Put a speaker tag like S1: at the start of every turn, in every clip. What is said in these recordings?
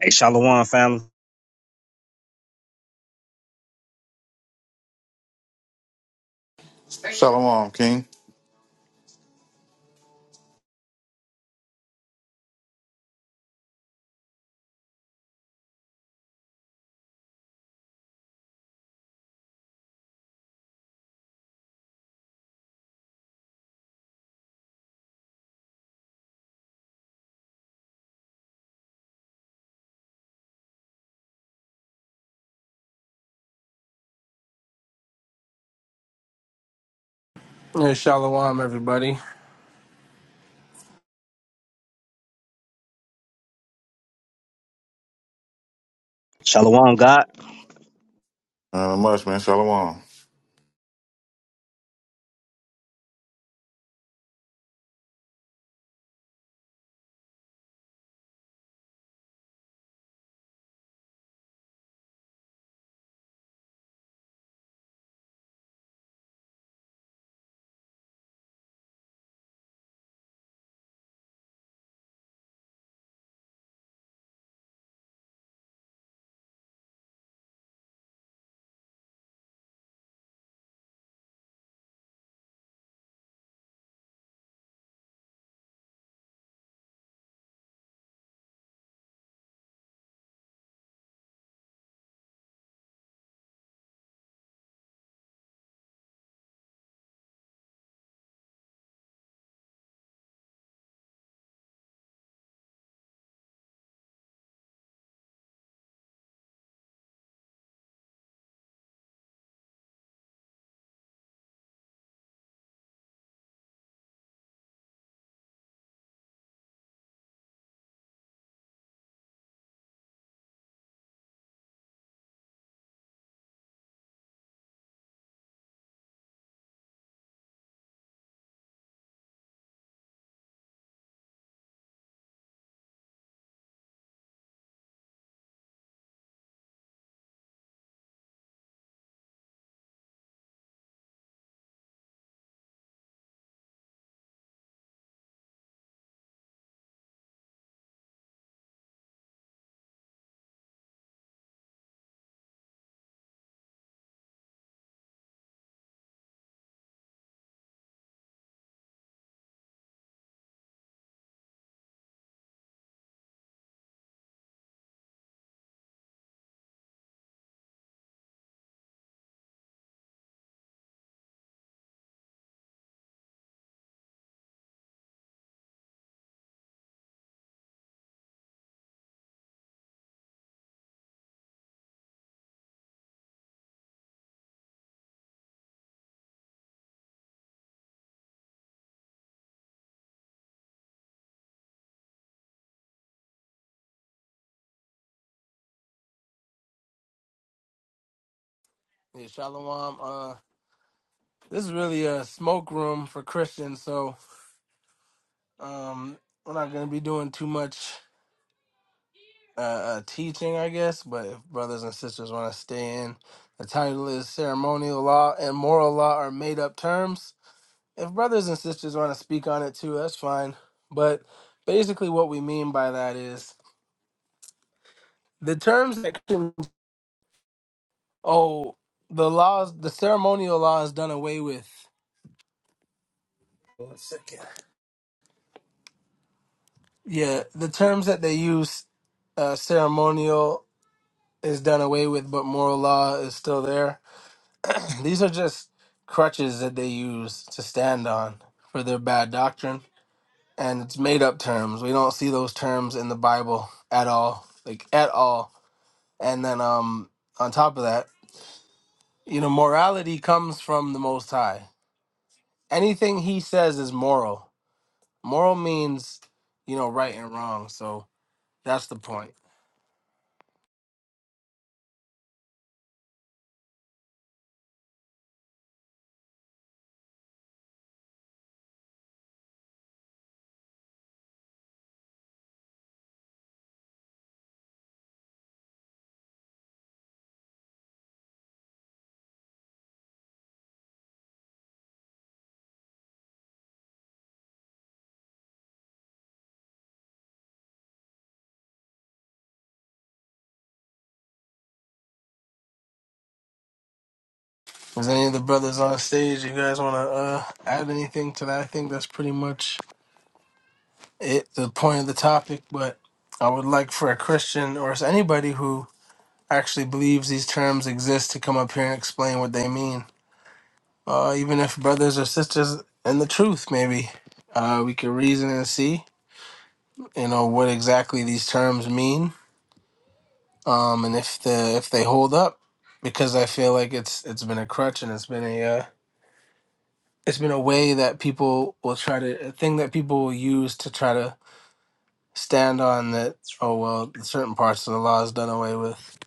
S1: Hey, Shalom, family.
S2: Shalom, King.
S3: Yeah, shalom, everybody.
S1: Shalom, God.
S2: Uh, much man, Shalom.
S3: Yeah, shalom. Uh, this is really a smoke room for Christians, so um, we're not going to be doing too much uh, uh, teaching, I guess. But if brothers and sisters want to stay in, the title is "Ceremonial Law and Moral Law Are Made Up Terms." If brothers and sisters want to speak on it too, that's fine. But basically, what we mean by that is the terms that Christians, oh, the laws, the ceremonial law is done away with. One second. Yeah, the terms that they use, uh, ceremonial is done away with, but moral law is still there. These are just crutches that they use to stand on for their bad doctrine, and it's made up terms. We don't see those terms in the Bible at all, like at all. And then, um, on top of that, you know, morality comes from the Most High. Anything He says is moral. Moral means, you know, right and wrong. So that's the point. Is any of the brothers on stage? You guys want to uh, add anything to that? I think that's pretty much it, the point of the topic. But I would like for a Christian or anybody who actually believes these terms exist to come up here and explain what they mean. Uh, even if brothers or sisters in the truth, maybe uh, we could reason and see, you know, what exactly these terms mean, um, and if the if they hold up. Because I feel like it's it's been a crutch and it's been a uh, it's been a way that people will try to a thing that people will use to try to stand on that oh well certain parts of the law is done away with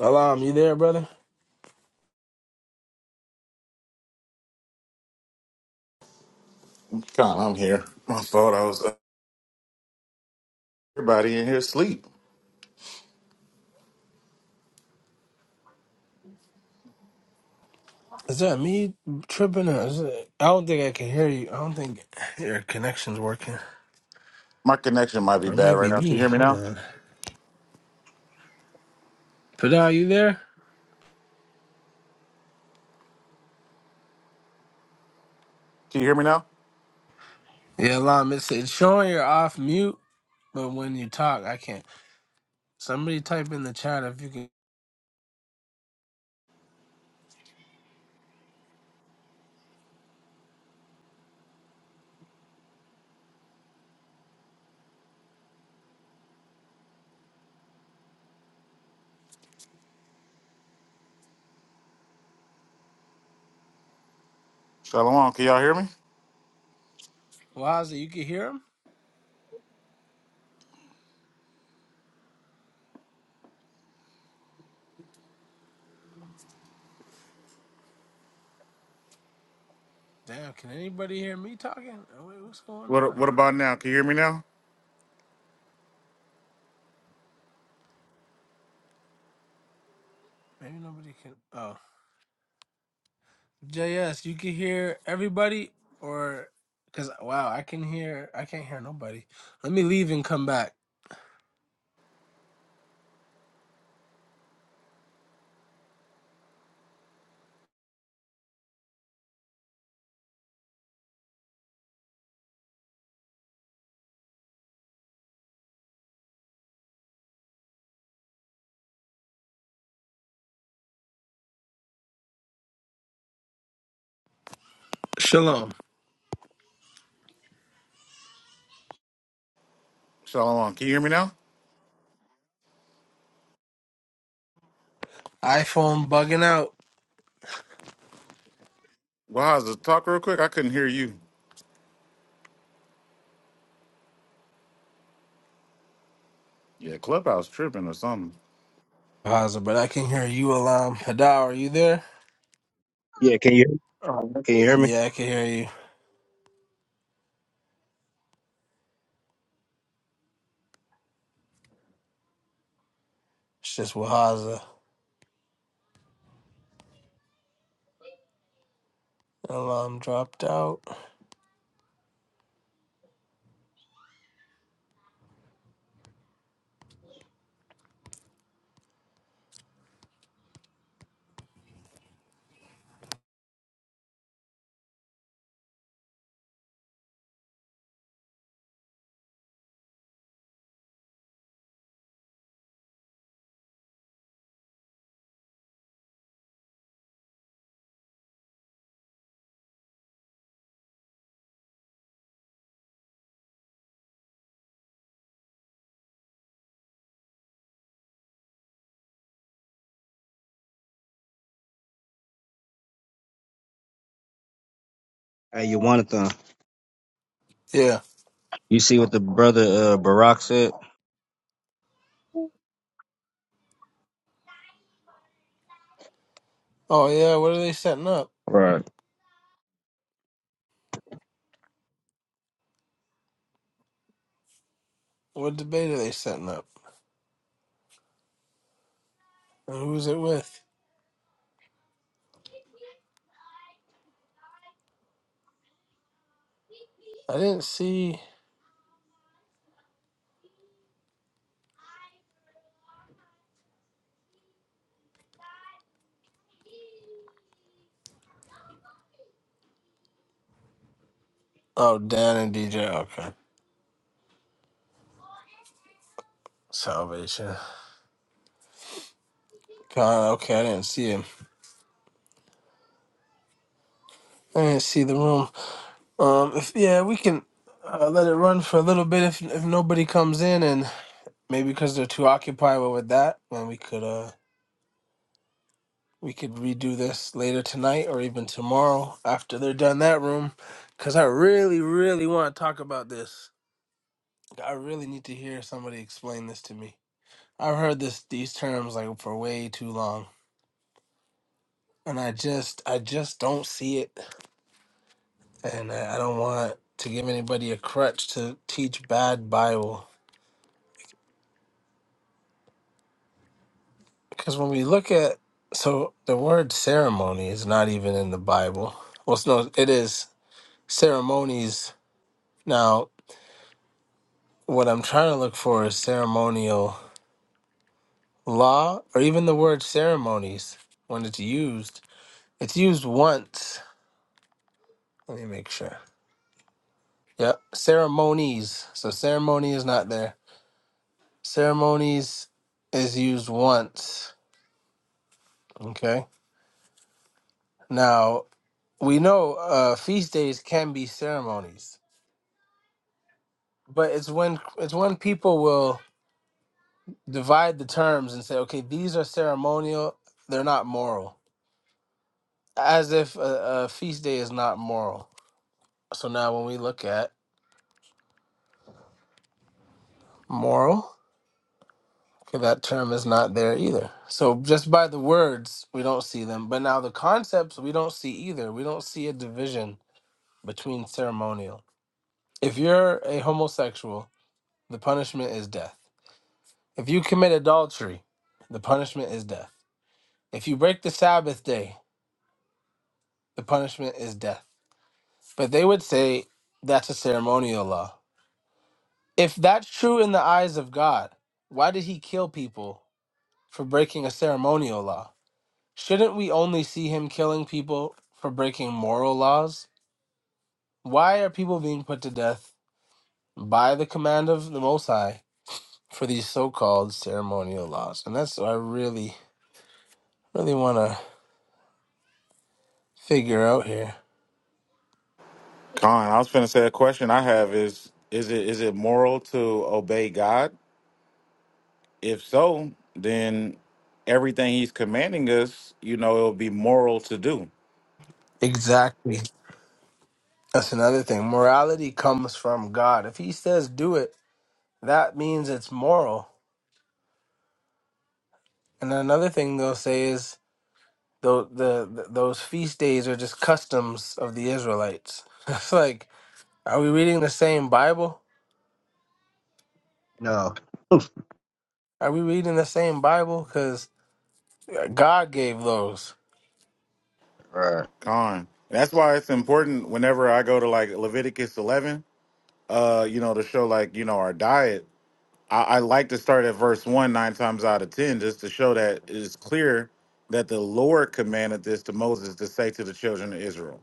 S3: alam you there brother
S2: Con, I'm here. I thought I was uh, everybody in here asleep.
S3: is that me tripping or is it, i don't think i can hear you i don't think your connection's working
S2: My connection might be
S3: or it
S2: bad
S3: might
S2: right
S3: be
S2: now. Can
S3: me
S2: you hear me
S3: hold
S2: now?
S3: on but you there
S2: Can you hear me now?
S3: yeah alam it's, it's showing you're off mute but when you talk i can't somebody type in the chat if you can
S2: Shalom, can y'all hear me?
S3: Waza, you can hear him damn can anybody hear me talking Oh, wait, what's going
S2: What
S3: on
S2: What about now? Can you hear me now?
S3: Maybe nobody can. Oh, JS, you can hear everybody, or because wow, I can hear. I can't hear nobody. Let me leave and come back. Shalom.
S2: Shalom, can you hear me now?
S3: iPhone bugging out.
S2: Well, how's the talk real quick? I couldn't hear you. Yeah, clubhouse tripping or something.
S3: Wahaza, but I can hear you, Alam. Hadar, are you there?
S1: Yeah, can you
S3: Oh.
S1: can you hear me?
S3: Yeah, I can hear you. It's just Wahaza. Alam dropped out.
S1: Hey, you wanted them.
S3: Yeah.
S1: You see what the brother uh, Barack said?
S3: Oh yeah. What are they setting up?
S1: Right.
S3: What debate are they setting up? And who's it with? I didn't see. Oh, Dan and DJ. Okay. Salvation. God, okay, I didn't see him. I didn't see the room. Um, if yeah, we can uh, let it run for a little bit if if nobody comes in, and maybe because they're too occupied with that, then we could uh we could redo this later tonight or even tomorrow after they're done that room, because I really really want to talk about this. I really need to hear somebody explain this to me. I've heard this these terms like for way too long, and I just I just don't see it, and I, I don't want to give anybody a crutch to teach bad Bible Because when we look at, so the word ceremony is not even in the Bible. Well, it's no, it is ceremonies. Now, what I'm trying to look for is ceremonial law or even the word ceremonies when it's used. It's used once. Let me make sure. Yep. Ceremonies. So ceremony is not there. Ceremonies is used once. Okay. Now, we know uh, feast days can be ceremonies but it's when it's when people will divide the terms and say, okay, these are ceremonial, they're not moral, as if a, a feast day is not moral. So now when we look at moral, okay, that term is not there either. So just by the words, we don't see them, but now the concepts we don't see either. We don't see a division between ceremonial. If you're a homosexual, the punishment is death. If you commit adultery, the punishment is death. If you break the Sabbath day, The punishment is death. But they would say that's a ceremonial law. If that's true in the eyes of God, why did he kill people for breaking a ceremonial law? Shouldn't we only see him killing people for breaking moral laws? Why are people being put to death by the command of the Most High for these so called ceremonial laws? And that's what I really, really want to figure out here.
S2: Con, I was finna say a question I have is is it is it moral to obey God? If so, then everything He's commanding us, you know, it'll be moral to do
S3: Exactly. That's another thing. Morality comes from God. If he says do it, that means it's moral. And then another thing they'll say is the, the, the those feast days are just customs of the Israelites. It's like, are we reading the same Bible?
S1: No.
S3: Are we reading the same Bible? Because God gave those.
S1: Right.
S2: Gone. That's why it's important whenever I go to like Leviticus 11, uh, you know, to show like, you know, our diet. I, I like to start at verse one nine times out of 10, just to show that it is clear that the Lord commanded this to Moses to say to the children of Israel.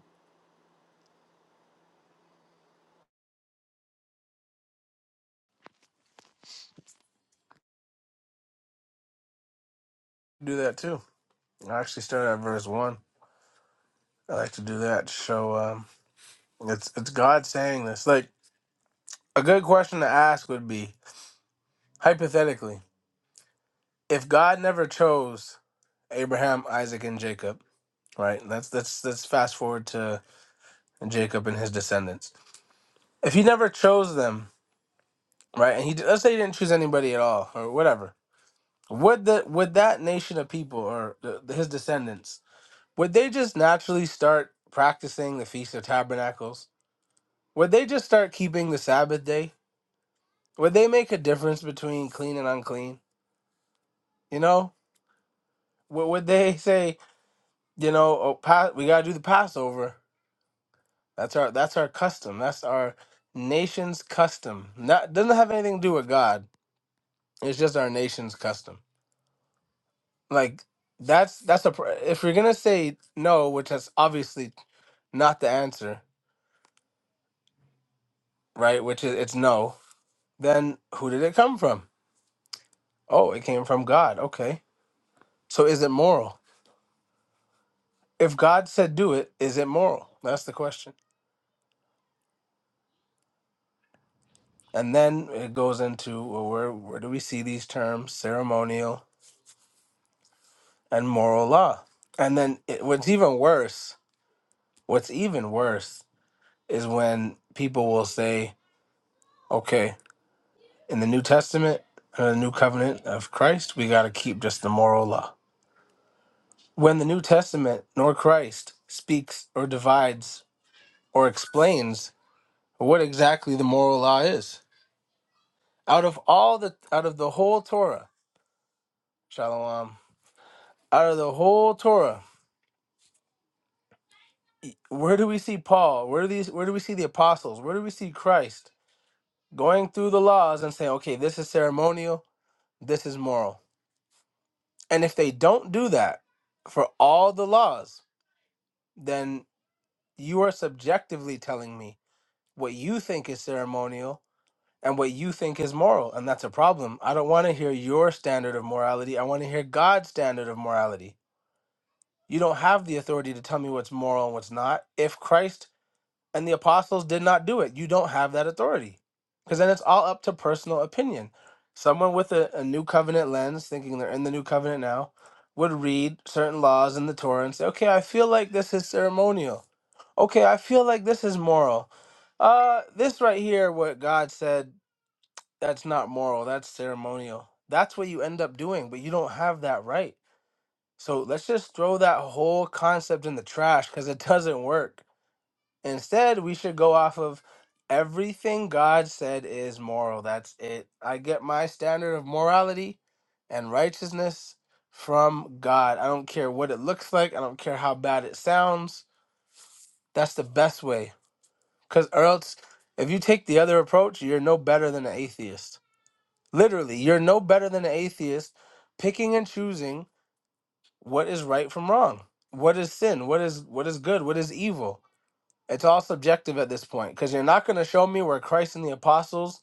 S3: Do that too. I actually start at verse one. I like to do that to show um, it's it's God saying this. Like a good question to ask would be hypothetically, if God never chose Abraham, Isaac, and Jacob, right? Let's let's let's fast forward to and Jacob and his descendants. If he never chose them, right, and he let's say he didn't choose anybody at all or whatever, would the would that nation of people or the, his descendants would they just naturally start practicing the feast of tabernacles? Would they just start keeping the Sabbath day? Would they make a difference between clean and unclean? You know, would, would they say, you know, oh, pa- we gotta do the Passover? That's our that's our custom. That's our nation's custom. Not doesn't have anything to do with God It's just our nation's custom. Like that's that's a pr- if you're gonna say no, which is obviously not the answer, right? Which is it's no. Then who did it come from? Oh, it came from God. Okay. So is it moral? If God said do it, is it moral? That's the question. And then it goes into well, where where do we see these terms ceremonial and moral law? And then it, what's even worse, what's even worse is when people will say, okay. in the New Testament, uh, the new covenant of Christ, we got to keep just the moral law. When the New Testament nor Christ speaks or divides or explains what exactly the moral law is, out of all the out of the whole Torah, Shalom, out of the whole Torah, where do we see Paul? Where do these? Where do we see the apostles? Where do we see Christ going through the laws and saying, okay, this is ceremonial, this is moral? And if they don't do that for all the laws, then You are subjectively telling me what you think is ceremonial and what you think is moral, and that's a problem. I don't want to hear your standard of morality. I want to hear God's standard of morality. You don't have the authority to tell me what's moral and what's not. If Christ and the apostles did not do it. You don't have that authority because then it's all up to personal opinion. Someone with a, a new covenant lens, thinking they're in the new covenant now, would read certain laws in the Torah and say, okay, I feel like this is ceremonial. Okay, I feel like this is moral. Uh, this right here, what God said, that's not moral, that's ceremonial. That's what you end up doing, but you don't have that right. So let's just throw that whole concept in the trash because it doesn't work Instead, we should go off of everything God said is moral. That's it. I get my standard of morality and righteousness from God. I don't care what it looks like, I don't care how bad it sounds. That's the best way. Because, or else, if you take the other approach, you're no better than an atheist. Literally, you're no better than an atheist picking and choosing what is right from wrong, what is sin, what is what is good, what is evil It's all subjective at this point because you're not going to show me where Christ and the apostles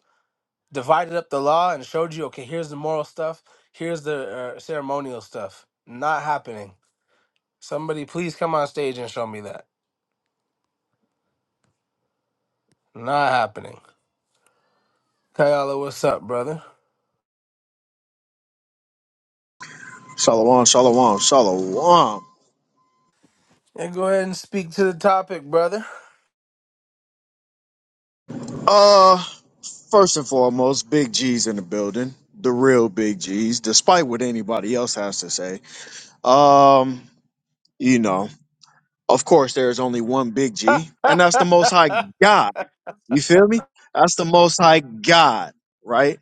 S3: divided up the law and showed you, okay, here's the moral stuff, here's the uh, ceremonial stuff. Not happening. Somebody please come on stage and show me that. Not happening. Kayala, what's up, brother?
S4: Shalom, shalom, shalom.
S3: Yeah, go ahead and speak to the topic, brother.
S4: Uh, first and foremost, big G's in the building. The real big G's, despite what anybody else has to say. Um, you know, of course, there is only one big G, and that's the Most High God. You feel me? That's the Most High God, right?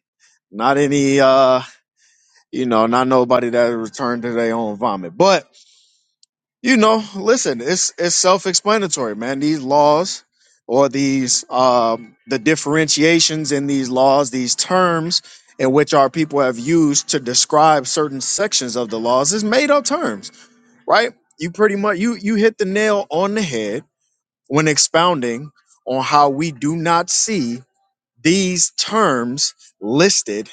S4: Not any, uh, you know, not nobody that returned to their own vomit, but. you know, listen, it's it's self-explanatory, man. These laws or these um the differentiations in these laws, these terms in which our people have used to describe certain sections of the laws is made up terms, right? You pretty much you you hit the nail on the head when expounding on how we do not see these terms listed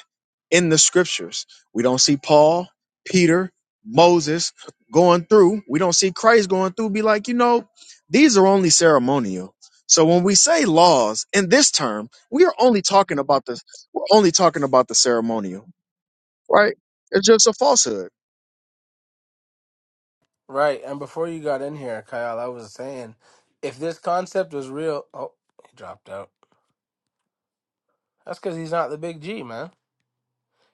S4: in the scriptures. We don't see Paul, Peter, Moses going through. We don't see Christ going through. Be like, you know, these are only ceremonial. So when we say laws in this term, we are only talking about the we're only talking about the ceremonial, right? It's just a falsehood.
S3: Right, and before you got in here, Kyle, I was saying, if this concept was real, oh, he dropped out. That's because he's not the big G, man.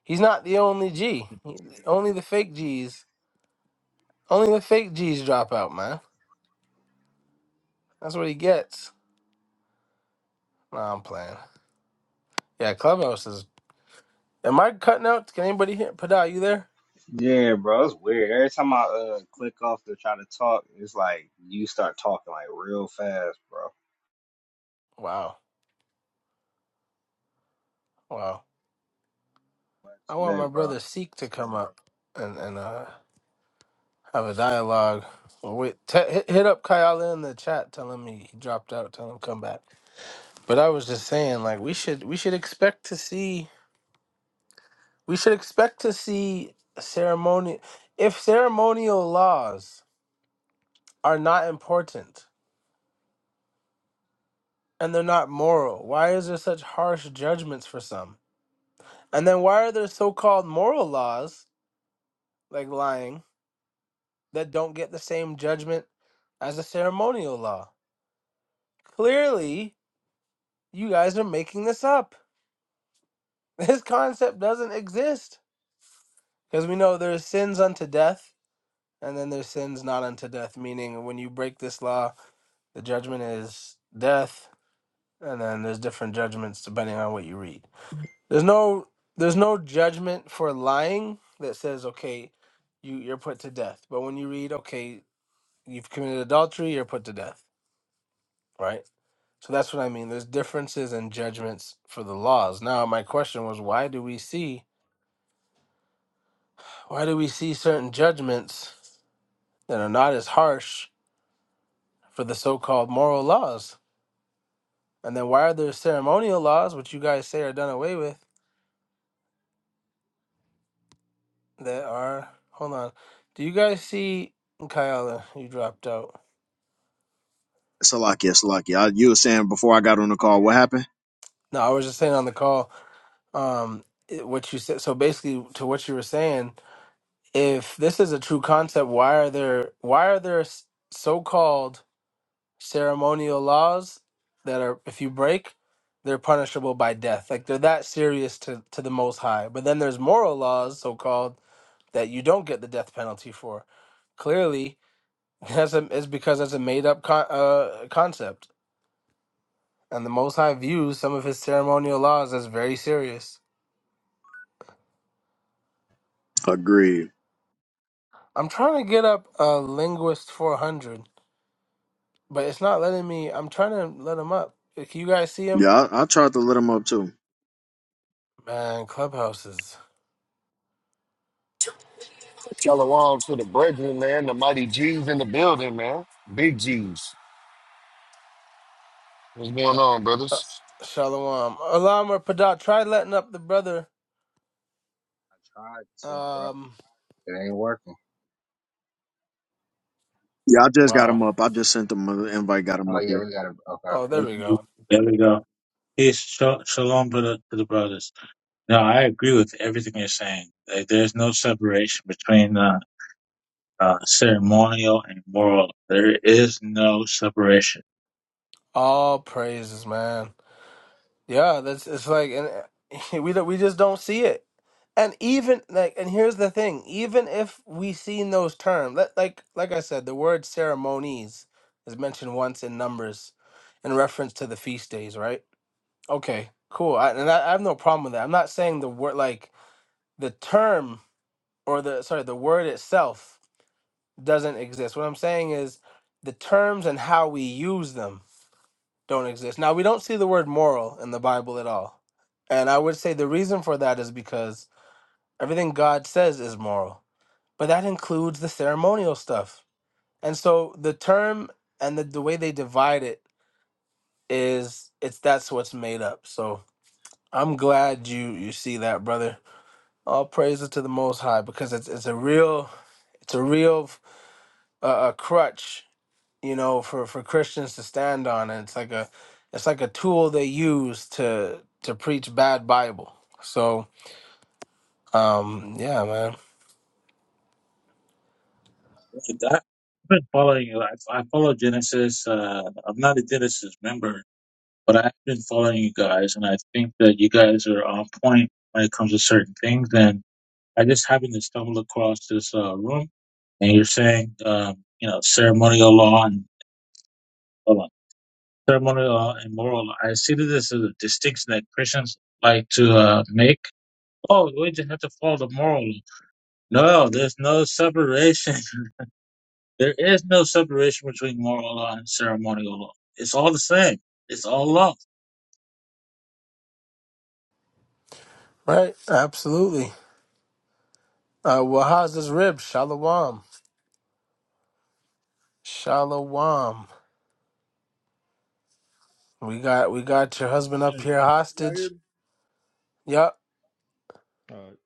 S3: He's not the only G. He- only the fake Gs Only the fake G's drop out, man. That's what he gets. Nah, I'm playing. Yeah, Clubhouse is. Am I cutting out? Can anybody hear? Pada, you there?
S1: Yeah, bro, it's weird. Every time I uh, click off to try to talk, it's like you start talking like real fast, bro.
S3: Wow, wow. I want
S1: Today,
S3: my
S1: bro.
S3: brother
S1: I
S3: Seek to come up and and uh have a dialogue. Well, wait, te- hit, hit up Kyle in the chat. Tell him he, he dropped out. Tell him come back. But I was just saying, like we should we should expect to see we should expect to see ceremony if ceremonial laws are not important and they're not moral? Why is there such harsh judgments for some? And then why are there so-called moral laws like lying that don't get the same judgment as a ceremonial law? Clearly, you guys are making this up. This concept doesn't exist because we know there's sins unto death and then there's sins not unto death, meaning when you break this law, the judgment is death and then there's different judgments depending on what you read. There's no there's no judgment for lying that says okay, you you're put to death. But when you read okay, you've committed adultery, you're put to death, right? So that's what I mean. There's differences in judgments for the laws. Now my question was why do we see why do we see certain judgments that are not as harsh for the so-called moral laws? And then why are there ceremonial laws which you guys say are done away with that are hold on. Do you guys see Kyle, you dropped out.
S4: Salakia, Salakia. I- You were saying before I got on the call, what happened?
S3: No, I was just saying on the call, um, it- what you said. So basically, to what you were saying, if this is a true concept, why are there why are there s- so-called ceremonial laws that are if you break, they're punishable by death? Like they're that serious to to the Most High. But then there's moral laws, so-called, that you don't get the death penalty for. Clearly, that's a, it's because that's a made-up con- uh, concept, and the Most High views some of his ceremonial laws as very serious.
S4: Agreed.
S3: I'm trying to get up a linguist 400, but it's not letting me. I'm trying to let him up. Uh, Can you guys see him?
S4: Yeah, I, I tried to let him up too.
S3: Man, clubhouses.
S5: Shalom to the brethren, man. The mighty G's in the building, man. Big G's. What's going on,
S3: Uh,
S5: brothers?
S3: Shalom. Alam or Padat. Try letting up the brother.
S1: tried to, bro.
S3: Um.
S1: It ain't working.
S4: Yeah, I just got
S3: Wow.
S4: him up. I just sent him an invite, got him
S1: Oh
S4: up
S1: yeah,
S4: here.
S1: we got to
S3: Oh, there
S6: There
S3: we
S6: we
S3: go.
S6: go. There we go. Peace, sha- shalom to the, to the brothers. No, I agree with everything you're saying. Like, there's no separation between uh, uh, ceremonial and moral. There is no separation.
S3: All praises, man. Yeah, that's it's like and we don't, we just don't see it. And even like and here's the thing, even if we see in those terms, let, like like I said, the word ceremonies is mentioned once in Numbers in reference to the feast days, right? Okay, cool. I, and I, I have no problem with that. I'm not saying the word like the term or the sorry, the word itself doesn't exist. What I'm saying is the terms and how we use them don't exist. Now, we don't see the word moral in the Bible at all. And I would say the reason for that is because everything God says is moral, but that includes the ceremonial stuff. And so the term and the, the way they divide it is it's that's what's made up. So I'm glad you you see that, brother. All praises to the Most High because it's it's a real it's a real uh, a crutch you know, for for Christians to stand on. And it's like a it's like a tool they use to to preach bad Bible. So um yeah, man.
S6: Like, I- I've been following you. I, I follow Genesis. Uh, I'm not a Genesis member, but I've been following you guys, and I think that you guys are on point when it comes to certain things. And I just happened to stumble across this uh, room, and you're saying, um, you know, ceremonial law and ceremonial or immoral. I see this as a distinction that Christians like to uh, make. Oh, we just have to follow the moral. No, there's no separation. There is no separation between moral law and ceremonial law. It's all the same. It's all law.
S3: Right, absolutely. Uh well how's this rib? Shalom. Shalom. We got we got your husband up
S7: Hey,
S3: here
S7: y'all hear
S3: hostage.
S7: me?
S3: Yup.
S7: All right,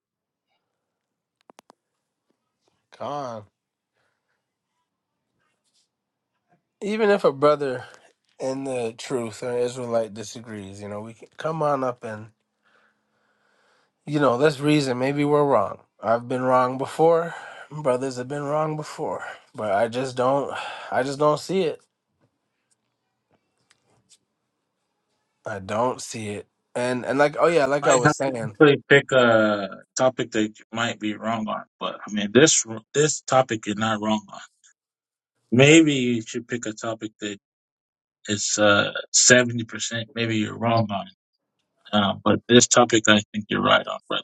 S3: Gone. Even if a brother in the truth or Israelite disagrees, you know, we can come on up and You know, let's reason. Maybe we're wrong. I've been wrong before. Brothers have been wrong before. But I just don't I just don't see it. I don't see it. And and like oh yeah, like I
S6: I have
S3: was
S6: to
S3: saying,
S6: actually pick a topic that you might be wrong on, but I mean this this topic you're not wrong on. Maybe you should pick a topic that is uh, seventy percent. Maybe you're wrong on, uh, but this topic I think you're right on, brother.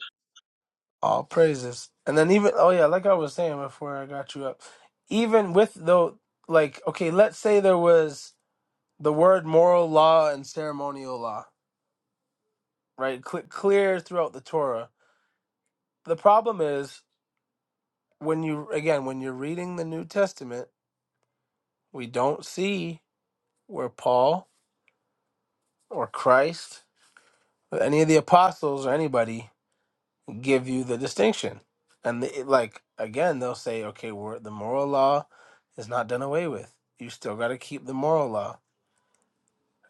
S3: all praises. And then even oh yeah, like I was saying before I got you up, even with though like okay, let's say there was the word moral law and ceremonial law, right? Cle clear throughout the Torah. The problem is when you again, when you're reading the New Testament, we don't see where Paul or Christ or any of the apostles or anybody give you the distinction. And the, like again, they'll say, okay, we're, the moral law is not done away with. You still got to keep the moral law.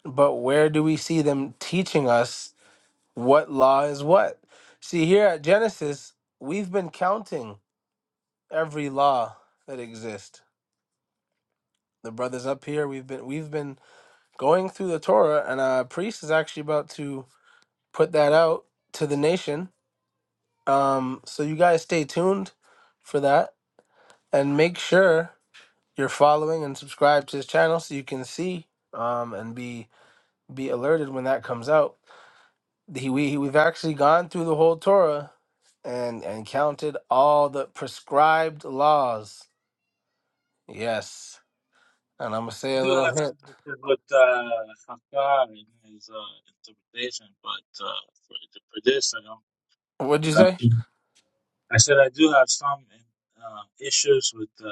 S3: But where do we see them teaching us what law is what? See, here at Genesis, we've been counting every law that exists. The brothers up here, we've been we've been going through the Torah, and a priest is actually about to put that out to the nation Um, so you guys stay tuned for that and make sure you're following and subscribe to his channel so you can see um, and be be alerted when that comes out. He, we he- we've actually gone through the whole Torah and and counted all the prescribed laws. Yes, and I'm gonna say
S6: I
S3: a
S6: do
S3: little
S6: have
S3: hint.
S6: some issues with uh, Haftar and his uh, interpretation, but uh, for the Pradesh, I don't.
S3: What'd you
S6: I
S3: say?
S6: don't- I said I do have some uh, issues with uh,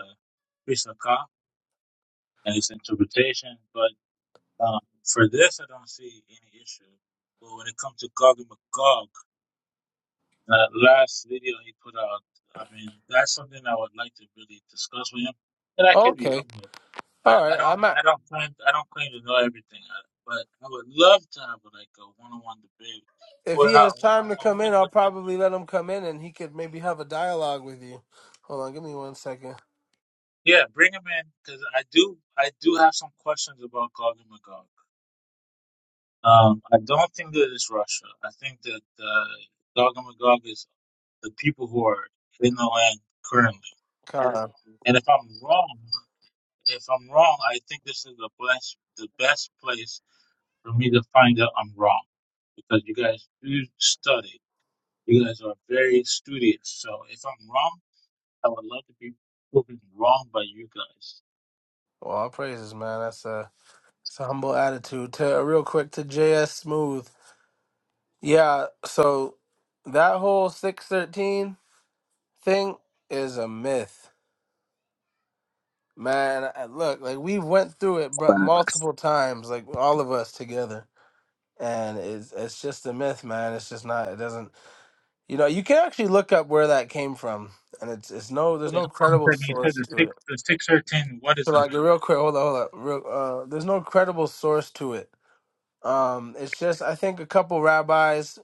S6: Chris Haftar and his interpretation, but uh, for this, I don't see any issue. But when it comes to Gog and Magog, that last video he put out, I mean, that's something I would like to really discuss with him, and I could be
S3: Okay,
S6: wrong. I,
S3: all
S6: I
S3: right.
S6: don't
S3: I'm at,
S6: I don't claim I don't claim to know everything, I, but I would love to have like a one on one debate.
S3: if
S6: Well,
S3: he
S6: not
S3: has
S6: I,
S3: time to
S6: I
S3: come
S6: want to
S3: in,
S6: do
S3: I'll
S6: it.
S3: probably let him come in and he could maybe have a dialogue with you. Hold on, give me one second.
S6: Yeah, bring him in because I do I do have some questions about Gog and Magog. Um, I don't think that it's Russia. I think that uh, Gog and Magog is the people who are in the land currently.
S3: Come on.
S6: And if I'm wrong, if I'm wrong, I think this is the best the best place for me to find out I'm wrong because you guys do study. You guys are very studious. So if I'm wrong, I would love to be proven wrong by you guys.
S3: Well, all praises, man. That's a it's a humble attitude. To uh, real quick to JS Smooth. Yeah, so that whole six thirteen thing is a myth, man. I- Look, like we went through it, but multiple times, like all of us together, and it's it's just a myth, man. It's just not. It doesn't. You know, you can actually look up where that came from, and it's it's no. There's
S6: Wait,
S3: no
S6: how long
S3: credible
S6: have you said
S3: source
S6: the
S3: to it.
S6: six the six thirteen what is
S3: So
S6: a
S3: like
S6: myth?
S3: real quick, hold on, hold on. Real, uh, there's no credible source to it Um, it's just I think a couple rabbis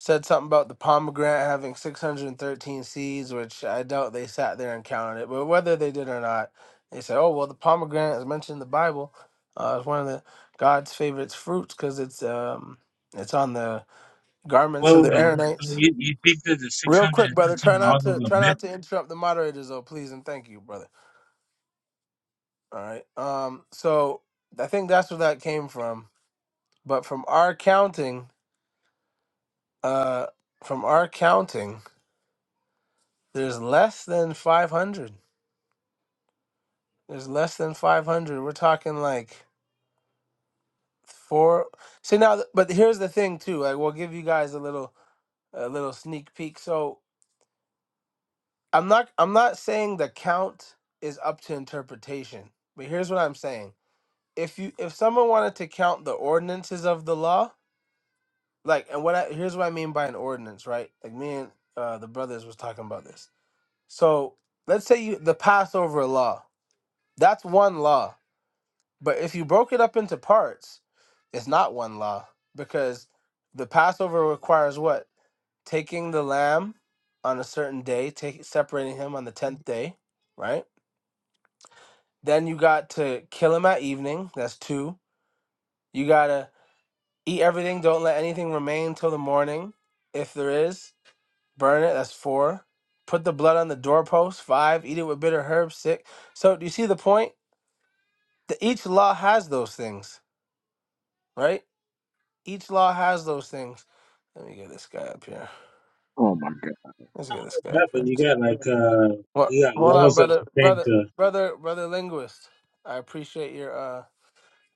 S3: said something about the pomegranate having 613 seeds, which I doubt they sat there and counted it. But whether they did or not, they said, "Oh well, the pomegranate is mentioned in the Bible. Uh, it's one of the God's favorite fruits because it's um it's on the garments of
S6: Well
S3: the
S6: wait, wait, No, so
S3: Aaronites."
S6: you, you think that the six
S3: Real
S6: hundred
S3: quick,
S6: and
S3: brother, try
S6: thirteen
S3: not
S6: laws
S3: to
S6: is a
S3: try
S6: myth?
S3: not to interrupt the moderators, though, please and thank you, brother. All right. Um, so I think that's where that came from. But from our counting. Uh, from our counting, there's less than 500. There's less than 500. We're talking like four. See now, th- but here's the thing too. Like we'll give you guys a little a little sneak peek. So I'm not I'm not saying the count is up to interpretation, but here's what I'm saying. If you if someone wanted to count the ordinances of the law, like and what I here's what I mean by an ordinance, right? Like me and uh, the brothers was talking about this. So let's say you the Passover law. That's one law. But if you broke it up into parts, it's not one law because the Passover requires what? Taking the lamb on a certain day, take, separating him on the 10th day, right? Then you got to kill him at evening. That's two. You got to eat everything. Don't let anything remain till the morning. If there is, burn it. That's four. Put the blood on the doorpost. Five. Eat it with bitter herbs. Six. So do you see the point? The, each law has those things, right? Each law has those things. Let me get this guy up here.
S4: Oh my God.
S3: Let's
S6: Not
S3: get this
S6: only
S3: guy up
S6: that, but
S3: here.
S6: you got like uh
S3: What?
S6: you got
S3: Hold on,
S6: laws that
S3: brother,
S6: pertain
S3: brother,
S6: to
S3: brother, brother linguist. I appreciate your uh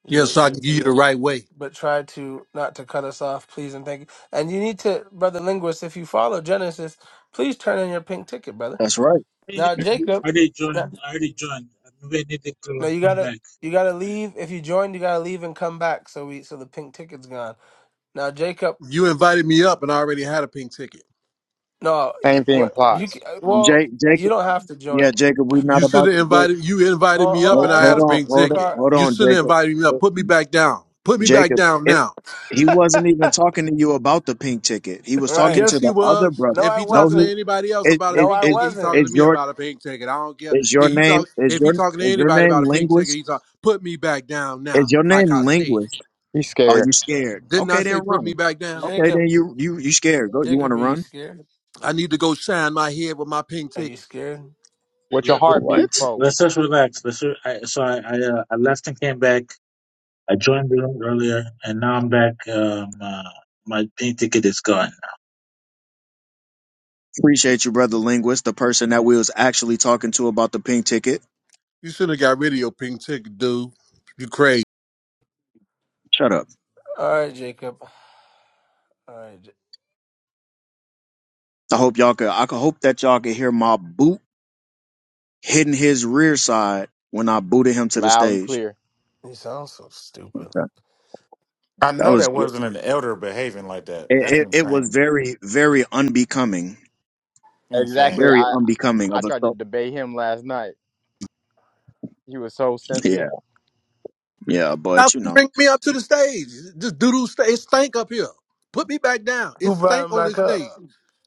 S8: Yes,
S3: your
S8: so I can
S3: your
S8: give you the
S3: zeal,
S8: right way.
S3: but try to not to cut us off, please and thank you. And you need to, brother linguist, if you follow Genesis, please turn in your pink ticket, brother.
S4: That's right.
S6: I
S3: Now Jacob,
S6: already
S3: no,
S6: joined I already joined. Maybe I need to go
S3: no,
S6: and
S3: you
S6: come
S3: gotta
S6: back.
S3: you gotta leave. If you joined, you gotta leave and come back. So we so the pink ticket's gone. Now Jacob,
S8: You invited me up and I already had a pink ticket.
S3: no,
S9: Same thing
S3: what you? c-
S9: applies.
S3: uh, Well,
S4: Jake,
S3: you
S4: Jacob.
S3: don't have to
S4: Yeah,
S3: join.
S4: Jacob, we not
S8: You should
S4: about
S8: have
S4: to Jacob.
S8: invited you invited
S3: Hold,
S8: me
S3: hold
S8: up and
S4: Hold,
S3: on,
S8: I had
S4: hold
S8: a
S3: everyone's
S4: on,
S3: ca-
S8: pink
S3: ca-
S4: hold on,
S8: ticket.
S3: car.
S4: hold
S8: You
S4: on,
S8: should have
S4: Jacob.
S8: invited me up. Put me back down. Put me back
S4: Jacob,
S8: down
S4: it,
S8: now.
S4: he wasn't even talking to you about the pink ticket. He was talking
S3: Right?
S4: to
S8: Yes, he
S4: the other
S8: was.
S4: brother.
S3: No,
S8: If
S3: I
S8: he
S4: No,
S8: talking to
S4: he
S3: wasn't.
S8: anybody else
S4: it
S8: about a
S3: No,
S4: it
S3: I
S8: pink
S4: it
S8: ticket, he talking to
S3: wasn't.
S4: is
S8: me
S4: your
S8: about a pink ticket. I don't care.
S4: is your
S8: He, he
S4: name
S8: talk
S4: is
S8: if he
S4: your
S8: talking to
S4: is your
S8: anybody about
S4: name
S8: a pink ticket,
S4: linguist?
S8: he talk put me back down
S4: Is
S8: now,
S4: your
S8: like I
S4: name
S8: said.
S4: linguist?
S9: He's
S4: Are
S9: scared.
S4: you scared?
S8: Didn't I
S4: Okay, then
S8: say put me
S4: run.
S8: back down?
S4: Okay,
S3: Jacob,
S4: then you you you scared. Go. You want
S3: Jacob,
S4: to
S3: are you
S4: run?
S3: scared?
S8: I need to go shine my head with my pink
S3: Are you
S8: ticket.
S3: scared?
S9: What's your
S6: Let, let's
S9: heart beating
S4: What?
S9: for?
S6: let's just relax. Let's, I, so I I, uh, I left and came back. I joined the room earlier, and now I'm back. Um, uh, my pink ticket is gone.
S4: Appreciate you, brother linguist, the person that we was actually talking to about the pink ticket.
S8: You should have got rid of your pink ticket, dude. You crazy.
S4: Shut up.
S3: All right, Jacob. All right, J-
S4: I hope y'all could. I could hope that y'all could hear my boot hitting his rear side when I booted him to the
S9: Loud and
S4: stage.
S9: clear.
S3: you sound so stupid.
S4: Okay,
S2: I
S4: that
S2: know
S4: was
S2: that
S4: it.
S2: wasn't an elder behaving like that. That's
S4: It, it was
S2: insane.
S4: very, very unbecoming.
S9: Exactly.
S2: Insane.
S4: Very
S9: I
S4: unbecoming
S9: I
S4: of a
S9: tried to
S4: so.
S9: debate him last night. He was so sensitive.
S4: Yeah, yeah,
S8: How
S4: but
S8: can
S4: you
S8: you
S4: know,
S8: bring me up to the stage? Just doodle sta It stank up here. Put me back down. It
S3: Who brought
S8: stank
S3: him
S8: on this
S3: back up?
S8: stage.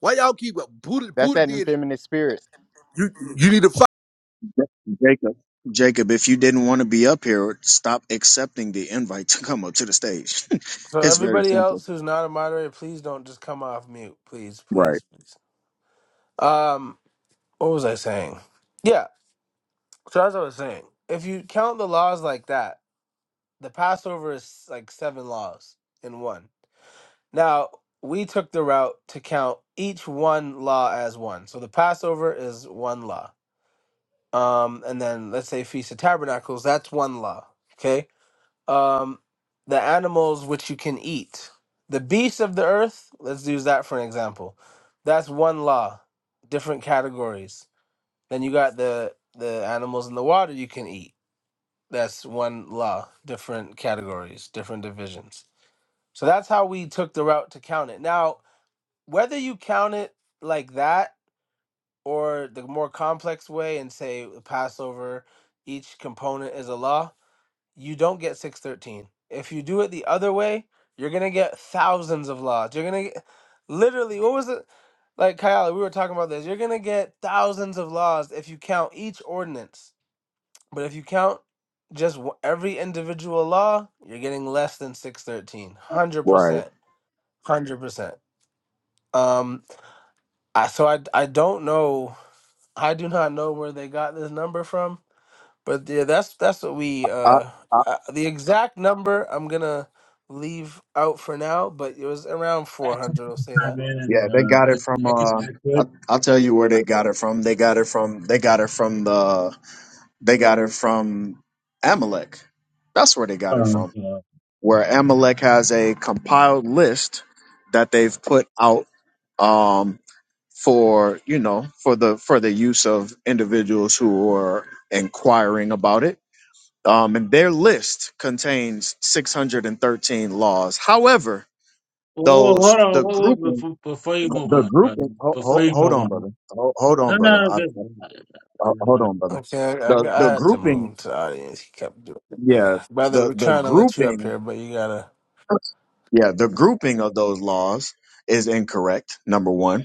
S8: Why y'all keep up? Buddha,
S9: That's
S8: Buddha
S9: that
S8: did it.
S9: effeminate spirit.
S8: You you need to fight.
S4: Jacob, Jacob, if you didn't want to be up here, stop accepting the invite to come up to the stage.
S3: So
S4: it's very
S3: everybody
S4: simple.
S3: else who's not a moderator, please don't just come off mute, please,
S4: Right,
S3: please, please. Um, what was I saying? Yeah, so as I was saying, if you count the laws like that, the Passover is like seven laws in one. Now, we took the route to count each one law as one. So the Passover is one law. Um, and then let's say Feast of Tabernacles, that's one law. Okay. Um, the animals which you can eat. The beasts of the earth, let's use that for an example. That's one law, different categories. Then you got the the animals in the water you can eat. That's one law, different categories, different divisions. So that's how we took the route to count it. Now, whether you count it like that or the more complex way and say Passover, each component is a law, you don't get 613. If you do it the other way, you're going to get thousands of laws. You're going to get literally, what was it? Like Kyle, we were talking about this. You're going to get thousands of laws if you count each ordinance. But if you count just wh- every individual law, you're getting less than 613.
S4: right.
S3: 100%. 100%. Um. I so I I don't know. I do not know where they got this number from, but yeah, that's that's what we
S4: I,
S3: uh,
S4: I,
S3: uh the exact number I'm gonna leave out for now, but it was around
S6: I can
S3: 400. I'll say
S6: chime
S3: that.
S6: in, and
S4: yeah, they
S6: uh,
S4: got
S6: I
S4: it
S6: can
S4: from.
S6: I can
S4: Uh,
S6: add to
S4: I,
S6: it.
S4: I'll tell you where they got it from. They got it from. They got it from the They got it from Amalek. That's where they
S6: Uh,
S4: got it from.
S6: uh,
S4: Where Amalek has a compiled list that they've
S7: come.
S4: put out um, for you know for the for the use of individuals who are inquiring about it. Um, and their list contains 613 laws. However,
S6: oh, hold
S4: those the
S6: on, whoa, whoa,
S4: grouping
S6: before, before you move
S4: the
S6: on, brother.
S4: grouping ho-
S6: Before
S4: ho-
S6: you
S4: hold
S6: move
S4: on
S6: on,
S4: brother Ho- hold
S6: no,
S4: on brother
S6: no, no,
S4: I,
S6: good.
S4: I-
S6: I did
S4: hold
S6: wanna-
S4: on brother
S3: Okay, I, I,
S4: the the
S3: I had to move
S4: grouping
S3: him to the audience. He kept doing
S4: Yeah,
S3: that. Brother,
S4: the
S3: we're
S4: the
S3: trying to let you up
S4: grouping,
S3: here, but you gotta.
S4: yeah, the grouping of those laws is incorrect. Number one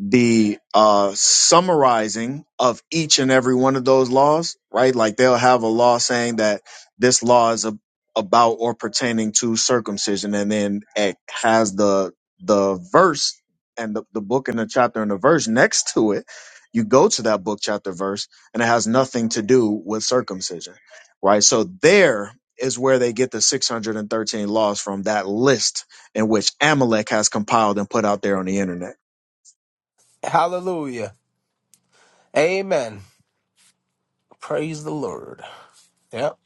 S4: the uh, summarizing of each and every one of those laws, right? Like they'll have a law saying that this law is a, about or pertaining to circumcision, and then it has the the verse and the, the book and the chapter and the verse next to it. You go to that book, chapter, verse, and it has nothing to do with circumcision, right? So there is where they get the 613 laws from that list in which Amalek has compiled and put out there on the internet
S3: Hallelujah. Amen. Praise the Lord. Yep,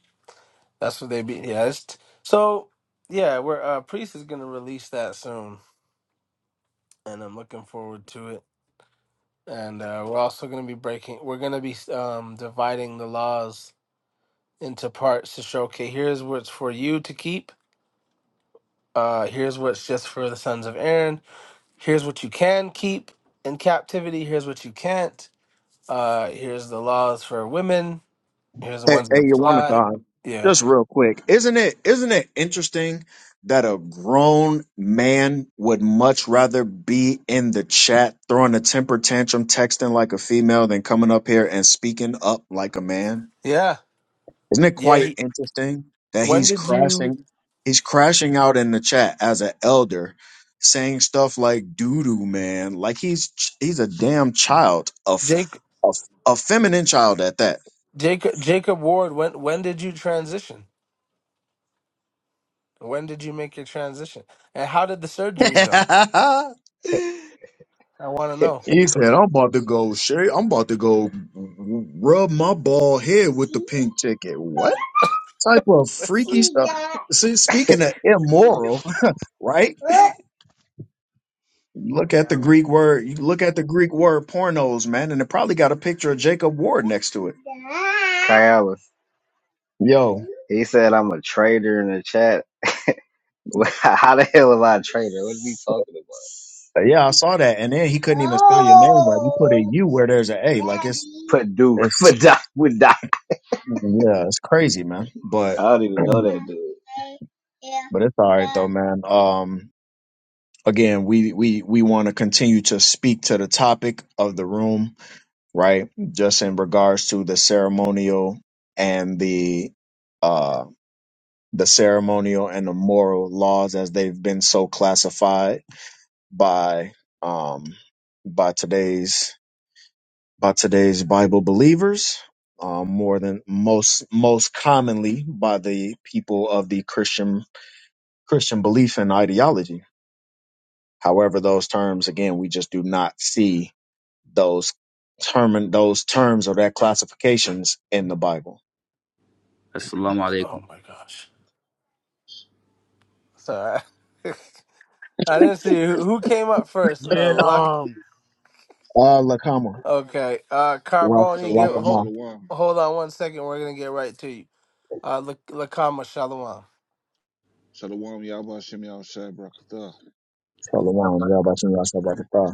S3: that's what they be. Yeah, it's t- so, yeah, we're, uh, Priest is gonna release that soon, and I'm looking forward to it. And uh, we're also gonna be breaking, we're gonna be um, dividing the laws into parts to show, okay, here's what's for you to keep, uh, here's what's just for the sons of Aaron, here's what you can keep in captivity here's what you can't uh here's the laws for women here's the
S4: Hey,
S3: ones that
S4: hey
S3: apply
S4: Yawanathan,
S3: yeah
S4: just real quick, isn't it isn't it interesting that a grown man would much rather be in the chat throwing a temper tantrum, texting like a female, than coming up here and speaking up like a man?
S3: yeah
S4: Isn't it
S3: yeah
S4: quite
S3: he,
S4: interesting that
S3: when
S4: he's
S3: did you
S4: crashing he's crashing out in the chat as an elder, saying stuff like doo-doo man, like he's he's a damn child, of
S3: jake
S4: a, f- a feminine child at that.
S3: jacob jacob ward when when did you transition when did you make your transition and how did the
S4: he
S3: surgery go i want to
S1: okay.
S3: know
S4: said, I'm about to go shave. I'm about to go rub my bald head with the pink ticket. What type of freaky stuff? See, speaking of immoral, right? Look at the
S1: Kyala.
S4: Greek word. you Look at the Greek word pornos, man. And it probably got a picture of Jacob Ward next to it.
S1: Kyala.
S4: Yo,
S1: He said I'm a traitor in the chat. How the hell am I a traitor? What are you talking about?
S4: yeah, I saw that. And then he couldn't even spell your name right. He put a U where there's a A. Like it's,
S1: Purdue. Purdue.
S4: it's,
S1: Purdue.
S4: yeah, it's crazy, man. But,
S1: I don't even know that dude.
S4: but it's all right though, man. Um, again we we we want to continue to speak to the topic of the room right just in regards to the ceremonial and the uh the ceremonial and the moral laws as they've been so classified by um by today's by today's bible believers um more than most most commonly by the people of the christian christian belief and ideology however those terms again we just do not see those term those terms or that classifications in the Bible.
S10: Assalamu
S3: Oh
S10: alaikum.
S3: my gosh. Sorry. I didn't see who who came up first. Uh,
S9: Yeah.
S3: luck.
S9: Um.
S4: Uh, Lakama,
S3: Okay. Uh,
S4: Rock,
S3: Carboni, give
S11: Shalom,
S3: hold,
S4: Rockama,
S11: shalom,
S3: hold on one second. We're gonna get right to you. Uh, La- Lakama Shalom.
S11: shalom, Yahweh Hashem, Yahweh Shai Barakatah.
S4: Shalom. I got about to know I about to cry.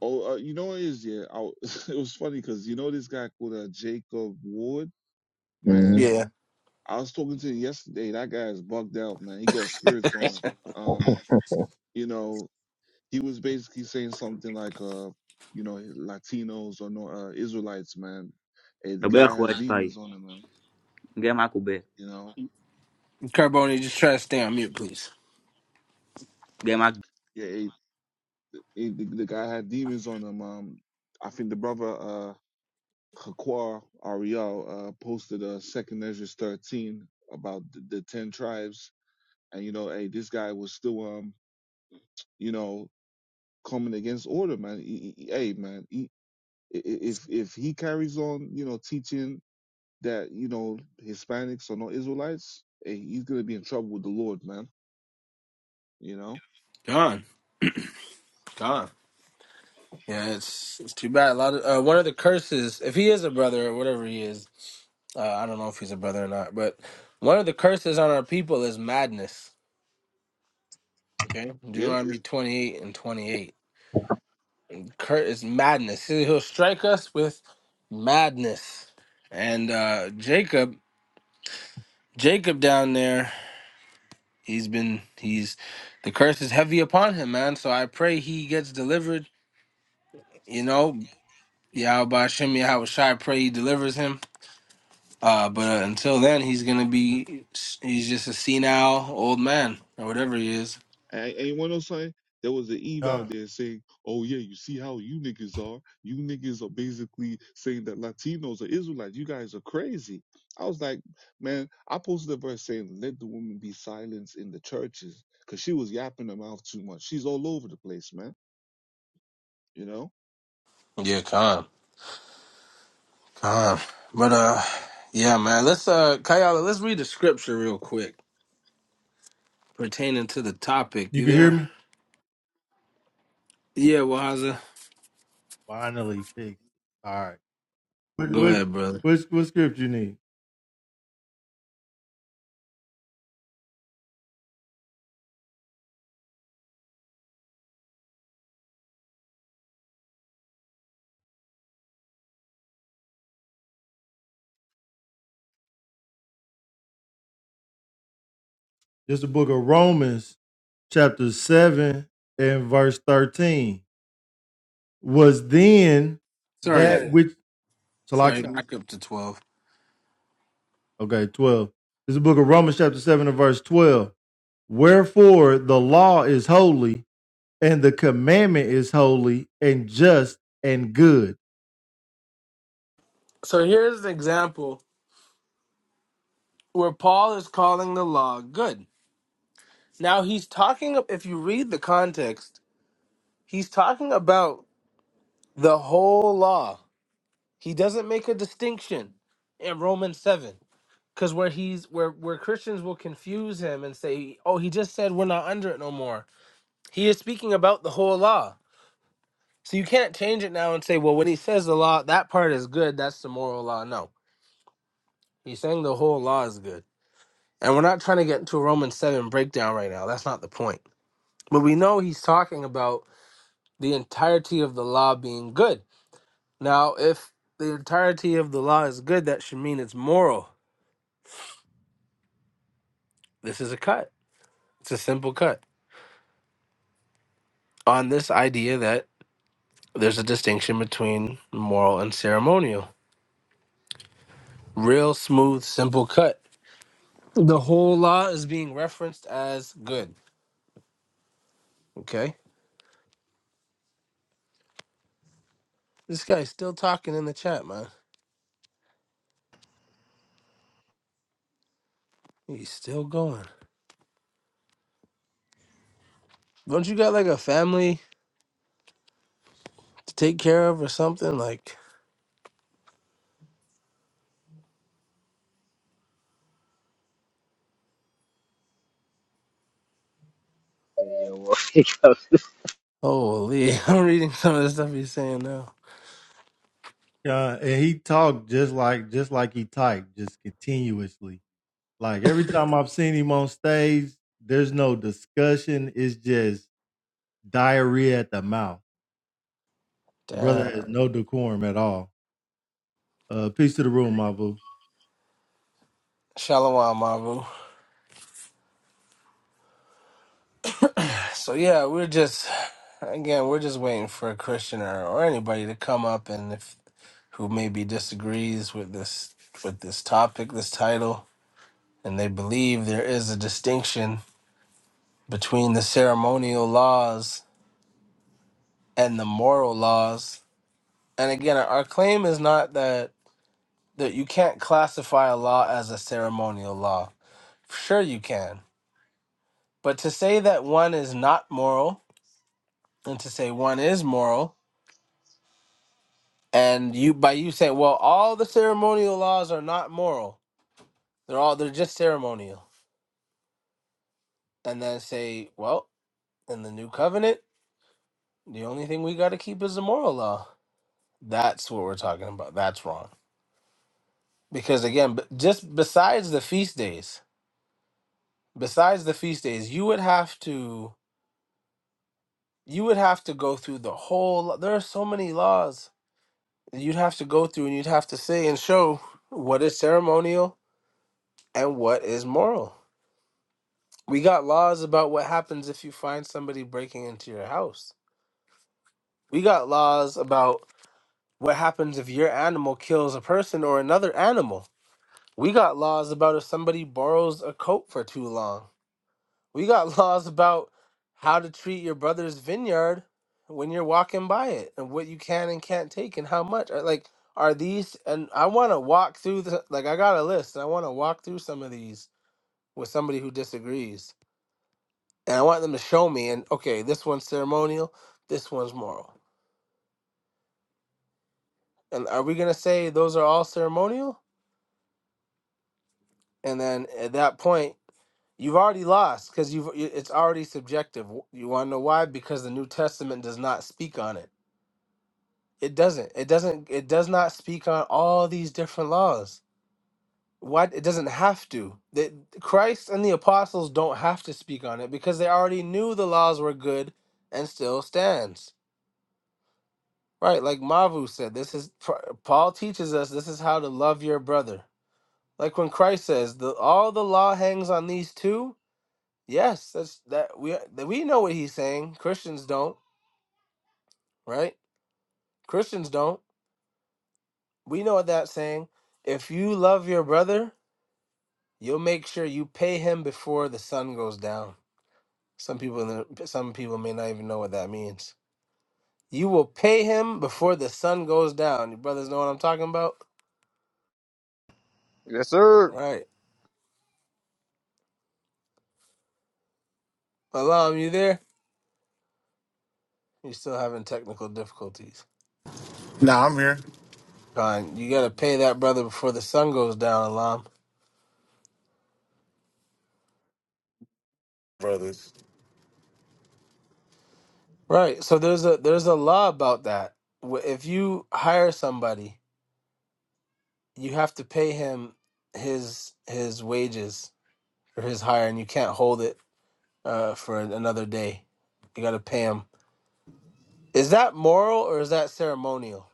S11: Oh, uh, you know what it is, yeah. I, w- it was funny because you know this guy called uh, Jacob Ward,
S4: Mm-hmm.
S11: man.
S3: Yeah,
S11: I was talking to him yesterday. That guy is bugged out, man. He got spirits on him. Um, you know, he was basically saying something like, uh, you know, Latinos or no uh, Israelites, man. Hey, the
S10: So, beya,
S11: guy has
S10: brothers, guys,
S11: demons on him, man.
S10: game with you, beya,
S11: You know,
S3: Carboni, just try to stay on mute, please.
S10: game with.
S11: yeah, hey, hey, the, the guy had demons on him. Um, I think the brother. Uh, Hakwar Ariel uh, posted a Second Measures 13 about the, the 10 tribes. And, you know, hey, this guy was still, um, you know, coming against order, man. He, he- hey, man, he, if, if he carries on, you know, teaching that, you know, Hispanics are not Israelites, hey, he's going to be in trouble with the Lord, man. You know?
S3: Gone, gone. Yeah, it's it's too bad. A lot of uh, one of the curses, if he is a brother or whatever he is, uh, I don't know if he's a brother or not, but one of the curses on our people is madness. Okay,
S11: Yeah.
S3: Deuteronomy twenty eight and twenty eight. Cur is madness. He- He'll strike us with madness. And uh, Jacob, Jacob down there, he's been he's the curse is heavy upon him, man. So I pray he gets delivered. You know, Yahweh Shem Yahweh Shai, I pray he delivers him Uh, but uh, until then, he's gonna be he's just a senile old man or whatever he is.
S11: And, and you want to know something? There was an Eve out
S7: God.
S11: there saying, "Oh yeah, you see how you niggas are. You niggas are basically saying that Latinos are Israelites. You guys are crazy." I was like, "Man, I posted a verse saying, let the woman be silenced in the churches, 'cause she was yapping her mouth too much. She's all over the place, man. You know."
S3: Yeah, calm, calm. But uh, yeah, man. Let's uh, Kayala, let's read the scripture real quick pertaining to the topic.
S7: You
S3: You
S7: can hear
S3: there?
S7: me?
S3: Yeah, Wahaza.
S7: Finally fixed. All right. What
S3: Go
S7: what
S3: ahead, brother.
S7: what, what script you need? Just the book of Romans, chapter seven and verse thirteen. Was then that
S3: Sorry,
S7: which so like
S3: sorry. Back up to twelve.
S7: okay, twelve. This is the book of Romans, chapter seven and verse twelve. Wherefore the law is holy, and the commandment is holy and just and good.
S3: So here's an example where Paul is calling the law good. Now he's talking. If you read the context, he's talking about the whole law. He doesn't make a distinction in Romans 7. Because where he's where where Christians will confuse him and say, Oh, he just said we're not under it no more. He is speaking about the whole law. So you can't change it now and say, Well, when he says the law, that part is good, that's the moral law. No. He's saying the whole law is good. And we're not trying to get into a Romans 7 breakdown right now. That's not the point. But we know he's talking about the entirety of the law being good. Now, if the entirety of the law is good, that should mean it's moral. This is a cut It's a simple cut on this idea that there's a distinction between moral and ceremonial. Real smooth, simple cut. The whole law is being referenced as good. Okay? This guy's still talking in the chat, man. He's still going. Don't you got like a family to take care of or something? Like,
S1: Yeah, well, he goes-
S3: holy, I'm reading some of the stuff he's saying now.
S7: Uh, and he talked just like just like he typed, just continuously. Like every time I've seen him on stage, there's no discussion. It's just diarrhea at the mouth. The brother has
S3: Damn.
S7: no decorum at all. Uh, peace to the room, my boo.
S3: Shalom, Mavu. So, yeah, we're just, again, we're just waiting for a Christian or, or anybody to come up. And if who maybe disagrees with this with this topic, this title, and they believe there is a distinction between the ceremonial laws and the moral laws. And again, our claim is not that that you can't classify a law as a ceremonial law. Sure you can. But to say that one is not moral and to say one is moral and you by you say, well, all the ceremonial laws are not moral. They're all they're just ceremonial. And then say, well, in the new covenant, the only thing we got to keep is the moral law. That's what we're talking about. That's wrong. Because again, b- just besides the feast days, besides the feast days, you would have to you would have to go through the whole lo- there are so many laws that you'd have to go through and you'd have to say and show what is ceremonial and what is moral. We got laws about what happens if you find somebody breaking into your house. We got laws about what happens if your animal kills a person or another animal We got laws about if somebody borrows a coat for too long. We got laws about how to treat your brother's vineyard when you're walking by it and what you can and can't take and how much. Uh, Like, are these, and I want to walk through the, like, I got a list and I want to walk through some of these with somebody who disagrees. And I want them to show me, and okay, this one's ceremonial, this one's moral. And are we going to say those are all ceremonial? And then at that point, You've already lost because you've y- it's already subjective. W- You want to know why? Because the New Testament does not speak on it. It doesn't. It doesn't. It does not speak on all these different laws. Why? It doesn't have to. That Christ and the apostles don't have to speak on it because they already knew the laws were good and still stands. Right? Like Mavu said, this is pr- Paul teaches us. This is how to love your brother. Like when Christ says, the all the law hangs on these two Yes, that's that we that we know what he's saying. Christians don't, right? Christians don't. We know what that's saying. If you love your brother, you'll make sure you pay him before the sun goes down. Some people in the, some people may not even know what that means. You will pay him before the sun goes down. Your brothers know what I'm talking about?
S9: Yes, sir.
S3: Right. Alam, you there? You're still having technical difficulties.
S2: Nah, I'm here,
S3: Con, you gotta pay that brother before the sun goes down, Alam.
S2: brothers.
S3: Right. So there's a there's a law about that. Wh- If you hire somebody, you have to pay him his his wages or his hire, and you can't hold it uh, for an- another day. You got to pay him. Is that moral or is that ceremonial?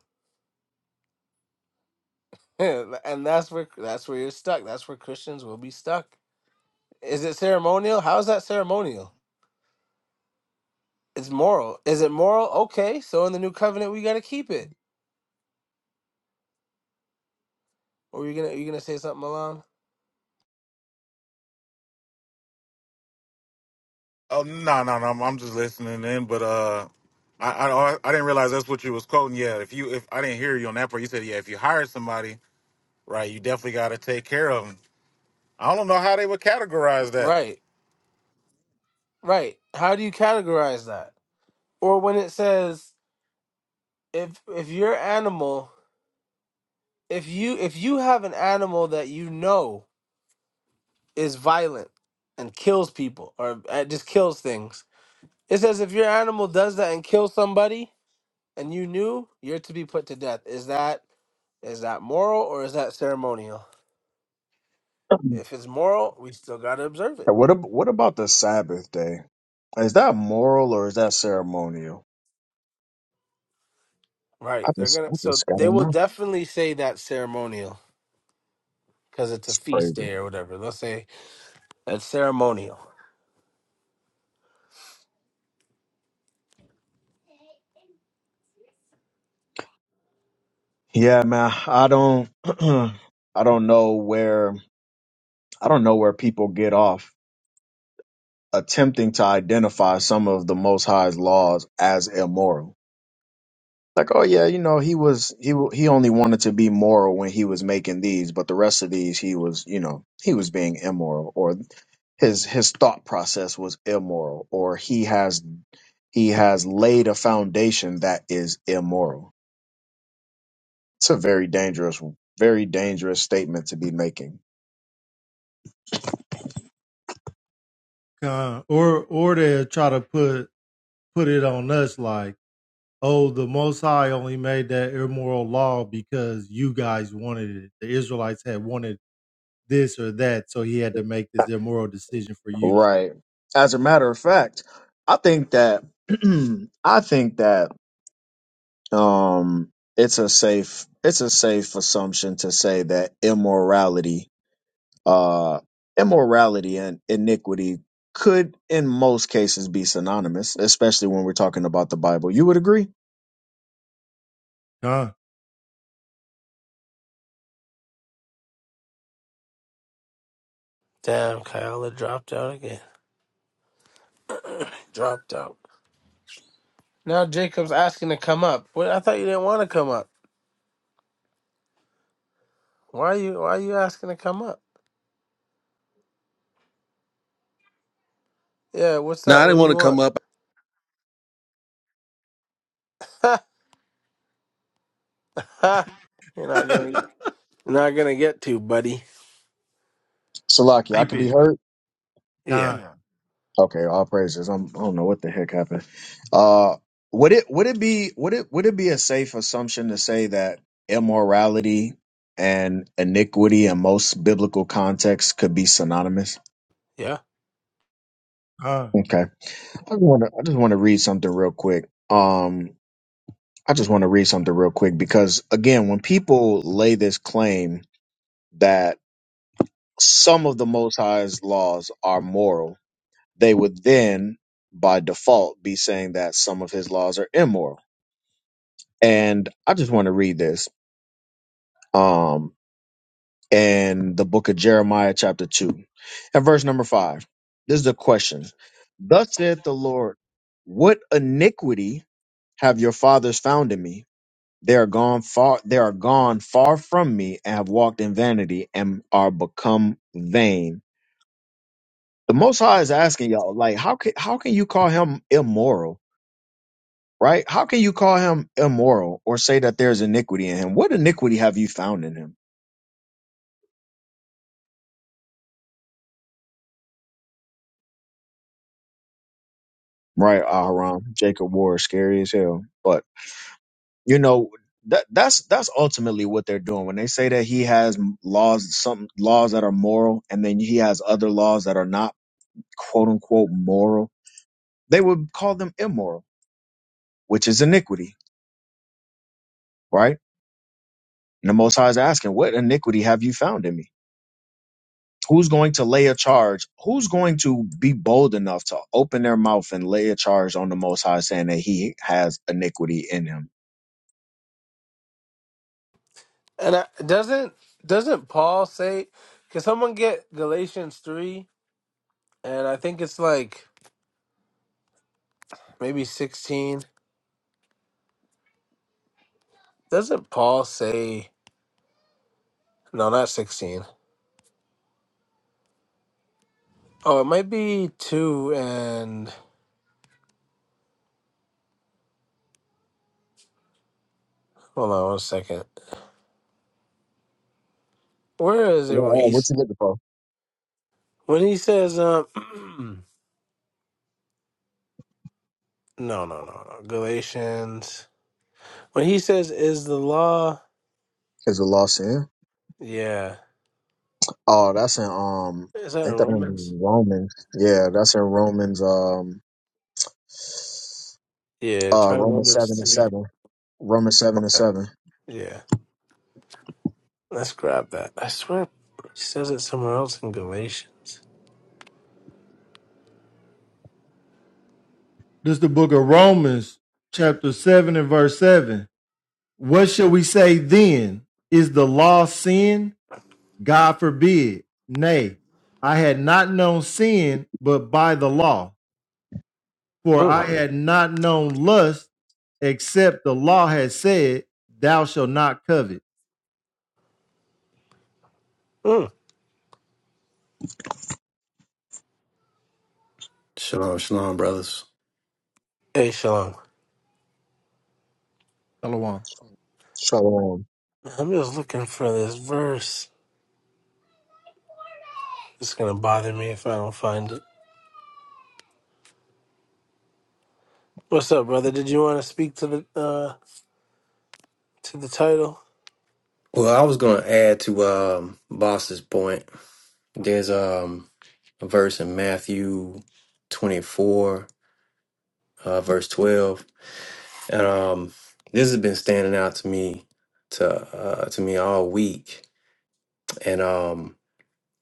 S3: and that's where that's where you're stuck. That's where Christians will be stuck. Is it ceremonial? How is that ceremonial? It's moral. Is it moral? Okay. So in the new covenant, we got to keep it. Or you gonna you gonna say something, Milan?
S2: Oh, no, no, no. I'm I'm just listening in, but, uh, I, I I didn't realize that's what you was quoting. Yeah, if you if I didn't hear you on that part, you said yeah. If you hire somebody, Right. You definitely got to take care of them. I don't know how they would categorize that.
S3: Right, right. How do you categorize that? Or when it says if if your animal, if you if you have an animal that you know is violent and kills people or uh, just kills things, it says if your animal does that and kills somebody and you knew, you're to be put to death. Is that is that moral or is that ceremonial? If it's moral, we still gotta observe it.
S4: What ab- what about the Sabbath day? Is that moral or is that ceremonial? I
S3: Right. They're
S4: just
S3: gonna
S4: I
S3: so
S4: just
S3: they
S4: gotta
S3: will
S4: know.
S3: definitely say that ceremonial because it's a
S4: It's
S3: feast
S4: crazy.
S3: day or whatever. They'll say that's ceremonial.
S4: Yeah, man. I don't I don't know where I don't know where people get off attempting to identify some of the Most High's laws as immoral. Like, oh yeah, you know, he was he wa- he only wanted to be moral when he was making these, but the rest of these he was, you know, he was being immoral, or his his thought process was immoral, or he has he has laid a foundation that is immoral. It's a very dangerous, very dangerous statement to be making.
S7: Con- Or or they try to put put it on us like, oh, the Most High only made that immoral law because you guys wanted it. The Israelites had wanted this or that, so he had to make this immoral decision for you.
S4: Right. As a matter of fact, I think that I think that um it's a safe it's a safe assumption to say that immorality uh immorality and iniquity could in most cases be synonymous especially when we're talking about the bible you would agree
S7: Con,
S3: Damn, Kyle dropped out again. Dropped out. Now Jacob's asking to come up. What I thought you didn't want to come up. Why are you why are you asking to come up? Yeah, what's
S8: Nah,
S3: up?
S8: I
S3: What
S8: didn't
S3: do
S8: want
S3: you
S8: to come
S3: want?
S8: up.
S3: you're not gonna you're not gonna get to, buddy.
S4: Salaki? i could be hurt
S7: con.
S3: Yeah.
S4: okay all praises I'm, i don't know what the heck happened uh would it would it be would it would it be a safe assumption to say that immorality and iniquity in most biblical contexts could be synonymous
S3: Yeah.
S7: Uh,
S4: Okay. I just want to. I just want to read something real quick. Um, I just want to read something real quick because again, when people lay this claim that some of the Most High's laws are moral, they would then, by default, be saying that some of His laws are immoral. And I just want to read this. Um, in the book of Jeremiah, chapter two, and verse number five. This is the question. Thus saith the Lord, What iniquity have your fathers found in me? They are gone far they are gone far from me and have walked in vanity and are become vain. The most high is asking y'all, like, how can how can you call him immoral? Right? How can you call him immoral or say that there's iniquity in him? What iniquity have you found in him? Right, Aharon, Jacob War, scary as hell. But you know, that that's that's ultimately what they're doing when they say that he has laws some laws that are moral and then he has other laws that are not quote unquote moral They would call them immoral, which is iniquity, right? And the Most High is asking, What iniquity have you found in me? Who's going to lay a charge? Who's going to be bold enough to open their mouth and lay a charge on the Most High saying that he has iniquity in him?
S3: And I, doesn't doesn't Paul say can someone get Galatians three and I think it's like maybe sixteen Doesn't Paul say no? Not sixteen. Oh, it might be two and hold on one second. Where is it when
S4: Well, uh, what
S3: he's
S4: you looking for?
S3: when he says um? no, no, no, no. Galatians. When he says, "Is the law?"
S4: Is the law sin?
S3: Yeah.
S4: Oh, that's in um,
S3: Is that
S4: ain't
S3: in
S4: that
S3: Romans?
S4: in Romans? Yeah, that's in Romans. Um,
S3: Yeah.
S4: uh,
S3: Try
S4: Romans
S3: Romans
S4: seven and
S3: three.
S4: seven. Romans seven and
S3: Okay.
S4: seven.
S3: Yeah. Let's grab that. I swear, he says it somewhere else in Galatians.
S7: this is the book of Romans, chapter 7 and verse 7. What shall we say then? Is the law sin? God forbid. Nay, I had not known sin but by the law. For I
S3: Mm,
S7: had not known lust except the law had said, Thou shalt not covet.
S3: mm.
S12: Shalom, shalom, brothers.
S3: Hey, Shalom.
S7: Shalom.
S4: Shalom.
S3: I'm just looking for this verse. It's gonna bother me if I don't find it. What's up, brother? Did you want to speak to the uh to the title?
S12: Well, I was going to add to um, Boss's point. There's um, a verse in Matthew 24, uh, verse 12, and um, this has been standing out to me to uh, to me all week. And um,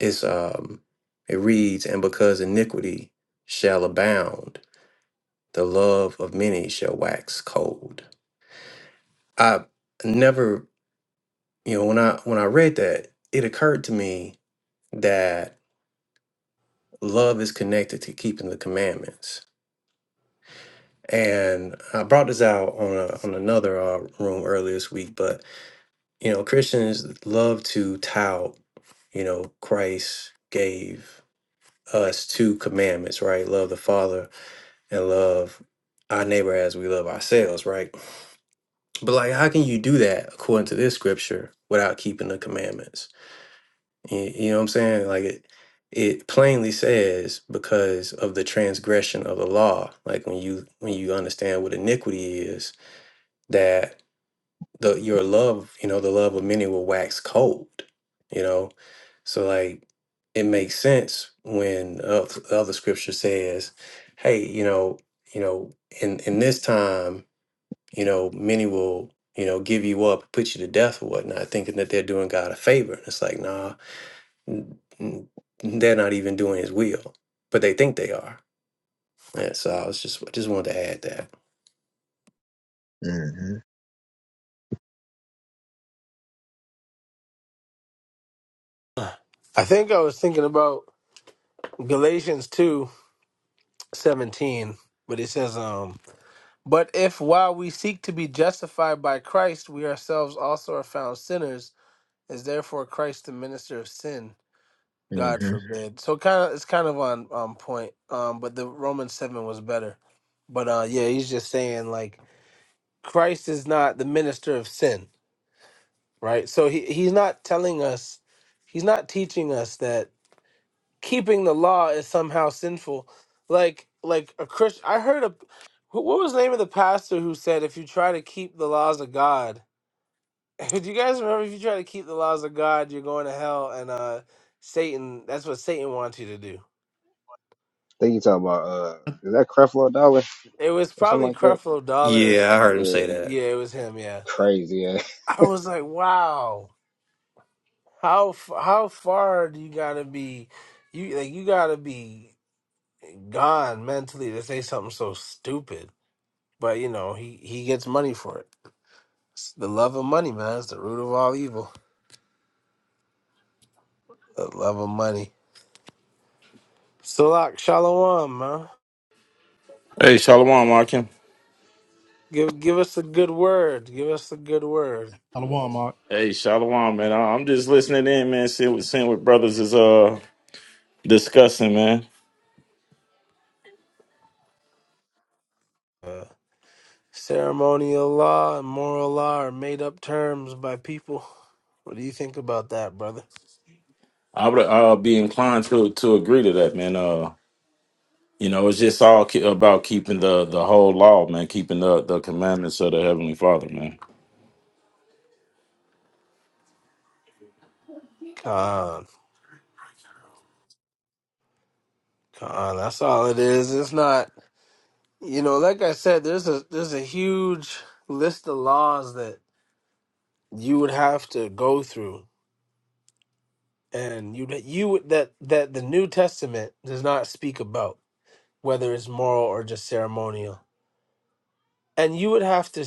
S12: it's um, it reads, "And because iniquity shall abound, the love of many shall wax cold." I never, you know, when I when I read that, it occurred to me that love is connected to keeping the commandments. And I brought this out on a, on another uh, room earlier this week, but you know, Christians love to tout, you know, Christ gave us two commandments, right? Love the Father and love our neighbor as we love ourselves, right? But like, how can you do that according to this scripture without keeping the commandments? Y- You know what I'm saying? Like it, it plainly says because of the transgression of the law. Like when you when you understand what iniquity is, that the your love, you know, the love of many will wax cold. You know, so like it makes sense when uh, the other scripture says, "Hey, you know, you know, in in this time, you know, many will." You know, give you up, put you to death or whatnot, thinking that they're doing God a favor. It's like, nah, n- n- they're not even doing his will, but they think they are. Yeah, so I was just just wanted to add that.
S4: hmm
S3: I think I was thinking about Galatians two seventeen, but it says, um, but if while we seek to be justified by Christ, we ourselves also are found sinners, is therefore Christ the minister of sin? God
S4: hmm
S3: forbid. So kind of it's kind of on on point. Um, but the Romans seven was better. But uh, yeah, he's just saying like Christ is not the minister of sin right? So he, he's not telling us, he's not teaching us that keeping the law is somehow sinful. Like like a Christian, I heard a who- what was the name of the pastor who said if you try to keep the laws of God, do you guys remember if you try to keep the laws of God, you're going to hell and uh Satan, that's what Satan wants you to do.
S1: I think you talking about uh, is that Creflo Dollar
S3: It was
S1: or something
S3: probably
S1: like that?
S3: Creflo Dollar. or
S12: Yeah,
S3: s-
S12: I heard him say
S1: Yeah,
S12: that.
S3: Yeah, it was him, yeah.
S1: crazy. Yeah.
S3: I was like, "Wow. How f- how far do you got to be you like you gotta be gone mentally to say something so stupid. But you know, he he gets money for it. It's the love of money, man, is the root of all evil. The love of money. Salak shalom, man.
S13: Hey, Shalom, Akim.
S3: Give give us a good word. Give us a good word.
S7: Shalom, Mark.
S13: Hey, Shalom, man. I- I'm just listening in, man. Seeing what, seeing what brothers is uh discussing, man.
S3: Uh, ceremonial law and moral law are made up terms by people. What do you think about that, brother?
S13: I would uh, be inclined to to agree to that, man. Uh, you know, it's just all ke- about keeping the the whole law, man. Keeping the the commandments of the Heavenly Father, man.
S3: Con, con. That's all it is. It's not. You know, like I said, there's a there's a huge list of laws that you would have to go through and you you would- that that the New Testament does not speak about whether it's moral or just ceremonial. And you would have to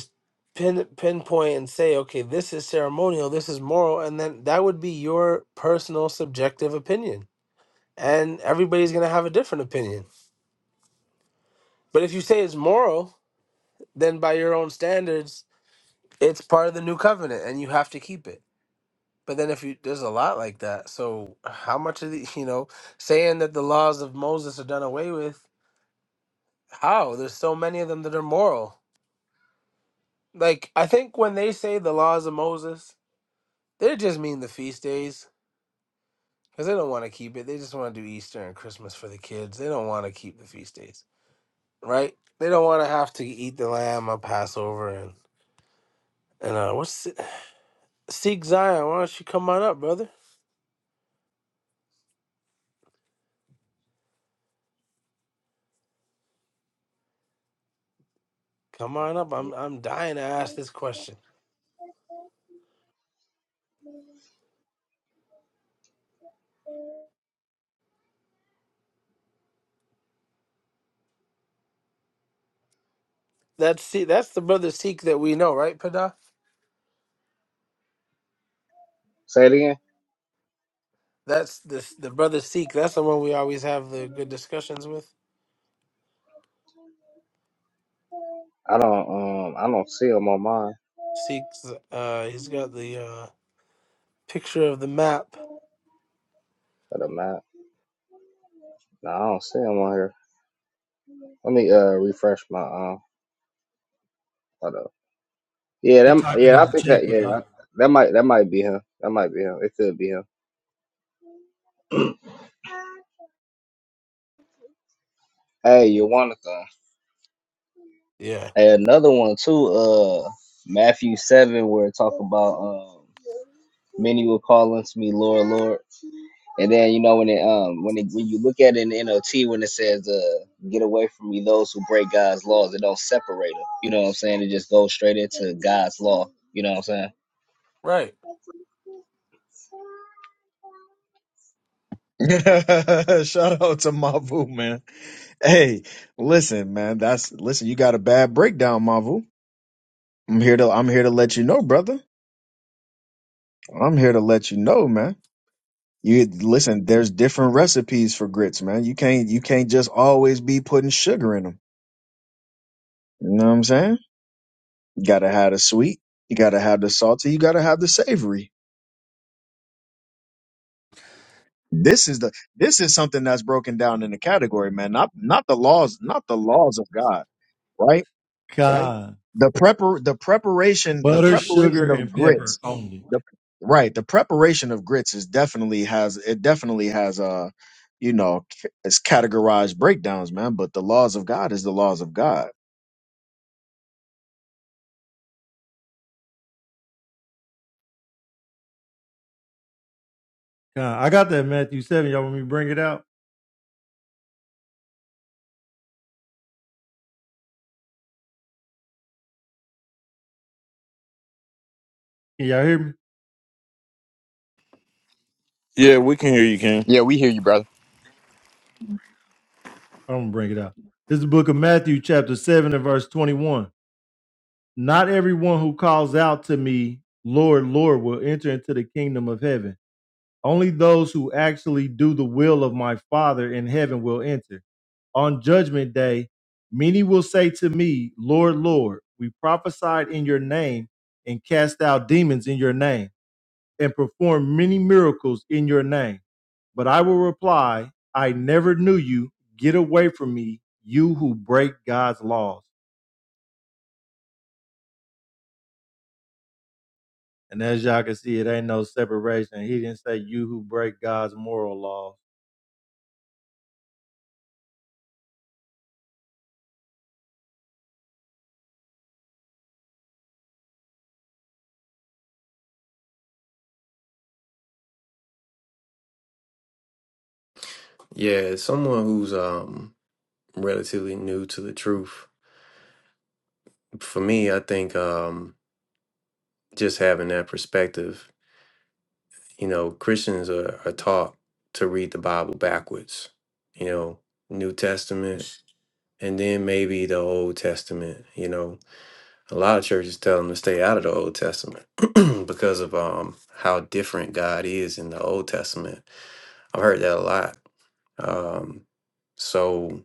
S3: pin pinpoint and say, okay, this is ceremonial, this is moral, and then that would be your personal subjective opinion. And everybody's going to have a different opinion. But if you say it's moral, then by your own standards, it's part of the new covenant and you have to keep it But then if you there's a lot like that. So how much of the you know, saying that the laws of Moses are done away with, how? There's so many of them that are moral. Like I think when they say the laws of Moses, they just mean the feast days because they don't want to keep it. They just want to do Easter and Christmas for the kids. They don't want to keep the feast days, right? They don't want to have to eat the lamb on Passover and and uh, what's Si-, Seek Zion? Why don't you come on up, brother? Come on up. I'm I'm dying to ask this question. That's see, that's the brother Sikh that we know, right, Pada?
S1: Say it again.
S3: That's the the brother Sikh. That's the one we always have the good discussions with.
S1: I don't um I don't see him on mine
S3: Sikh's, uh, he's got the uh picture of the map.
S1: for the map. No, I don't see him on here. Let me uh refresh my um. Hold up. Yeah,
S7: He
S1: that
S7: typing
S1: yeah
S7: in
S1: I
S7: the
S1: think
S7: chat,
S1: that
S7: but
S1: yeah I,
S7: not.
S1: that might that might be him. That might be him. It could be him. Hey, you want to
S3: Yeah,
S1: Hey, another one too. Uh, Matthew seven where it talk about um. Many will call unto me, Lord, Lord. And then you know when it um when it when you look at it in the NLT when it says uh get away from me those who break God's laws, it don't separate them. You know what I'm saying? It just goes straight into God's law. You know what I'm saying?
S3: right.
S4: Shout out to Mavu, man. Hey, listen, man. That's listen. You got a bad breakdown, Mavu. I'm here to. I'm here to let you know, brother. I'm here to let you know, man. You listen. There's different recipes for grits, man. You can't. You can't just always be putting sugar in them. You know what I'm saying? You gotta have the sweet. You gotta have the salty. You gotta have the savory. This is the. This is something that's broken down in the category, man. Not not the laws. Not the laws of God, right?
S7: God.
S4: the prepar the preparation
S7: But
S4: the preparation of grits the right the preparation of grits is definitely has it definitely has uh you know c- it's categorized breakdowns man but the laws of god is the laws of god
S7: God. I got that Matthew 7. Y'all want me to bring it out? Can y'all hear me?
S13: Yeah, we can hear you, King.
S9: Yeah, we hear you, brother.
S7: I'm gonna bring it out. This is the book of Matthew, chapter 7, and verse 21. Not everyone who calls out to me, Lord, Lord, will enter into the kingdom of heaven. Only those who actually do the will of my Father in heaven will enter. On judgment day, many will say to me, Lord, Lord, we prophesied in your name and cast out demons in your name and performed many miracles in your name. But I will reply, I never knew you. Get away from me, you who break God's laws. And as y'all can see, it ain't no separation. He didn't say you who break God's moral laws.
S12: Yeah, someone who's um relatively new to the truth. For me, I think um just having that perspective, you know, Christians are, are taught to read the Bible backwards, you know, New Testament and then maybe the Old Testament, you know. A lot of churches tell them to stay out of the Old Testament because of um, how different God is in the Old Testament. I've heard that a lot. Um, so,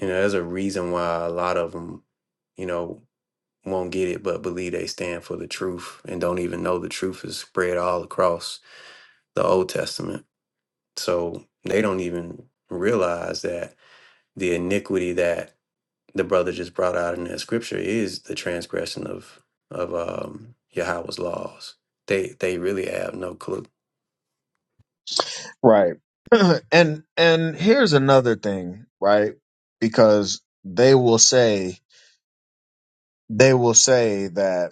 S12: you know, there's a reason why a lot of them, you know, won't get it, but believe they stand for the truth and don't even know the truth is spread all across the Old Testament. So they don't even realize that the iniquity that the brother just brought out in that scripture is the transgression of of um Yahweh's laws. They they really have no clue.
S4: right and and here's another thing right because they will say they will say that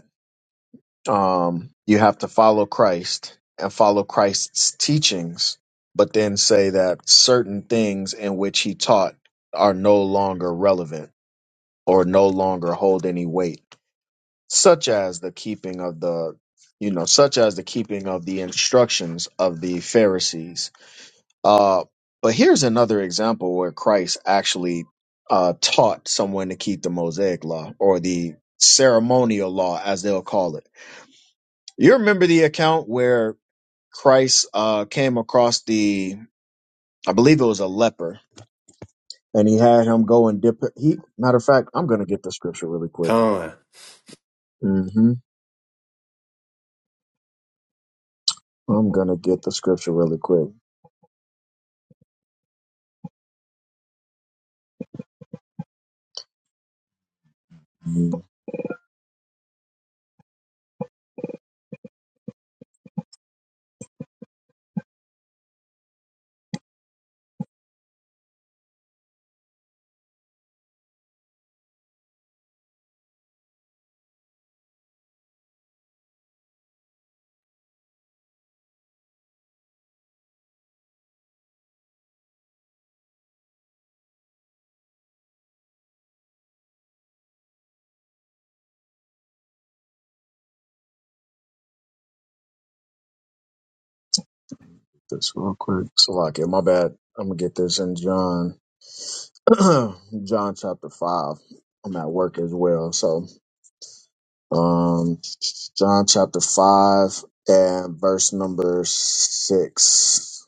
S4: um, you have to follow Christ and follow Christ's teachings, but then say that certain things in which he taught are no longer relevant or no longer hold any weight, such as the keeping of the you know, such as the keeping of the instructions of the Pharisees. Uh, but here's another example where Christ actually uh, taught someone to keep the Mosaic law or the ceremonial law, as they'll call it you remember the account where Christ uh, came across the, I believe it was a leper, and he had him go and dip. He, matter of fact, I'm gonna get the scripture really quick.
S12: Con.
S4: hmm I'm gonna get the scripture really quick. Mm, This real quick. Salakia, my bad. I'm gonna get this in John, John chapter five. I'm at work as well, so um, John chapter five and verse number six.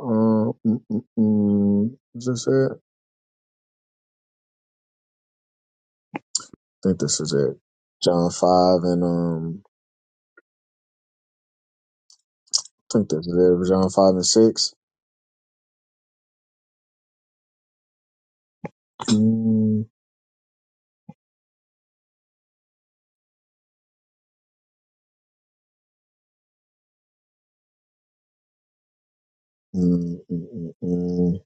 S4: Um, mm, mm, mm, is this it? I think this is it. John five and um, I think this is it. John five and six. Mm, mm, mm, mm, mm.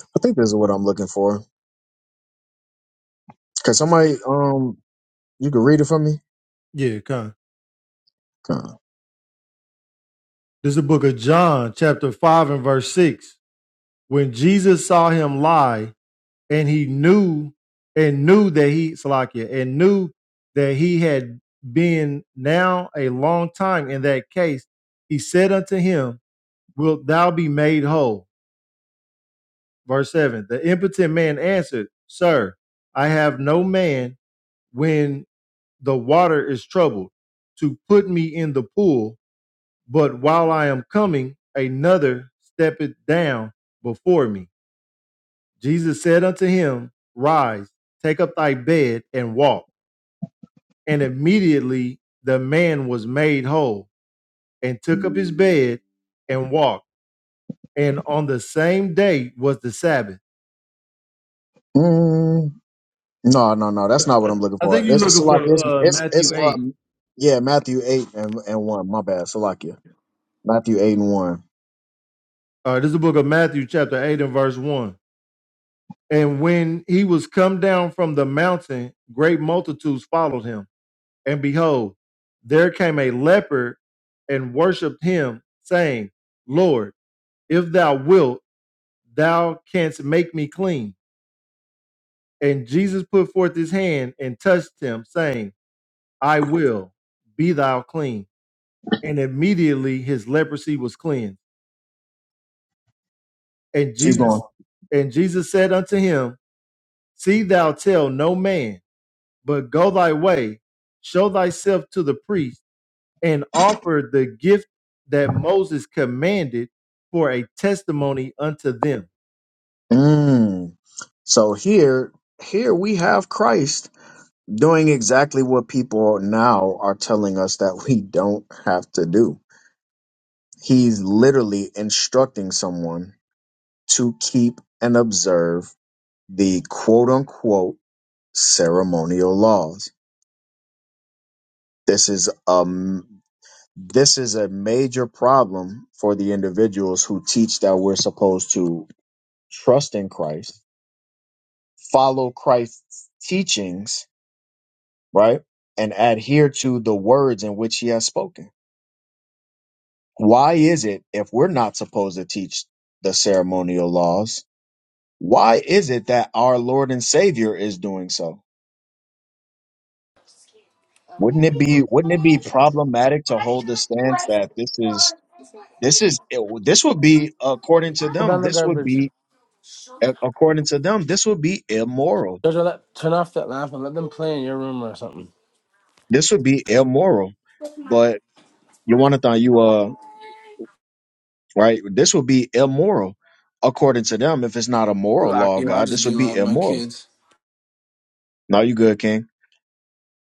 S4: I think this is what I'm looking for. Can somebody um, you can read it for me?
S7: Yeah, kind. of.
S4: Come on.
S7: This is the book of John, chapter 5 and verse 6. When Jesus saw him lie, and he knew and knew that he Salakia, and knew that he had been now a long time in that case, he said unto him, Wilt thou be made whole? Verse 7 The impotent man answered, Sir, I have no man when the water is troubled to put me in the pool, but while I am coming, another steppeth down before me. Jesus said unto him, Rise, take up thy bed and walk. And immediately the man was made whole and took up his bed and walked. And on the same day was the Sabbath.
S4: Mm, no, no, no. That's not what I'm looking for. It's Salakia. It's it's, it's
S7: Eight.
S4: um, yeah, Matthew eight and, and one. My bad, Salakia. Matthew eight and one.
S7: Uh, this is the book of Matthew, chapter 8, and verse 1. And when he was come down from the mountain, great multitudes followed him. And behold, there came a leper and worshipped him, saying, Lord, if thou wilt, thou canst make me clean. And Jesus put forth his hand and touched him, saying, I will, be thou clean. And immediately his leprosy was cleansed. And, Je-
S4: Keep going.
S7: and Jesus said unto him, See thou tell no man But go thy way, show thyself to the priest, and offer the gift that Moses commanded for a testimony unto them.
S4: Mm. So here, here we have Christ doing exactly what people now are telling us that we don't have to do. He's literally instructing someone to keep and observe the quote unquote ceremonial laws. This is um this is a major problem for the individuals who teach that we're supposed to trust in Christ, follow Christ's teachings, right? And adhere to the words in which he has spoken why is it if we're not supposed to teach the ceremonial laws why is it that our lord and savior is doing so wouldn't it be wouldn't it be problematic to hold the stance that this is this is it, this would be according to
S3: Put
S4: them
S3: down the
S4: this would
S3: garbage.
S4: be a- according to them this would be immoral
S3: Jojo, let, turn off that lamp and let them play in your room or something.
S4: this would be immoral but you want to thought you uh right this would be immoral according to them if it's not a
S3: You're
S4: moral law of
S3: lucky. I'll
S4: god
S3: just
S4: this would
S3: deal
S4: be
S3: with my
S4: immoral
S3: kids.
S4: now you good king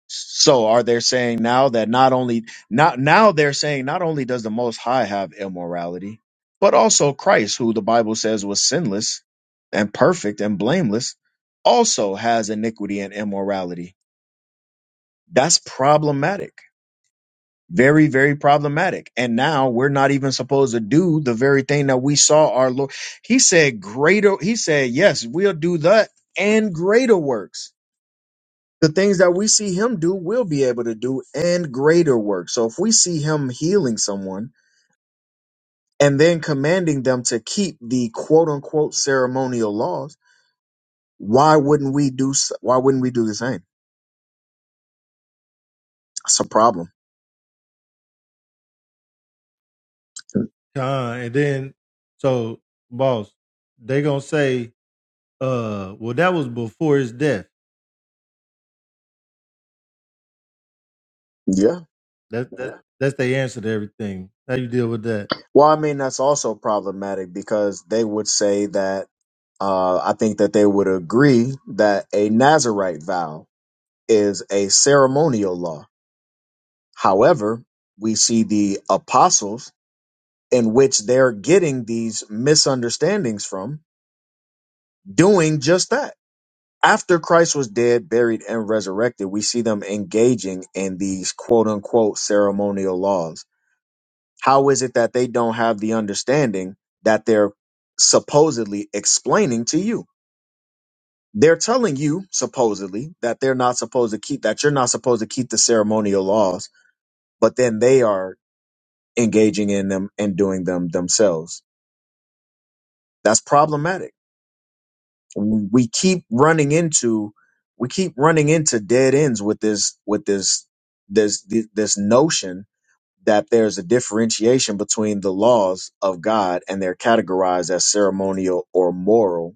S4: So are they saying now that not only not now they're saying not only does the most high have immorality, but also Christ, who the Bible says was sinless and perfect and blameless, also has iniquity and immorality. That's problematic. Very, very problematic. And now we're not even supposed to do the very thing that we saw our Lord. He said greater, he said, yes, we'll do that and greater works the things that we see him do, we'll be able to do and greater work. So if we see him healing someone and then commanding them to keep the quote unquote ceremonial laws, why wouldn't we do s- why wouldn't we do the same? That's a problem.
S7: Uh, and then, so, boss, they going to say, uh, well, that was before his death.
S4: Yeah.
S7: That, that that's the answer to everything. How you deal with that?
S4: Well, I mean that's also problematic because they would say that uh I think that they would agree that a Nazarite vow is a ceremonial law. However, we see the apostles in which they're getting these misunderstandings from doing just that. After Christ was dead, buried, and resurrected, we see them engaging in these quote unquote ceremonial laws. How is it that they don't have the understanding that they're supposedly explaining to you? They're telling you, supposedly, that they're not supposed to keep, that you're not supposed to keep the ceremonial laws, but then they are engaging in them and doing them themselves. That's problematic we keep running into we keep running into dead ends with this with this this this notion that there's a differentiation between the laws of God and they're categorized as ceremonial or moral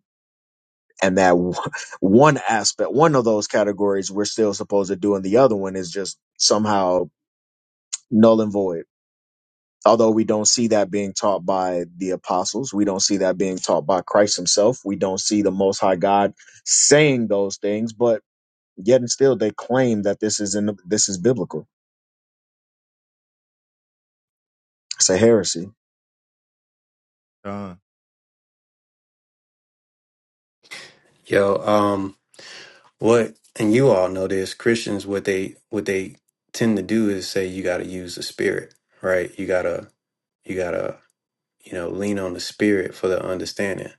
S4: and that w- one aspect one of those categories we're still supposed to do and the other one is just somehow null and void although we don't see that being taught by the apostles we don't see that being taught by Christ himself we don't see the most high God saying those things but Yet and still, they claim that this is in the, this is biblical. It's a heresy.
S7: Con,
S12: Yo, um what and you all know this, Christians what they what they tend to do is say you gotta use the spirit, right? You gotta you gotta, you know, lean on the spirit for the understanding.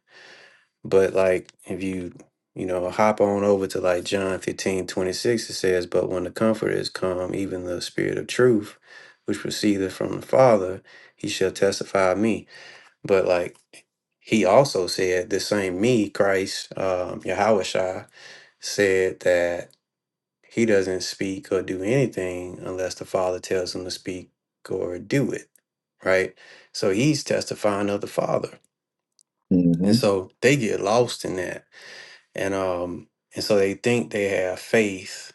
S12: But like if you, you know, hop on over to like John 15 26, it says, But when the comforter is come, even the spirit of truth, which proceedeth from the Father, he shall testify of me. But like he also said, the same me, Christ, um, Yahweh said that he doesn't speak or do anything unless the Father tells him to speak or do it, right? So he's testifying of the Father.
S4: hmm
S12: And so they get lost in that and um and so they think they have faith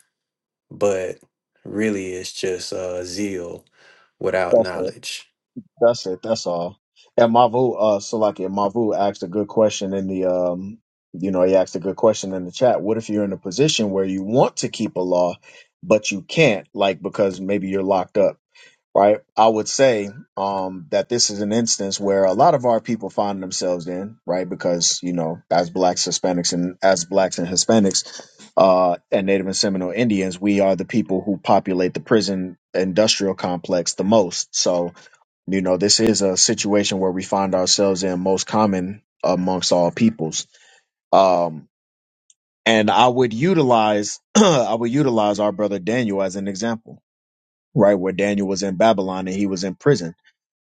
S12: but really it's just uh zeal without
S4: That's it.
S12: knowledge
S4: That's it. That's all. And Mavu, uh, Salaki, Mavu asked a good question in the, um, you know, he asked a good question in the chat. What if you're in a position where you want to keep a law, but you can't, like because maybe you're locked up? right? I would say um, that this is an instance where a lot of our people find themselves in, right? Because you know, as blacks, Hispanics, and as blacks and Hispanics, uh, and Native and Seminole Indians, we are the people who populate the prison industrial complex the most. So you know, this is a situation where we find ourselves in most common amongst all peoples. Um, and I would utilize, I would utilize our brother Daniel as an example, right? Where Daniel was in Babylon and he was in prison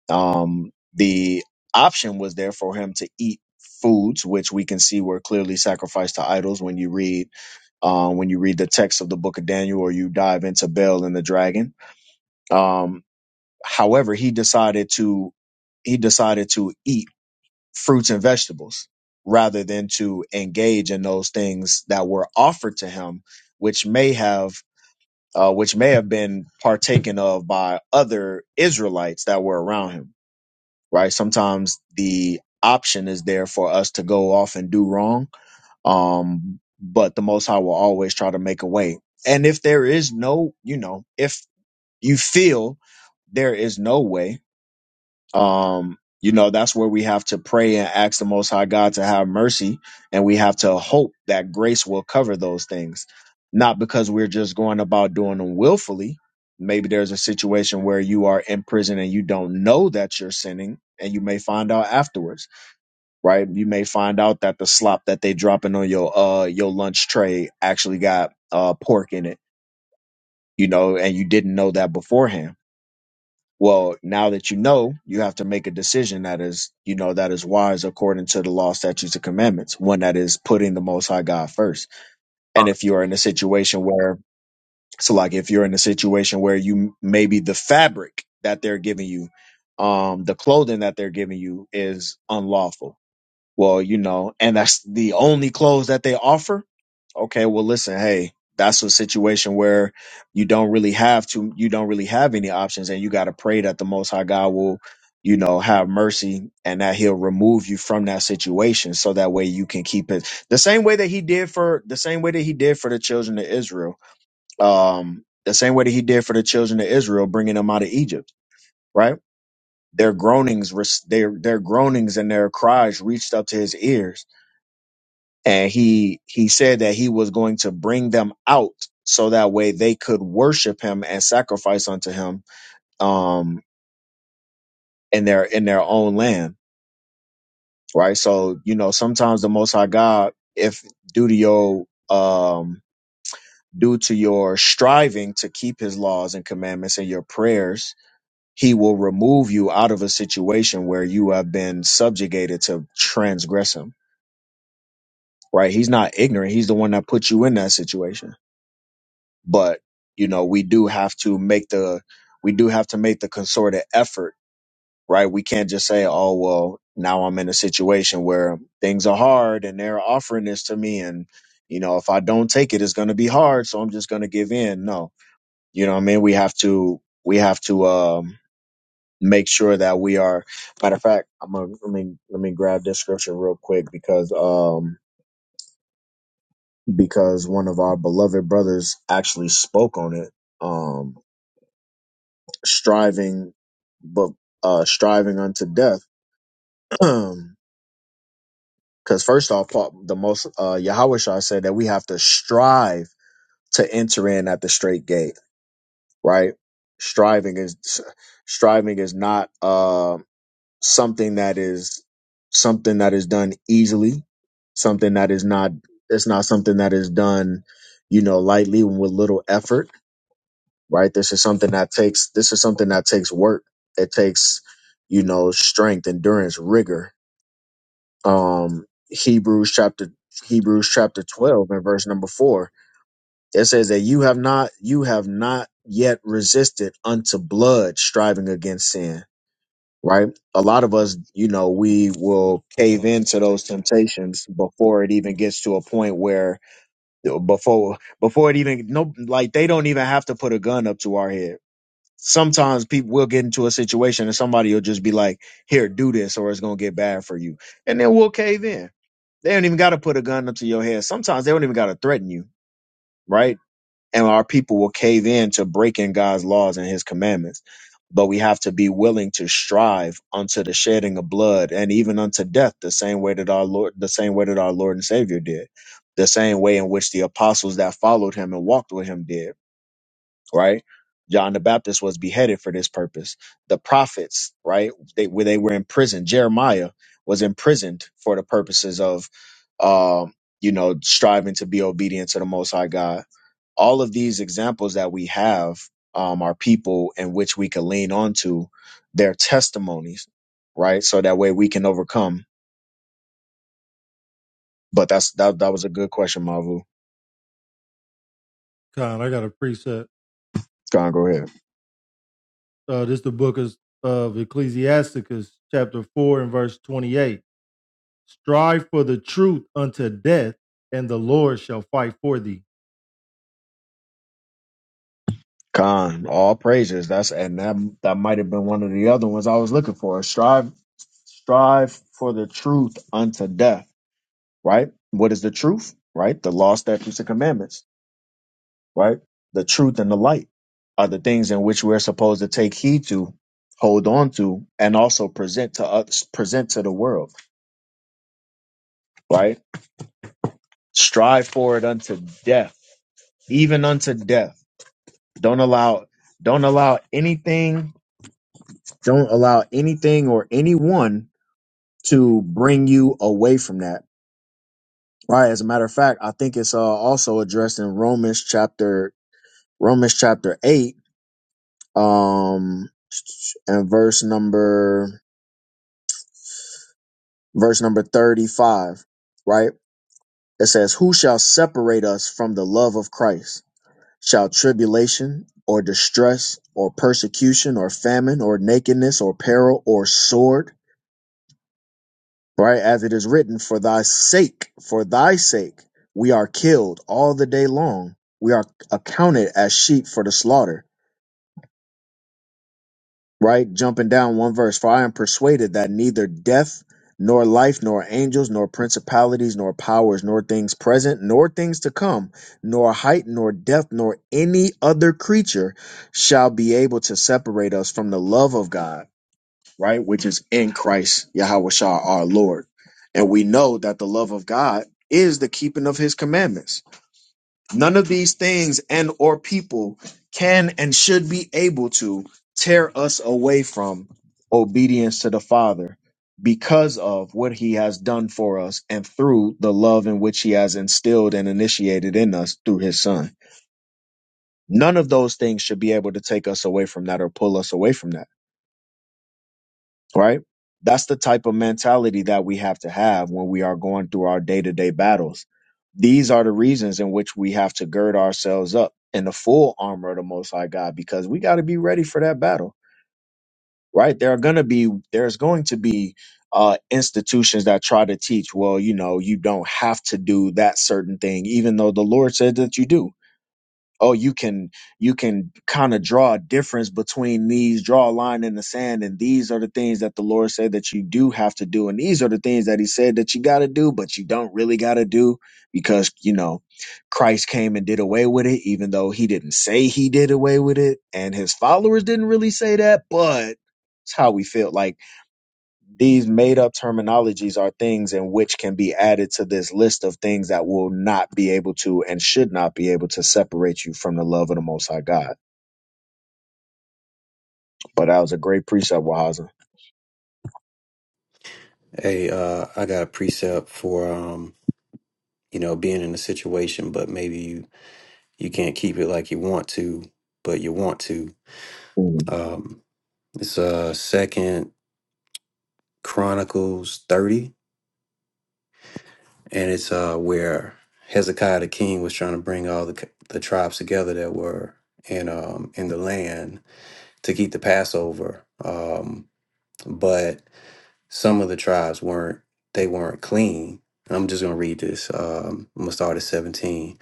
S4: um, the option was there for him to eat foods which we can see were clearly sacrificed to idols when you read um, when you read the text of the book of daniel or you dive into Baal and the dragon um, however he decided to he decided to eat fruits and vegetables rather than to engage in those things that were offered to him which may have uh, which may have been partaken of by other israelites that were around him right? Sometimes the option is there for us to go off and do wrong. Um, but the Most High will always try to make a way. And if there is no, you know, if you feel there is no way, um you know that's where we have to pray and ask the most high god to have mercy and we have to hope that grace will cover those things not because we're just going about doing them willfully maybe there's a situation where you are in prison and you don't know that you're sinning and you may find out afterwards right you may find out that the slop that they dropping on your uh your lunch tray actually got uh pork in it you know and you didn't know that beforehand well, now that you know, you have to make a decision that is, you know, that is wise according to the law, statutes, and commandments, one that is putting the most high God first.
S9: Uh,
S4: And if you're in a situation where, so like if you're in a situation where you maybe the fabric that they're giving you, um, the clothing that they're giving you is unlawful well, you know, and that's the only clothes that they offer. Okay, well, listen, hey, that's a situation where you don't really have to, you don't really have any options, and you got to pray that the Most High God will, you know, have mercy and that He'll remove you from that situation, so that way you can keep it the same way that He did for the same way that He did for the children of Israel. Um, the same way that He did for the children of Israel, bringing them out of Egypt, right? Their groanings, were- their their groanings and their cries reached up to His ears and he he said that he was going to bring them out so that way they could worship him and sacrifice unto him um in their in their own land right so you know sometimes the most high god if due to your um due to your striving to keep his laws and commandments and your prayers he will remove you out of a situation where you have been subjugated to transgress him right he's not ignorant he's the one that put you in that situation but you know we do have to make the we do have to make the concerted effort right we can't just say oh well now i'm in a situation where things are hard and they're offering this to me and you know if i don't take it it's going to be hard so i'm just going to give in no you know what i mean we have to we have to um make sure that we are matter of fact i'm gonna let me let me grab this scripture real quick because um because one of our beloved brothers actually spoke on it um striving, but uh, striving unto death. Because first off, Paul- the most uh, Yahweh Shah said that we have to strive to enter in at the straight gate, right? Striving is striving is not uh, something that is something that is done easily, something that is not it's not something that is done, you know, lightly and with little effort right? This is something that takes this is something that takes work. It takes, you know, strength, endurance, rigor. Um Hebrews chapter Hebrews chapter 12 and verse number 4. It says that you have not you have not yet resisted unto blood striving against sin, right? A lot of us, you know, we will cave into those temptations before it even gets to a point where before before it even no like they don't even have to put a gun up to our head sometimes people will get into a situation and somebody will just be like, here, do this, or it's going to get bad for you. And then we'll cave in. They don't even got to put a gun up to your head. Sometimes they don't even got to threaten you, right? And our people will cave in to breaking God's laws and his commandments. But we have to be willing to strive unto the shedding of blood and even unto death, the same way that our Lord, the same way that our Lord and Savior did, the same way in which the apostles that followed him and walked with him did right? John the Baptist was beheaded for this purpose. The prophets, right? They where they were in prison. Jeremiah was imprisoned for the purposes of, um, you know, striving to be obedient to the Most High God. All of these examples that we have um, are people in which we can lean onto their testimonies, right? So that way we can overcome. But that's that. That was a good question, Mavu.
S7: Con, I got a precept.
S4: Go on, go ahead.
S7: Uh, this the book is, of Ecclesiasticus, chapter four and verse twenty-eight. Strive for the truth unto death, and the Lord shall fight for thee.
S4: Con, all praises. That's and that that might have been one of the other ones I was looking for. Strive, strive for the truth unto death. Right? What is the truth? Right? The law, statutes, and commandments. Right? The truth and the light are the things in which we're supposed to take heed to, hold on to, and also present to us, present to the world. Right? Strive for it unto death, even unto death. Don't allow, don't allow anything, don't allow anything or anyone to bring you away from that. Right. As a matter of fact, I think it's uh, also addressed in Romans chapter Romans chapter eight, um, and verse number verse number thirty five. Right. It says, "Who shall separate us from the love of Christ? Shall tribulation or distress or persecution or famine or nakedness or peril or sword?" right? As it is written, for thy sake, for thy sake, we are killed all the day long. We are accounted as sheep for the slaughter, right? Jumping down one verse, for I am persuaded that neither death, nor life, nor angels, nor principalities, nor powers, nor things present, nor things to come, nor height, nor depth, nor any other creature shall be able to separate us from the love of God right? Which is in Christ Yahweh Shah, our Lord. And we know that the love of God is the keeping of his commandments. None of these things and or people can and should be able to tear us away from obedience to the Father because of what he has done for us and through the love in which he has instilled and initiated in us through his son. None of those things should be able to take us away from that or pull us away from that right? That's the type of mentality that we have to have when we are going through our day to day battles. These are the reasons in which we have to gird ourselves up in the full armor of the Most High God because we got to be ready for that battle, right? There are going to be, there's going to be uh, institutions that try to teach, well, you know, you don't have to do that certain thing, even though the Lord said that you do oh you can you can kind of draw a difference between these draw a line in the sand and these are the things that the lord said that you do have to do and these are the things that he said that you got to do but you don't really got to do because you know christ came and did away with it even though he didn't say he did away with it and his followers didn't really say that but it's how we feel like these made up terminologies are things in which can be added to this list of things that will not be able to and should not be able to separate you from the love of the Most High God. But that was a great precept, Wahaza.
S12: hey uh i got a precept for um you know being in a situation but maybe you you can't keep it like you want to but you want to um it's uh second chronicles 30 and it's uh where hezekiah the king was trying to bring all the c- the tribes together that were in um in the land to keep the Passover. Um, but some of the tribes weren't they weren't clean. I'm just gonna read this. Um, I'm gonna start at 17.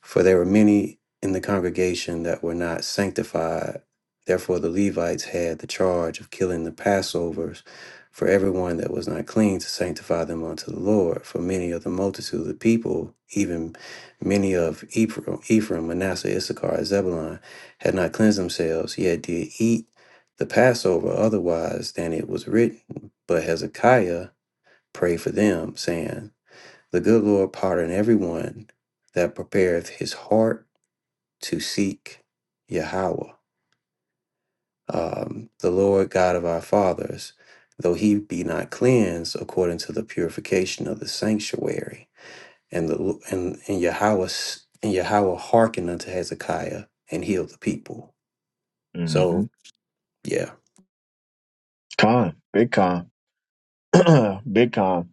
S12: For there were many in the congregation that were not sanctified. Therefore, the Levites had the charge of killing the Passovers for everyone that was not clean to sanctify them unto the Lord. For many of the multitude of the people, even many of Ephraim, Ephraim Manasseh, Issachar, and Zebulun, had not cleansed themselves, yet did eat the Passover otherwise than it was written. But Hezekiah prayed for them, saying, the good Lord pardon everyone that prepareth his heart to seek Yahweh, um, the Lord God of our fathers, though he be not cleansed according to the purification of the sanctuary. And the and and Yahweh s- and Yahweh hearkened unto Hezekiah and healed the people.
S4: Mm-hmm.
S12: So yeah.
S4: Con, big con. Big con.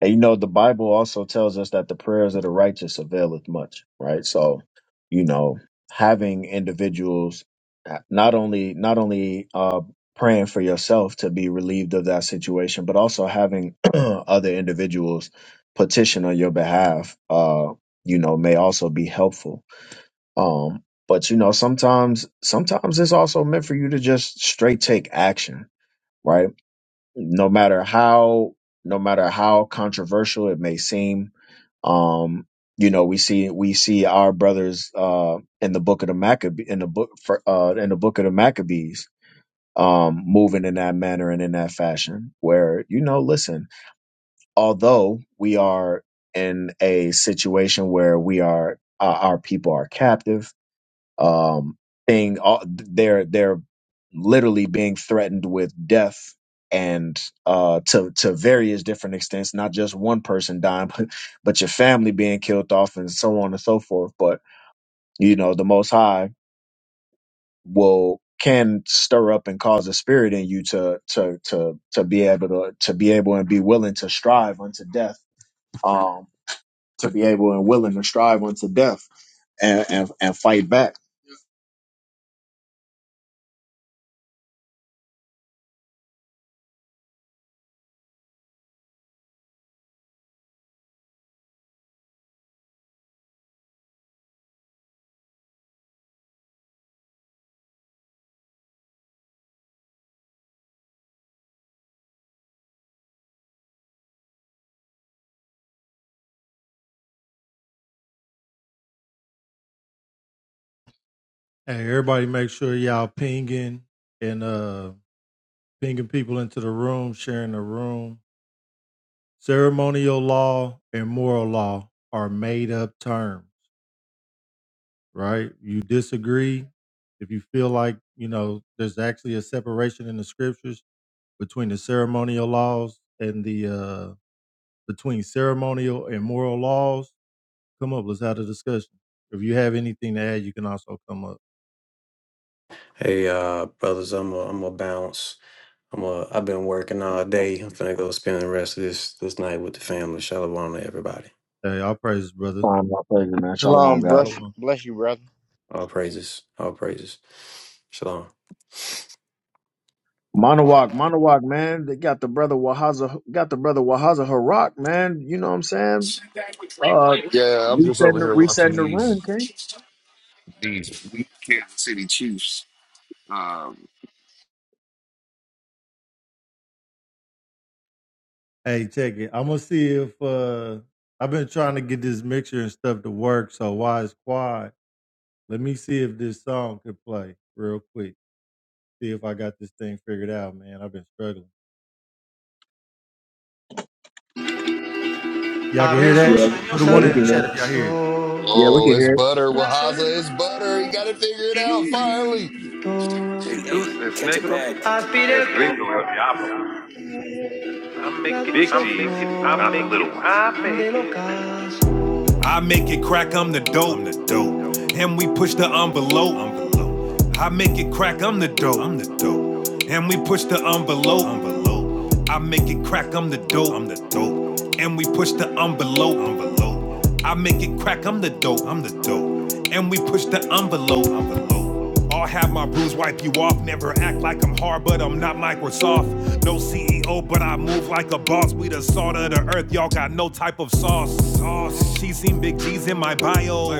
S4: And you know, the Bible also tells us that the prayers of the righteous availeth much, right? So, you know, having individuals uh, not only not only uh, praying for yourself to be relieved of that situation, but also having other individuals petition on your behalf, uh, you know, may also be helpful. Um, but you know, sometimes sometimes it's also meant for you to just straight take action, right? no matter how no matter how controversial it may seem um you know we see we see our brothers uh in the book of the Maccabee in the book for, uh in the book of the Maccabees um moving in that manner and in that fashion where you know listen although we are in a situation where we are uh, our people are captive um, being all, they're they're literally being threatened with death and uh, to to various different extents, not just one person dying, but, but your family being killed off and so on and so forth. But you know, the Most High will can stir up and cause a spirit in you to to to to be able to to be able and be willing to strive unto death. Um, to be able and willing to strive unto death and and, and fight back.
S7: Hey, everybody, make sure y'all pinging and uh pinging people into the room, sharing the room. Ceremonial law and moral law are made up terms, right? You disagree if you feel like you know there's actually a separation in the scriptures between the ceremonial laws and the uh between ceremonial and moral laws Come up. Let's have a discussion. If you have anything to add, you can also come up.
S12: Hey, uh, brothers, I'm a, I'm a bounce. I'm a, I've been working all day. I'm finna go spend the rest of this this night with the family. Shalom to everybody.
S7: Hey, I'll praise, brother.
S4: Um, my pleasure, man. Shalom,
S9: Shalom,
S4: God.
S9: brush,
S7: Shalom.
S9: bless you, brother.
S12: All praises. All praises. Shalom.
S4: Monowak, Monowak, man. They got the brother Wahaza, got the brother Wahaza Harak, man. You know what I'm saying? Uh,
S5: Yeah, I'm just
S4: resetting
S5: over
S4: the,
S5: here watching
S4: resetting the
S5: these
S4: room, okay?
S5: these weak Kansas City Chiefs. Um,
S7: Hey, check it. I'm gonna see if uh I've been trying to get this mixture and stuff to work. So why it's quiet? Let me see if this song could play real quick. See if I got this thing figured out, man. I've been struggling. Yeah,
S4: Yeah,
S7: put a
S4: yeah,
S7: one in
S4: we
S7: the
S4: can hear
S7: chat
S4: it.
S7: if y'all
S4: Yeah, we
S5: oh,
S4: can
S5: it's
S4: hear it.
S5: butter. Wahaza, it's butter. He got it figured out finally.
S7: I'm making Big G, I'm the little one. I make it crack, I'm the dope. I'm the dope. And we push the envelope. envelope. I make it crack, I'm the dope. I'm the dope. And we push the envelope. envelope. I make it crack, I'm the dope. I'm the dope. And we push the envelope. envelope. I make it crack, I'm the dope. I'm the dope. And we push the envelope. envelope. I'll have my bruise wipe you off. Never act like I'm hard, but I'm not Microsoft. No CEO, but I move like a boss. We the salt of the earth, y'all got no type of sauce. Sauce. She seen big G's in my bio.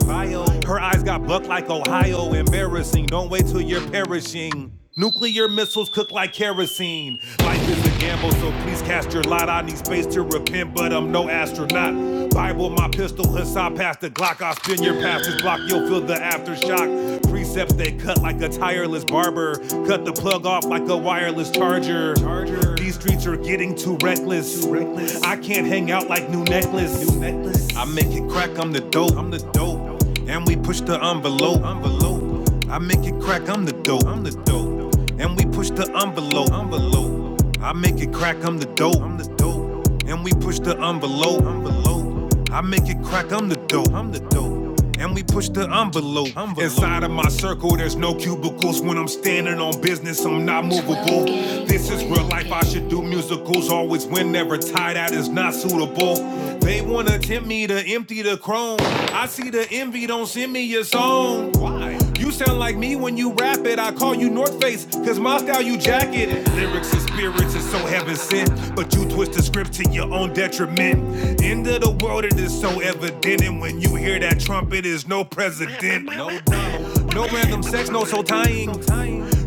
S7: Her eyes got bucked like Ohio. Embarrassing. Don't wait till you're perishing. Nuclear missiles cook like kerosene. Life is a gamble, so please cast your lot. I need space to repent, but I'm no astronaut. Bible, my pistol, Hassan past the Glock. I'll spin your passage block, you'll feel the aftershock. Precepts they cut like a tireless barber. Cut the plug off like a wireless charger. charger. These streets are getting too reckless. Too reckless. I can't hang out like new necklace. New necklace. I make it crack, I'm the dope. I'm the dope. And we push the envelope. envelope. I make it crack, I'm the dope. I'm the dope. And we push the envelope. envelope. I make it crack, I'm the dope. I'm the dope. And we push the envelope. envelope. I make it crack, I'm the dope. I'm the dope. And we push the envelope. envelope. Inside of my circle, there's no cubicles. When I'm standing on business, I'm not movable. This is real life, I should do musicals. Always win, never tie, that is not suitable. They wanna tempt me to empty the chrome. I see the envy, don't send me your song. Why? You sound like me when you rap it. I call you North Face, cause my style you jacket. Lyrics and spirits is so heaven sent, but you twist the script to your own detriment. End of the world, it is so evident. And when you hear that trumpet, is no president. No, Donald. no random sex, no soul tying.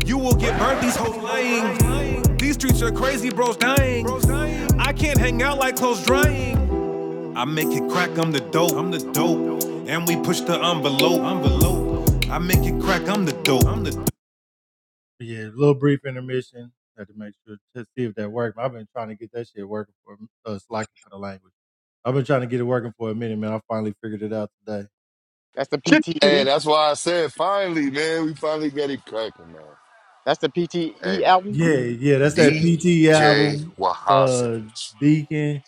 S7: You will get burnt, these hoes lying. These streets are crazy, bros dying. I can't hang out like clothes drying. I make it crack, I'm the dope, I'm the dope. And we push the envelope, envelope. I make it crack, I'm the dope, I'm the dope. Yeah, a little brief intermission. Had to make sure to see if that worked. I've been trying to get that shit working for uh, slacking for the language. I've been trying to get it working for a minute, man. I finally figured it out today.
S9: That's the
S4: Shit, shit, shit.
S5: Hey,
S9: PTE.
S5: that's why I said finally, man. We finally got it cracking, man.
S9: That's the PTE
S5: Hey,
S9: album.
S7: Yeah, yeah, that's that PT
S5: DJ
S7: album,
S5: Wahaza.
S7: uh, Deacon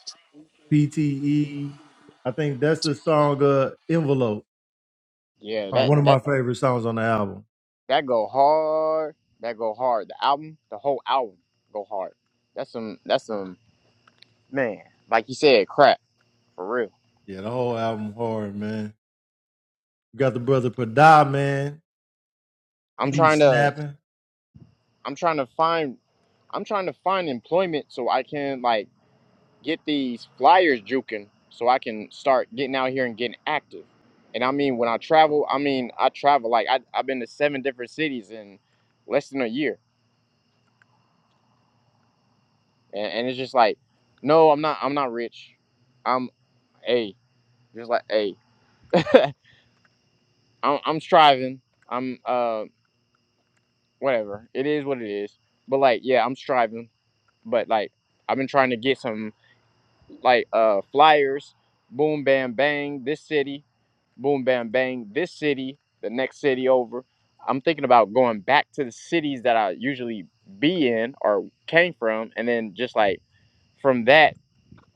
S7: PTE. I think that's the song uh, Envelope.
S9: Yeah.
S7: Uh,
S9: That
S7: one of
S9: that
S7: my favorite songs on the album.
S9: That go hard. That go hard. The album, the whole album, go hard. That's some. That's some. Man, like you said, crap for real.
S7: Yeah, the whole album hard, man. We got the brother Pada, man.
S9: I'm
S7: He be
S9: trying to.
S7: snapping.
S9: I'm trying to find. I'm trying to find employment so I can like get these flyers juking so I can start getting out here and getting active. And I mean, when I travel, I mean, I travel like I, I've been to seven different cities in less than a year, and, and it's just like, no, I'm not. I'm not rich. I'm a just like a. I'm, I'm striving. I'm uh whatever. It is what it is. But like yeah, I'm striving. But like I've been trying to get some like uh flyers. Boom bam bang this city. Boom bam bang this city. The next city over. I'm thinking about going back to the cities that I usually be in or came from, and then just like from that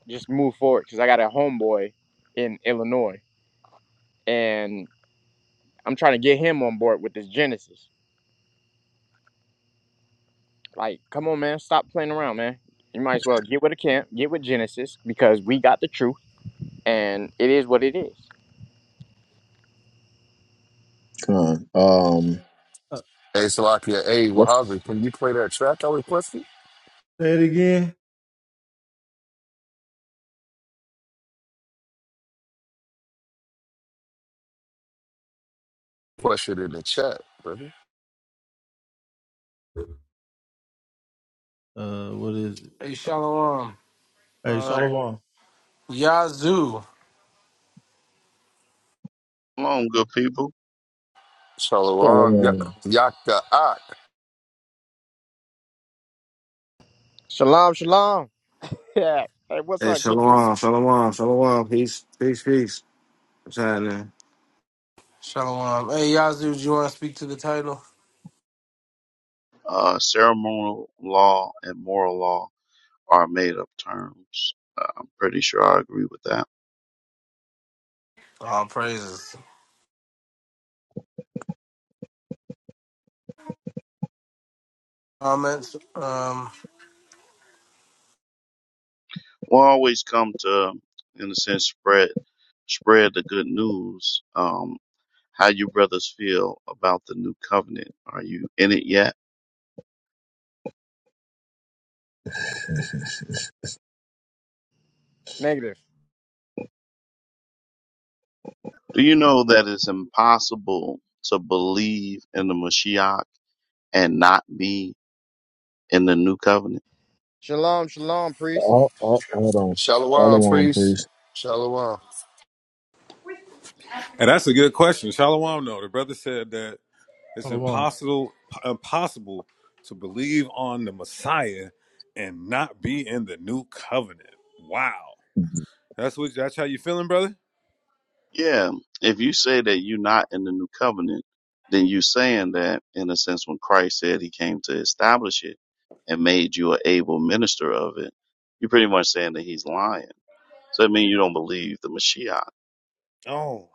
S9: just move forward because I got a homeboy in Illinois and I'm trying to get him on board with this Genesis. Like, come on, man, stop playing around, man. You might as well get with the camp, get with Genesis, because we got the truth, and it is what it is.
S4: Come on. Um,
S7: Uh,
S5: Hey, Salakia. Hey,
S4: let's,
S5: Wahaza, can you play that track I requested?
S7: say it again.
S5: Push it in the chat, brother.
S7: Uh, what is it?
S3: Hey, Shalom.
S7: Hey,
S3: Uh,
S7: Shalom.
S3: Yazoo.
S14: Long, good people.
S5: Shalom, Ya-
S4: um,
S5: Yaka ah,
S9: Shalom, shalom. Yeah. Hey, what's
S15: Hey,
S9: up, King?
S15: shalom, shalom, shalom. Peace, peace, peace. What's happening?
S3: Shalom. Hey, Yazoo, do you want to speak to the title?
S14: Uh, ceremonial law and moral law are made up terms. Uh, I'm pretty sure I agree with that.
S3: All praises. Comments. Um,
S14: We'll always come to, in a sense, spread spread the good news. Um, how you brothers feel about the new covenant? Are you in it yet?
S9: Negative.
S14: Do you know that it's impossible to believe in the Mashiach and not be in the new covenant?
S9: Shalom, shalom, priest.
S4: oh, oh, hold on. Follow
S5: Shalom,
S4: on,
S5: priest.
S4: please.
S5: Shalom.
S16: And that's a good question. Shalom, no. The brother said that it's
S7: Shalom.
S16: impossible impossible to believe on the Messiah and not be in the new covenant. Wow. That's what that's how you feeling, brother?
S14: Yeah, if you say that you're not in the new covenant, then you're saying that, in a sense, when Christ said he came to establish it and made you an able minister of it, you're pretty much saying that he's lying. So that means you don't believe the Mashiach.
S16: Oh.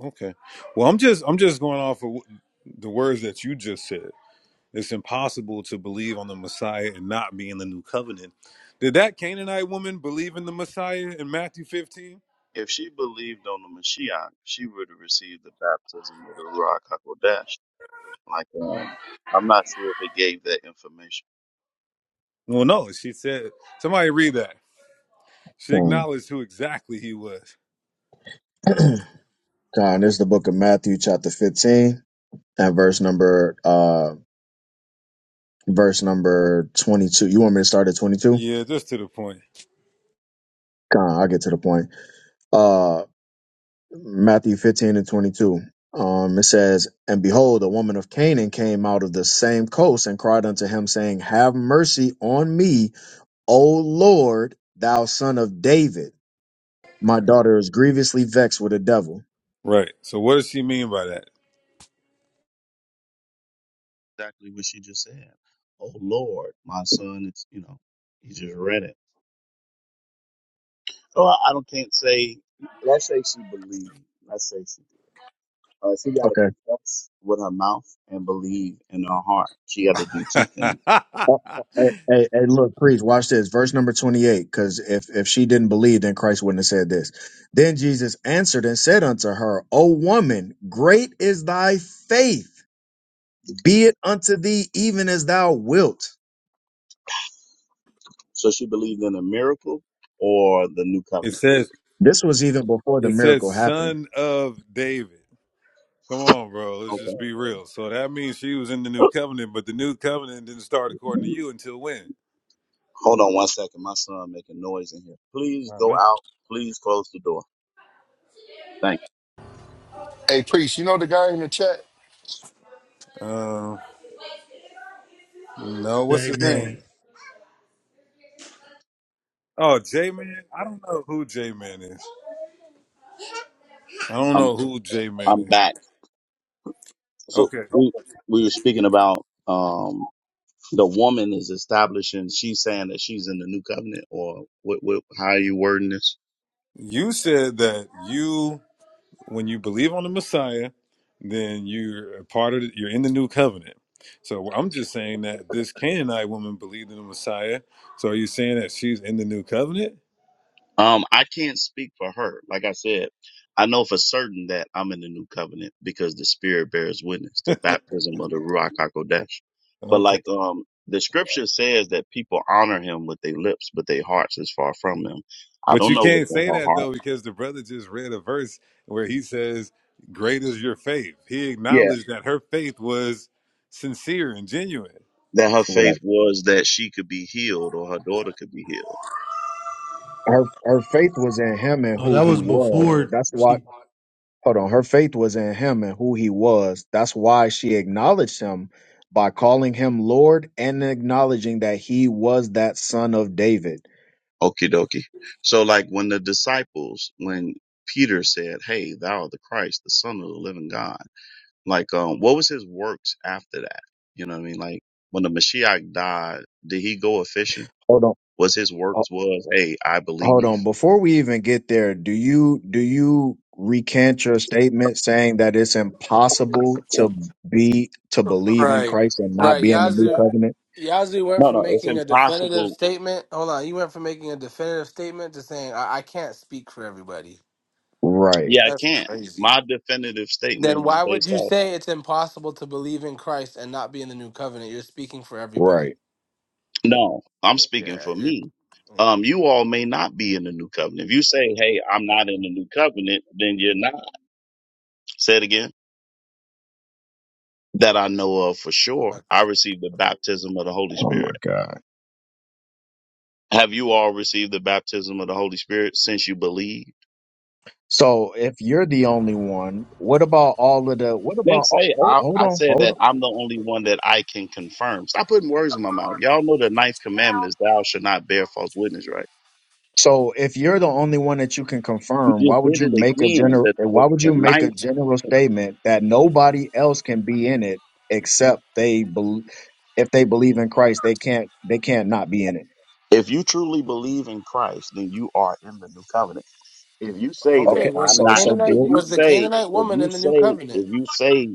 S16: Okay. Well, I'm just I'm just going off of wh- the words that you just said. It's impossible to believe on the Messiah and not be in the new covenant. Did that Canaanite woman believe in the Messiah in Matthew 15?
S14: If she believed on the Mashiach, she would have received the baptism of the Ruach HaKodesh. Like, um, I'm not sure if it gave that information.
S16: Well, no. She said, somebody read that. She
S4: Come on.
S16: acknowledged who exactly he was.
S4: come on. this is the book of Matthew, chapter 15, and verse number, uh, verse number 22. You want me to start at 22?
S16: Yeah, just to the point.
S4: Come on, I'll get to the point. Uh, Matthew 15 and 22. Um, it says, And behold, a woman of Canaan came out of the same coast and cried unto him, saying, Have mercy on me, O Lord, thou son of David. My daughter is grievously vexed with a devil.
S16: Right. So what does she mean by
S14: Exactly what she just said. Oh Lord, my son, it's, you know, he just read it. Well, I don't can't say. Let's say she believed. Let's say she. Uh, she got to
S4: Okay.
S14: confess with her mouth and believe in her heart. She got to do two things.
S16: that?
S4: Oh, Hey, hey, hey, look, priest, watch this. Verse number 28, because if, if she didn't believe, then Christ wouldn't have said this. Then Jesus answered and said unto her, O woman, great is thy faith. Be it unto thee even as thou wilt.
S14: So she believed in a miracle or the new
S16: it
S14: covenant.
S16: says
S4: This was even before the
S16: it says
S4: miracle happened.
S16: son of David. Come on, bro. Let's just be real. So that means she was in the new
S14: Okay.
S16: covenant, but the new covenant didn't start according to you until when?
S14: Hold on one second. My son making noise in here. Please
S16: I don't
S14: go
S16: know.
S14: out. Please close the door. Thank
S5: Hey, priest, you know the guy in the chat?
S16: Um, no, what's
S7: Hey,
S16: his name?
S7: man.
S16: Oh, J Man. I don't know who J Man is. I don't
S14: you. I'm
S16: know who J Man
S14: I'm
S16: is.
S14: back. So
S16: Okay,
S14: we we were speaking about um the woman is establishing. She's saying that she's in the new covenant, or what? what how are you wording this?
S16: you said that you. when you believe on the Messiah, then you're a part of the, you're in the new covenant. So I'm just saying that this Canaanite woman believed in the Messiah. So are you saying that she's in the new covenant?
S14: Um, I can't speak for her. Like I said, I know for certain that I'm in the new covenant because the Spirit bears witness, the baptism of the Ruach Hakodesh. But
S16: Okay.
S14: like, um, the scripture says that people honor him with their lips, but their hearts is far from him. I
S16: But
S14: don't
S16: you
S14: know what's
S16: can't
S14: in
S16: say
S14: her
S16: that
S14: heart.
S16: though because the brother just read a verse where he says, "Great is your faith." He
S14: Yeah.
S16: acknowledged that her faith was sincere and genuine.
S14: That her faith
S4: Right.
S14: was that she could be healed or her daughter could be healed.
S4: Her her faith was in him and who he was. That's why hold on. Her faith was in him and who he was. That's why she acknowledged him by calling him Lord and acknowledging that he was that son of David.
S14: Okie dokie. So like when the disciples, when Peter said, Hey, thou art the Christ, the son of the living God Like, um, what was his works after that? You know what I mean? Like, when the Mashiach died, did he go a fishing?
S4: Hold on.
S14: Was his
S4: ho-
S14: works was, hey, I
S4: Hold
S14: believe?
S4: on. Before we even get there, do you do you recant your statement saying that it's impossible to be to believe in
S3: Right,
S4: Christ and not
S3: right.
S4: be in the new
S3: Yazoo,
S4: covenant?
S3: Yazoo went
S14: No,
S3: from
S14: no, it's
S3: making a definitive
S14: impossible.
S3: statement. Hold on, he went from making a definitive statement to saying, "I, I can't speak for everybody."
S4: Right.
S14: Yeah, I
S3: That's
S14: can't.
S3: crazy.
S14: My definitive
S3: Then
S14: statement was
S3: why would
S14: based
S3: you
S14: off.
S3: say it's impossible to believe in Christ and not be in the new covenant? You're speaking for everybody.
S4: Right.
S14: No, I'm speaking
S3: Yeah,
S14: for
S3: you're.
S14: me.
S3: mm,
S14: Um, you all may not be in the new covenant. If you say, "Hey, I'm not in the new covenant," then you're not. Say it again. That I know of for sure. I
S3: Okay.
S14: received the baptism of the Holy
S4: Oh my
S14: Spirit.
S4: God.
S14: Have you all received the baptism of the Holy Spirit since you believe?
S4: So if you're the only one, what about all of the? What
S14: I didn't
S4: about? Oh,
S14: say
S4: oh,
S14: I,
S4: hold
S14: I
S4: on,
S14: said
S4: hold
S14: that
S4: on.
S14: I'm the only one that I can confirm. Stop putting words in my mouth. Y'all know the ninth commandment is thou should not bear false witness, right?
S4: So if you're the only one that you can
S14: You
S4: confirm, why
S14: just
S4: would
S14: did
S4: you
S14: it
S4: make a
S14: again.
S4: general?
S14: The, the,
S4: Why would you
S14: the
S4: make a
S14: ninth.
S4: general statement that nobody else can be in it except they believe? If they believe in Christ, they can't. They can't not be in it.
S14: If you truly believe in Christ, then you are in the new covenant. If you say that
S3: okay,
S4: Okay.
S3: was
S14: I'm
S3: the
S4: So
S14: not,
S4: so
S14: if
S3: Canaanite
S4: deal.
S14: you
S3: was the
S14: say,
S3: Canaanite
S14: if
S3: woman
S14: you
S3: in the new
S14: say,
S3: covenant?
S14: if you say,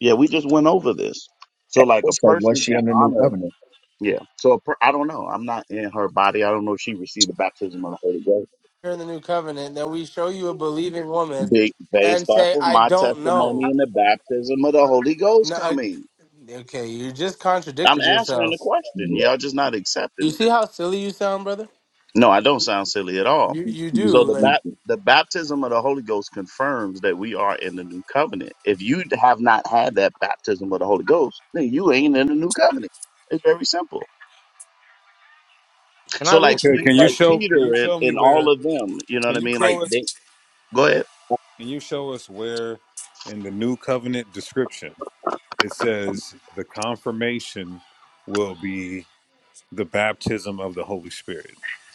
S14: yeah, we just went over this. So like a
S4: So was
S14: person
S4: she
S14: can
S4: in the new
S14: honor,
S4: covenant?
S14: yeah. So a per, I don't know. I'm not in her body. I don't know if she received the baptism of the Holy Ghost.
S3: You're in the new covenant. Then we show you a believing woman
S14: Be- based
S3: and
S14: off
S3: say,
S14: of
S3: "I
S14: my
S3: don't know."
S14: testimony and the baptism of the Holy Ghost
S3: No, I,
S14: coming.
S3: okay, you just
S14: I'm
S3: contradicted
S14: answering the
S3: yourself.
S14: question.
S4: Yeah.
S14: Y'all just not
S3: You
S14: accepting it.
S3: see how silly you sound, brother?
S14: No, I don't sound silly at all.
S3: You you do
S14: So the
S3: like
S14: bap the baptism of the Holy Ghost confirms that we are in the new covenant. If you have not had that baptism of the Holy Ghost, then you ain't in the new covenant. It's very simple.
S9: Can I
S14: So
S9: read
S14: like
S9: a
S16: Okay,
S14: Pe-
S16: can you
S9: precept?
S14: like
S16: show can
S14: Peter
S16: you
S14: and,
S16: show me
S14: and
S16: where
S14: all of them, you know
S16: can
S14: what I
S16: you
S14: mean? Like
S16: show us
S14: they go ahead.
S16: can you show us where in the new covenant description It says the confirmation will be the baptism of the Holy Spirit.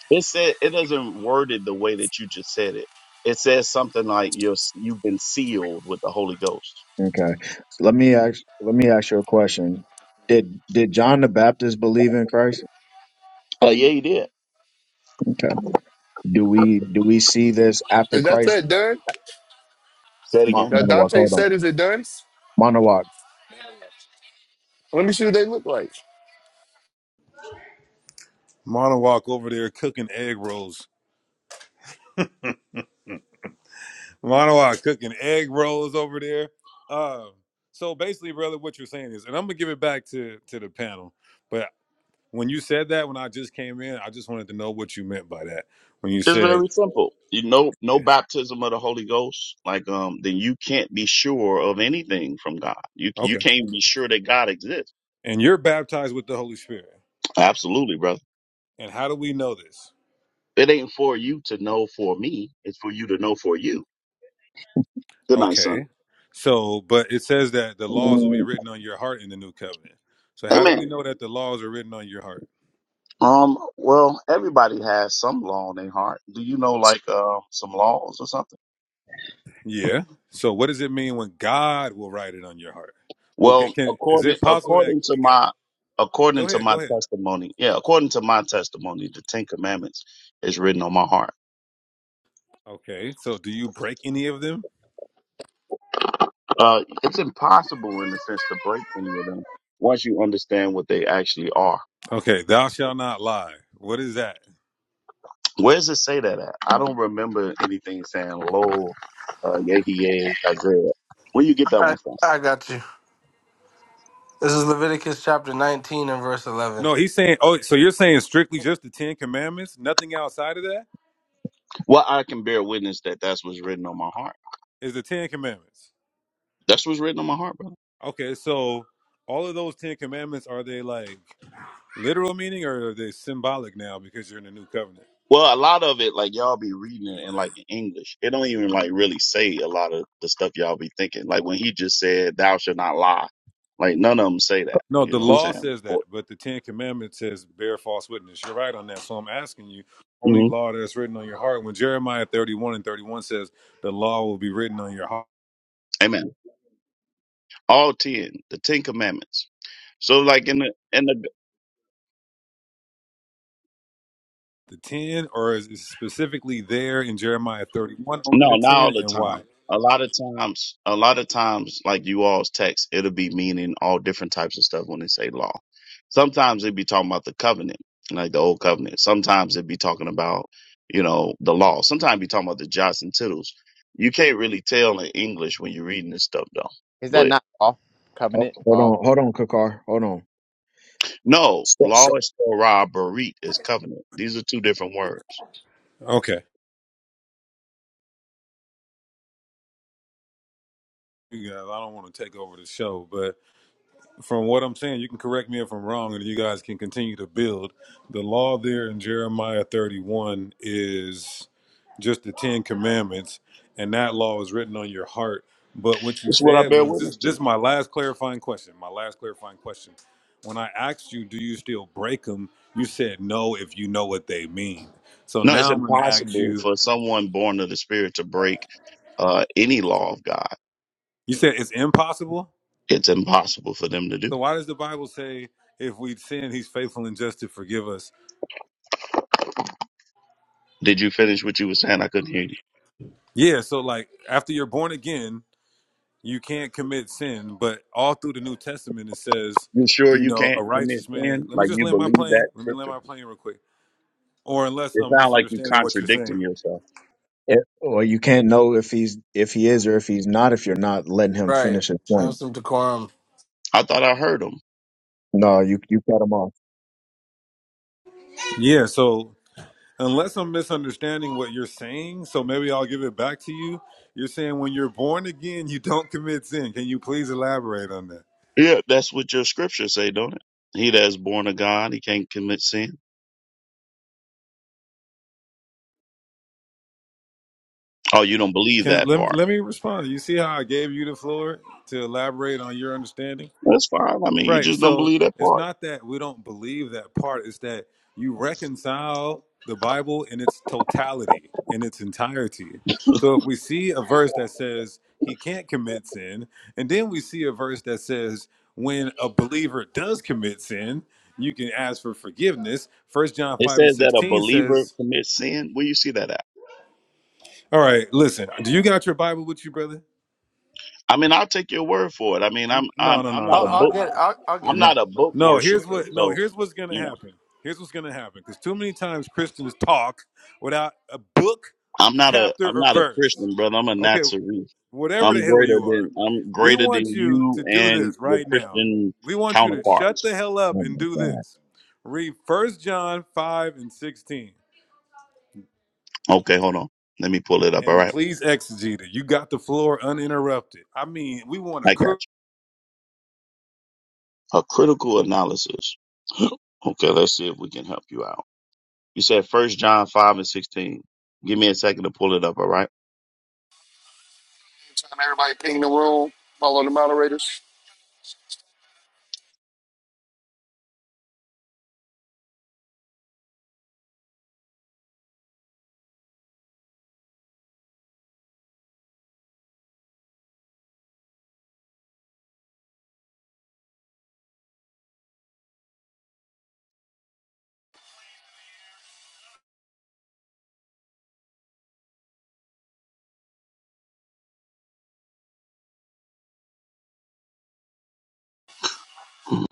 S14: It said it doesn't word it the way that you just said it. It says something like you're you've been sealed with the Holy Ghost.
S4: Okay. So let me ask. Let me ask you a question. Did did John the Baptist believe in Christ?
S14: Oh yeah, you did.
S4: Do we do we see this after
S5: Is that
S4: Christ?
S5: that done?
S14: Say it
S4: Mo-
S14: again.
S5: That
S4: Monowak,
S5: Dante
S4: hold on.
S5: said, is it done?
S4: Monowak.
S5: Let me see what they look like.
S16: Monowalk over there cooking egg rolls. Monowalk cooking egg rolls over there. Um, so basically, brother, what you're saying is, and I'm gonna give it back to to the panel, but. When you said that, when I just came in, I just wanted to know what you meant by that. When you
S14: It's
S16: said,
S14: very simple. You know, no
S16: yeah.
S14: baptism of the Holy Ghost. Like um, then you can't be sure of anything from God. You you
S16: okay,
S14: can't be sure that God exists.
S16: and you're baptized with the Holy Spirit.
S14: Absolutely, brother.
S16: And how do we know this?
S14: It ain't for you to know for me. It's for you to know for you. Good night, son.
S16: Okay. So, but it says that the laws will be
S14: Mm,
S16: written on your heart in the new covenant. So, how do we
S14: Amen.
S16: know that the laws are written on your heart?
S14: Um, well, everybody has some law in their heart. Do you know like uh some laws or something?
S16: Yeah. So, what does it mean when God will write it on your heart? Well, g-
S14: Well,
S16: can, is
S14: according
S16: it possible that
S14: according to
S16: God,
S14: my according
S16: go
S14: to
S16: ahead,
S14: my
S16: go ahead.
S14: testimony, yeah, according to my testimony, the Ten Commandments is written on my heart.
S16: Okay. So, do you break any of them?
S14: Uh it's impossible in a sense to break any of them once you understand what they actually are.
S16: Okay. Thou shalt not lie. What is that?
S14: Where does it say that at? I don't remember anything saying lo uh Yehiye Isaiah. Where you get that one
S3: I,
S14: from?
S3: I got you. This is Leviticus chapter 19 and verse 11.
S16: No, he's saying. Oh, so you're saying strictly just the Ten Commandments? Nothing outside of that
S14: Well, I can bear witness that that's what's written on my heart.
S16: is the Ten Commandments.
S14: That's what's written on my heart, brother.
S16: Okay, so all of those Ten Commandments are they like literal meaning or are they symbolic now because you're in the New Covenant?
S14: Well, a lot of it, like y'all be reading it in like in English. It don't even like really say a lot of the stuff y'all be thinking. Like when he just said, "Thou shalt not lie," like none of them say that.
S16: No,
S14: You
S16: the
S14: know what I'm
S4: Ho-
S16: law
S14: saying?
S16: says that,
S14: Well,
S16: but the Ten Commandments says bear false witness. You're right on that. So I'm asking you, only
S14: mhm.
S16: law that's written on your heart. When Jeremiah 31 and 31 says the law will be written on your heart,
S14: Amen. All ten, the Ten Commandments. So like in the in the
S16: the ten, or is it specifically there in Jeremiah 31 only
S14: No,
S16: the
S14: not all
S16: ten,
S14: the
S16: and
S14: time.
S16: why?
S14: A lot of times, a lot of times, like you all's text, it'll be meaning all different types of stuff when they say law. Sometimes it'd be talking about the covenant, like the old covenant. Sometimes it'd be talking about, you know, the law. Sometimes it'd be talking about the jots and tittles. You can't really tell in English when you're reading this stuff, though.
S9: Is that
S14: But
S9: not law? Covenant
S4: Hold
S9: law.
S4: on, hold on, Kakar. Hold on.
S14: no,
S4: So,
S14: law
S4: so,
S14: is Torah, Barit is covenant. These are two different words.
S16: Okay. you guys. I don't want to take over the show, but from what I'm saying, you can correct me if I'm wrong, and you guys can continue to build. The law there in Jeremiah 31 is just the Ten Commandments, and that law is written on your heart. But what you
S14: This is what I
S16: said
S14: bear
S16: was this,
S14: witness to.
S16: this is my last clarifying question. My last clarifying question. When I asked you, do you still break them? You said no if you know what they mean. So
S14: No, it's
S16: now I'm going to ask
S14: impossible
S16: you,
S14: for someone born of the Spirit to break uh, any law of God.
S16: you said it's impossible?
S14: It's impossible for them to do.
S16: So why does the Bible say if we sin, he's faithful and just to forgive us?
S14: Did you finish what you were saying? I couldn't hear you.
S16: Yeah, so like after you're born again, you can't commit sin, but all through the New Testament it says,
S14: You sure
S16: you
S14: you
S16: know, a
S14: can't commit
S16: righteous man.
S14: sin?
S16: Let me
S14: Like
S16: just
S14: you
S16: land my
S14: believe
S16: plane.
S14: that
S16: Let me land
S14: scripture?
S16: my plane real quick. Or unless
S14: It
S16: I'm
S14: sounds like you
S16: misunderstanding what you're saying.
S14: contradicting yourself.
S4: eh, well, you can't know if he's if he is or if he's not if you're not letting him
S3: right.
S4: finish his
S3: Have
S4: point.
S3: some decorum.
S14: I thought I heard him.
S4: No, you you cut him off.
S16: Yeah, so unless I'm misunderstanding what you're saying, so maybe I'll give it back to you. You're saying when you're born again, you don't commit sin. Can you please elaborate on that?
S14: Yeah, that's what your scriptures say, don't it? He that is born of God, he can't commit sin. Oh, you don't believe
S16: Can
S14: that
S16: let me
S14: part.
S16: let me respond. You see how I gave you the floor to elaborate on your understanding?
S14: That's fine. I mean, you
S16: Right.
S14: just don't
S16: So
S14: believe that
S16: it's
S14: part.
S16: not that we don't believe that part, it's that you reconcile the Bible in its totality, in its entirety. So if we see a verse that says he can't commit sin, and then we see a verse that says when a believer does commit sin, you can ask for forgiveness. First John
S14: It
S16: 5 and
S14: says that a
S16: 16
S14: believer
S16: says,
S14: commits sin. Where you see that at?
S16: All right, listen, do you got your Bible with you, brother?
S14: I mean, I'll take your word for it. I mean, I'm
S16: No,
S14: I'm
S16: no, no,
S14: I'm
S16: no,
S14: not
S3: I'll,
S14: a
S16: no,
S3: I'll
S16: no,
S14: book
S3: get
S16: no.
S3: I'll, I'll
S14: I'm
S3: get it.
S16: No.
S14: not a book
S16: No, here's
S14: worshiper,
S16: what no,
S14: so
S16: here's what's gonna
S14: you know
S16: happen. Here's what's gonna happen. Because too many times Christians talk without a book,
S14: I'm not a
S16: chapter,
S14: I'm
S16: or
S14: not a
S16: verse.
S14: Christian, brother. I'm a
S16: Okay,
S14: Nazarene.
S16: whatever the
S14: I'm
S16: hell
S14: greater
S16: you are,
S14: than I'm
S16: we
S14: greater
S16: want
S14: than
S16: you to
S14: you
S16: do
S14: and
S16: this
S14: your
S16: right now.
S14: Christian
S16: We want you to shut the
S14: counterparts.
S16: hell up
S4: Oh
S16: and
S4: my
S16: do
S4: god.
S16: this. Read First John 5 and 16.
S14: Okay, hold on. Let me pull it up. All
S16: And
S14: right,
S16: please exegete it. You got the floor uninterrupted. I mean, we want a
S14: I got
S16: cr-
S14: you. A critical analysis. Okay, let's see if we can help you out. You said First John five and sixteen. Give me a second to pull it up. All right.
S5: Time everybody ping the room, follow the moderators.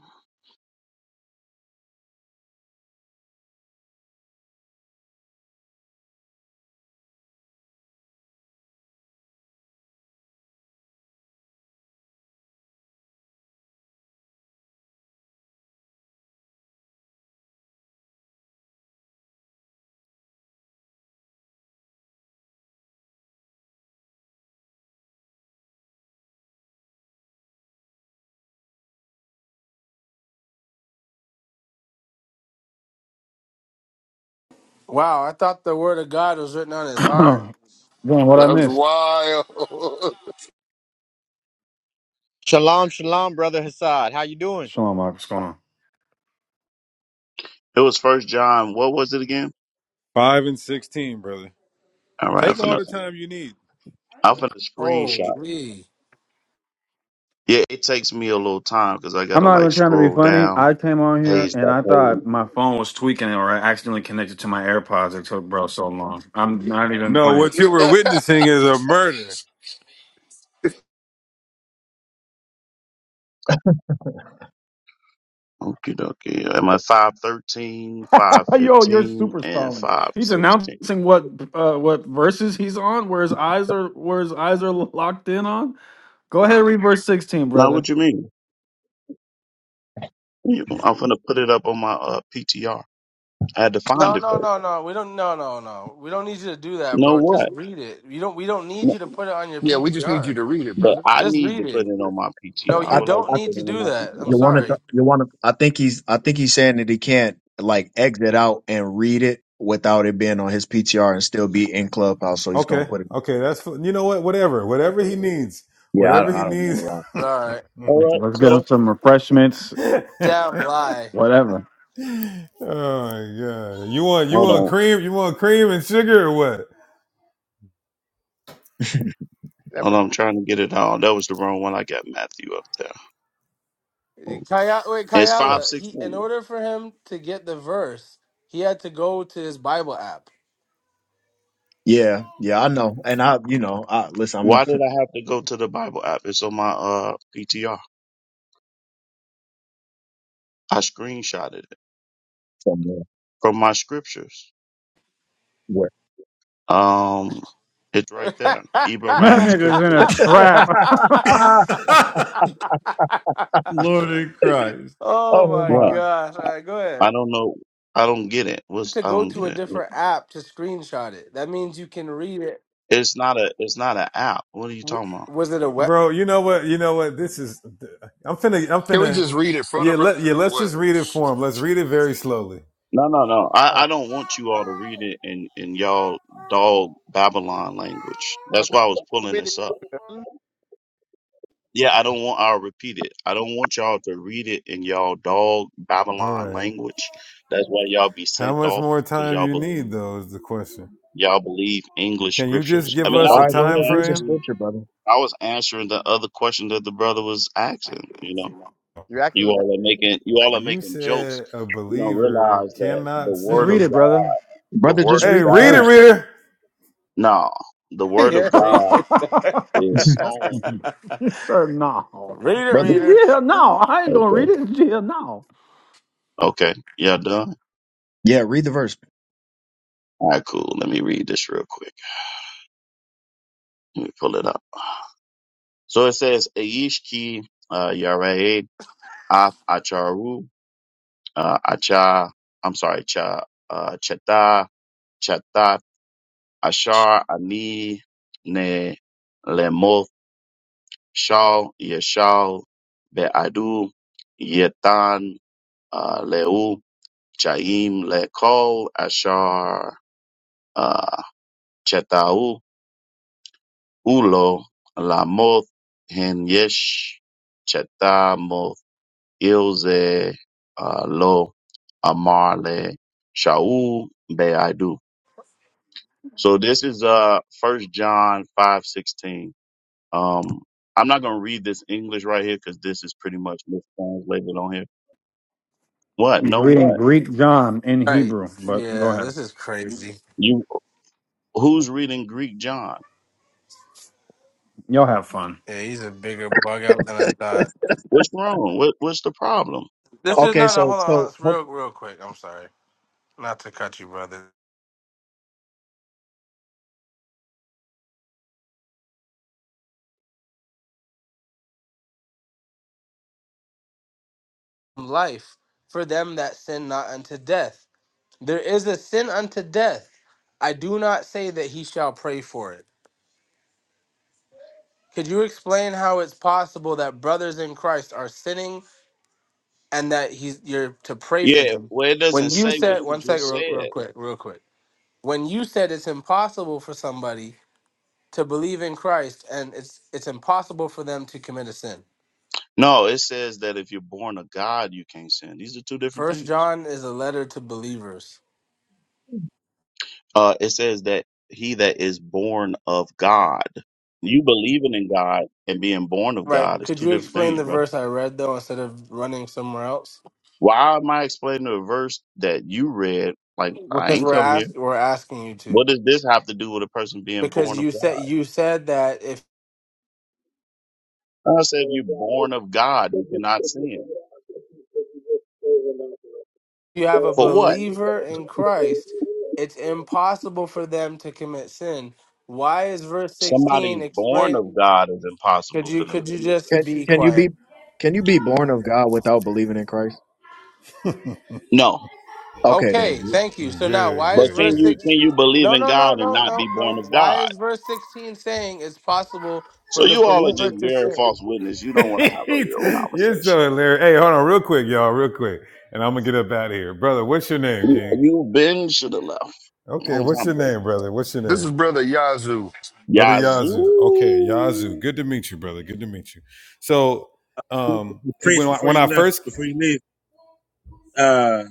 S3: Wow, I thought the word of God was written on his heart.
S17: Damn, what I
S5: That's
S17: missed?
S5: wild.
S9: Shalom, shalom, brother Hassad. How you doing?
S17: Shalom, Mark. What's going on?
S14: It was First John. What was it again?
S16: 5 and 16, brother.
S14: All right,
S16: Take all the time you need.
S14: I'm gonna screenshot.
S3: Holy.
S14: Yeah, it takes me a little time because I
S17: I'm
S14: gotta
S17: not even
S14: like
S17: trying to be
S14: scroll
S17: funny.
S14: down
S17: I came on here
S14: page by
S17: and I thought
S14: page.
S17: my phone was tweaking or I accidentally connected to my AirPods. It took bro so long. I'm not even
S16: No,
S17: playing.
S16: what you were witnessing is a murder.
S14: Okay, okay. Am I five thirteen, five
S17: Yo, you're
S14: fifteen,
S17: super
S14: and
S17: stalling. He's
S14: 516?
S17: announcing what uh, what verses he's on, where his eyes are where his eyes are locked in on. Go ahead, read verse 16,
S14: Now,
S17: brother.
S14: what you mean? You- I'm gonna put it up on my uh, PTR. I had to find
S3: No,
S14: it
S3: no,
S14: first.
S3: no, no. We don't. No, no, no. We don't need you to do that,
S14: No,
S3: bro. Just
S14: what?
S3: read it. You don't. We don't need
S14: No,
S3: you to put it on your
S5: yeah, we just need you
S3: PTR.
S5: to read it,
S14: but
S5: brother.
S14: I
S3: Just
S14: need
S3: read
S14: to put
S3: it.
S14: it on my
S3: No,
S14: PTR. I
S4: I,
S3: you
S14: would like
S3: don't
S4: I
S14: to put
S3: need
S14: it
S3: to
S14: on
S3: do
S14: my
S3: that. I'm
S4: you
S14: PTR.
S4: want to
S3: sorry.
S4: you want to. I think he's I think he's saying that he can't like exit out and read it without it being on his PTR and still be in clubhouse. So he's gonna
S16: Okay,
S4: put it.
S16: okay, that's fu- you know what, whatever, whatever he needs,
S4: Yeah,
S16: whatever
S4: I,
S16: he
S4: I don't know
S16: needs.
S4: why.
S3: But all right.
S14: All right,
S17: Let's get
S14: so
S17: him some refreshments,
S16: oh
S3: Damn lie.
S17: whatever.
S16: my god, you want you
S14: Hold
S16: want
S14: on.
S16: cream, you want cream and sugar or what,
S9: Yeah,
S14: Hold
S9: bro.
S14: on, I'm trying to get it all. That was the wrong one. I got Matthew up there.
S3: Kaya, wait,
S14: It's five
S3: Kayala. He, in
S14: sixteen.
S3: order for him to get the verse, he had to go to his Bible app.
S4: Yeah, yeah, I know. And I, you know, I listen. I'm a
S14: Why did I have to go to the Bible app? It's on my uh PTR. I screenshotted it
S4: somewhere.
S14: from my scriptures.
S4: Where?
S14: Um, it's right there.
S17: That
S14: Abraham
S17: nigga's in a
S14: scriptures.
S17: trap.
S4: oh
S7: Lord in Christ.
S3: oh my
S14: What?
S4: my!
S3: gosh! All right, go
S14: I
S3: ahead.
S14: don't know. I don't get it. What's
S3: To
S14: I
S3: go
S14: don't get
S3: to a
S14: it.
S3: different app to screenshot it. That means you can read it.
S14: It's not a. It's not an app. What are you
S3: W-
S14: talking about?
S3: Was it a web?
S16: bro? You know what, you know what? This is I'm finna I'm
S5: Can we
S16: finna
S5: just read it for the
S16: yeah
S5: brother
S16: let yeah
S5: or
S16: let's just
S5: what?
S16: read it for him. Let's read it very slowly.
S14: No, no, no. I,
S7: Uh,
S14: I don't want you all to read it in in y'all dog Babylon language.
S9: So
S14: That's why I was
S9: come
S14: pulling
S9: with it.
S14: this up.
S9: brother.
S14: Yeah, I don't want. I'll repeat it. I don't want y'all to read it in y'all dog
S16: All
S14: Babylon
S16: right,
S14: language. That's why y'all be
S16: how
S14: sent
S16: much
S14: off
S16: more
S14: because
S16: time
S14: y'all
S16: you
S14: believe
S16: need though is the question.
S14: y'all believe English
S16: Can you just
S14: scriptures. I
S16: give
S14: mean, I
S4: All
S16: us a
S14: was
S4: right, go
S14: just
S16: time
S4: ahead, read the
S16: frame?
S14: answering.
S4: scripture, brother.
S14: I was answering the other question that the brother was asking. You know,
S9: You're acting
S14: you
S9: the
S14: all are making you
S9: right
S14: all
S9: now.
S14: are
S16: You
S14: making jokes.
S16: said a
S14: You don't
S16: believer
S14: realize that the
S16: cannot
S17: Just
S14: word of
S17: read
S16: sin
S17: it, brother.
S14: God, the
S4: Brother,
S14: word
S4: just
S14: of
S16: Hey,
S4: read the
S16: read it,
S14: God,
S4: verse.
S16: reader.
S14: no, the word of
S3: yeah, read
S14: God
S3: it.
S14: is sown.
S17: Sir, no.
S3: read it,
S4: brother,
S3: reader.
S17: Yeah, no. I ain't gonna read
S14: Okay.
S17: it. Yeah, no.
S14: Okay. Yeah. Done.
S4: yeah, read the verse.
S14: All right, cool. Let me read this real quick. Let me pull it up. So it says, Aishki uh, Yared Ath Acharu uh, Acha, I'm sorry, Cha, uh, Chata, Chatat Ashar Ani Ne Lemoth Shal Yeshal Be'adu Yetan uh, Leu Chaim Lekol Ashar uh, Chetau Hulo Lamoth Henyesh Chetamoth Ilze uh, Lo Amarle Shaul Be'adu. So this is uh First John five sixteen. Um, I'm not gonna read this English right here because this is pretty much mistranslated on here. What?
S17: He's
S14: No,
S17: reading
S14: what?
S17: Greek John in
S3: Right.
S17: Hebrew, but go
S3: Yeah,
S17: ahead.
S3: this is crazy.
S14: You who's reading Greek John?
S17: Y'all have fun.
S3: Yeah, he's a bigger bug out than I thought.
S14: What's wrong? What What's the problem?
S3: This is
S4: Okay,
S3: no, no.
S4: so
S3: Hold on, hold
S4: so
S3: It's
S4: ho-
S3: real, real quick. I'm sorry, not to cut you, brother. Life for them that sin not unto death. There is a sin unto death. I do not say that he shall pray for it. Could you explain how it's possible that brothers in Christ are sinning and that he's you're to pray for
S14: Yeah,
S3: them?
S14: well, it doesn't
S3: When you
S14: say what
S3: said
S14: you
S3: one second,
S14: just
S3: real, real
S14: said.
S3: quick, real quick. When you said it's impossible for somebody to believe in Christ and it's it's impossible for them to commit a sin.
S14: No, it says that if you're born of God, you can't sin. These are two different
S3: First
S14: things.
S3: John is a letter to believers.
S14: Uh, it says that he that is born of God, you believing in God and being born of
S3: Right.
S14: God is
S3: Could
S14: two
S3: you
S14: different
S3: explain
S14: things,
S3: the
S14: bro.
S3: verse I read though instead of running somewhere else?
S14: Why am I explaining a verse that you read? Like, I
S3: Because
S14: ain't
S3: we're
S14: come here.
S3: ask we're asking you to.
S14: What does this have to do with a person being born
S3: Because
S14: of
S3: you said
S14: God?
S3: you said that if
S14: I said, if you're born of God, you cannot sin.
S3: you have a
S14: For what?
S3: believer in Christ, it's impossible for them to commit sin. Why is verse
S14: Somebody's
S3: 16
S14: born
S3: explain
S14: of God is
S3: could
S14: impossible
S3: you
S14: for them
S3: could
S14: to
S3: you
S14: do that.
S4: can
S3: just be
S4: can you be
S3: quiet?
S4: can you be born of God without believing in Christ?
S14: No,
S4: Okay, then
S3: Okay, thank you. So now
S16: Good,
S3: why
S14: But
S3: is
S14: can
S3: verse
S16: good,
S14: you
S3: 16
S14: can you believe
S3: No,
S14: in
S3: no, no,
S14: God and
S3: no,
S14: not be
S3: no,
S14: born
S3: no.
S14: of
S3: Why
S14: God?
S3: is verse 16 saying it's possible for
S14: So
S3: the
S14: you all are
S3: believer
S14: just
S3: to
S14: bearing
S3: sin?
S14: false witness. You don't want to have a
S16: good.
S14: real
S16: You're so
S14: conversation.
S16: hilarious. Hey, hold on, real quick, y'all, real quick. And I'm gonna get up out of here. Brother, what's your name,
S14: You,
S16: King?
S14: you Ben should have left a
S16: Okay,
S14: long
S16: what's
S14: time
S16: your
S14: ago.
S16: name, brother? What's your
S5: This
S16: name?
S5: is Brother Yazoo.
S16: Brother
S14: Yazoo.
S16: Yazoo. Okay, Yazoo. Good to meet you, brother. Good to meet you. So um it- when
S6: Priest,
S16: I,
S6: before
S16: when I
S6: you left,
S16: first
S6: before you leave, uh,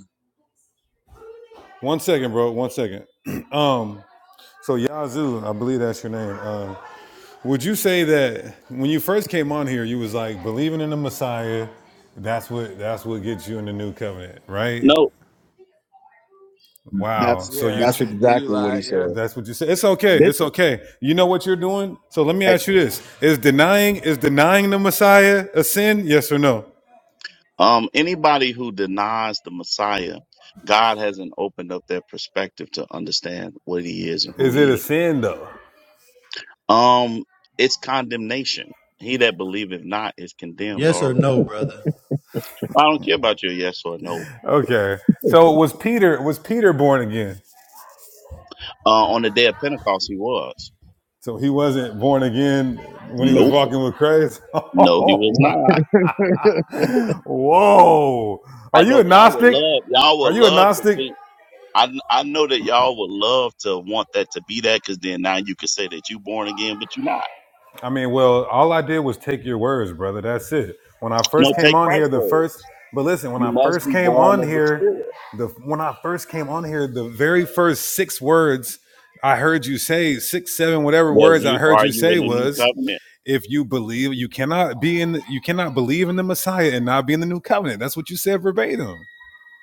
S16: one second, bro, one second. um so Yazoo, I believe that's your name. um, Would you say that when you first came on here, you was like believing in the Messiah? That's what that's what gets you in the new covenant, right?
S14: No.
S16: Wow.
S4: that's
S16: So you
S3: Yeah,
S4: that's
S16: ch-
S3: the you
S4: exactly what he
S3: lied.
S4: said.
S3: Yeah,
S16: that's what you said. It's okay.
S4: This
S16: It's okay. You know what you're doing. So let me
S4: eh,
S16: ask you this: Is denying is denying the Messiah a sin? Yes or no?
S14: Um. Anybody who denies the Messiah, God hasn't opened up their perspective to understand what He is and who
S16: Is it a
S14: He is.
S16: sin though?
S14: Um. It's condemnation. He that believeth not is condemned
S7: Yes or
S14: already.
S7: no, brother?
S14: I don't care about your yes or no.
S16: Okay. So was Peter was Peter born again?
S14: Uh, on the day of Pentecost, he was.
S16: So he wasn't born again when he was
S14: Nope.
S16: walking with Christ.
S14: No, he
S16: Oh
S14: was
S16: wow.
S14: not.
S16: Whoa. Are
S14: I
S16: you
S14: know
S16: a
S14: y'all would
S16: Gnostic?
S14: love y'all
S16: Are
S14: would
S16: you a
S14: love to
S16: Gnostic?
S14: think. I I know that y'all would love to want that to be that because then now you could say that you born again, but you're not.
S16: I mean, well, all I did was take your words, brother. That's it. When I
S14: No,
S16: first came
S14: take
S16: on here,
S14: Christ's
S16: the first,
S14: words.
S16: but listen, when
S14: You
S16: I
S14: must
S16: first
S14: be
S16: came
S14: born
S16: on
S14: of the
S16: here,
S14: Spirit.
S16: the when I first came on here, the very first six words I heard you say, six, seven, whatever
S14: Was
S16: words I
S14: you
S16: heard
S14: are
S16: you
S14: you
S16: say
S14: in the new
S16: was,
S14: covenant?
S16: if you believe, you cannot be in, you cannot believe in the Messiah and not be in the new covenant. That's what you said verbatim.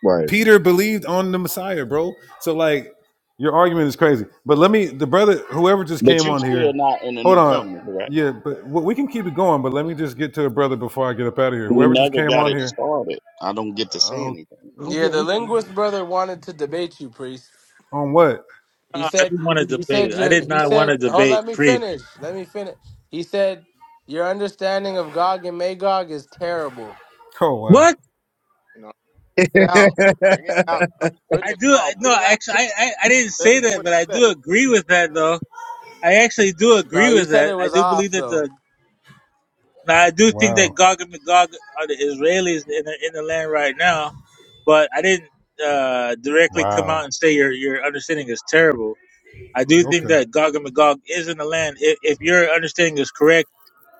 S4: right.
S16: Peter believed on the Messiah, bro. So like your argument is crazy. But let me the brother whoever just
S14: But
S16: came
S14: you
S16: on
S14: still
S16: here.
S14: not in the
S16: Hold
S14: new
S16: on.
S14: covenant, correct?
S16: Yeah, but w- we can keep it going, but let me just get to a brother before I get up out of here.
S14: We
S16: Whoever just
S14: never
S16: came
S14: got
S16: on
S14: it
S16: here.
S14: started. I don't get to say
S16: Oh,
S14: anything.
S16: we'll
S3: yeah.
S16: ju-
S3: The
S16: we,
S3: linguist brother wanted to debate you, priest.
S16: on what?
S6: no,
S3: He
S6: I
S3: said,
S6: didn't want to
S3: he
S6: debate.
S3: said
S6: I
S3: your,
S6: did
S3: he
S6: not want
S3: said,
S6: to
S3: oh,
S6: debate
S3: let me
S6: priest.
S3: finish. Let me finish. He said your understanding of Gog and Magog is terrible.
S16: Oh, wow.
S6: What?
S9: You know, get out. Bring it out. brother. Bring
S6: I
S9: it
S6: do. I-
S9: out. Bring
S6: No,
S9: it out.
S6: actually, I, I I didn't
S9: They know
S6: say that,
S9: what
S6: but I
S9: to
S6: do agree with that, though. I actually do
S3: No,
S6: agree
S3: you
S6: with
S3: said it
S6: that. I
S3: was
S6: do
S3: off
S6: believe that
S3: though.
S6: the Now I do think that
S16: Wow.
S6: Gog and Magog are the Israelis in the, in the land right now, but I didn't uh, directly come out
S16: Wow.
S6: and say your your understanding is terrible. I do think
S16: Okay.
S6: that Gog and Magog is in the land. If, if your understanding is correct,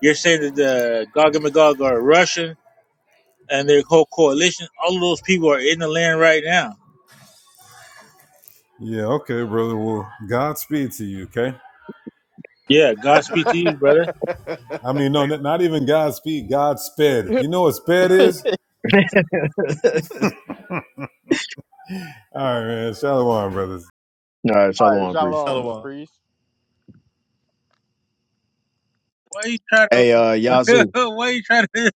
S6: you're saying that the Gog and Magog are Russian and their whole coalition. All of those people are in the land right now.
S16: Yeah, okay, brother. Well, Godspeed to you, okay?
S6: Yeah, God speak to you, brother.
S16: I mean, no, not not even Godspeed, Godsped.
S9: say.
S16: You know what sped is? All right, man. Shalom, brothers.
S4: All right,
S9: All right,
S4: shalom, priest.
S9: shalom,
S7: Shalom.
S9: priest.
S6: Why are you trying to?
S4: Hey, uh, Yazoo,
S6: why you trying to?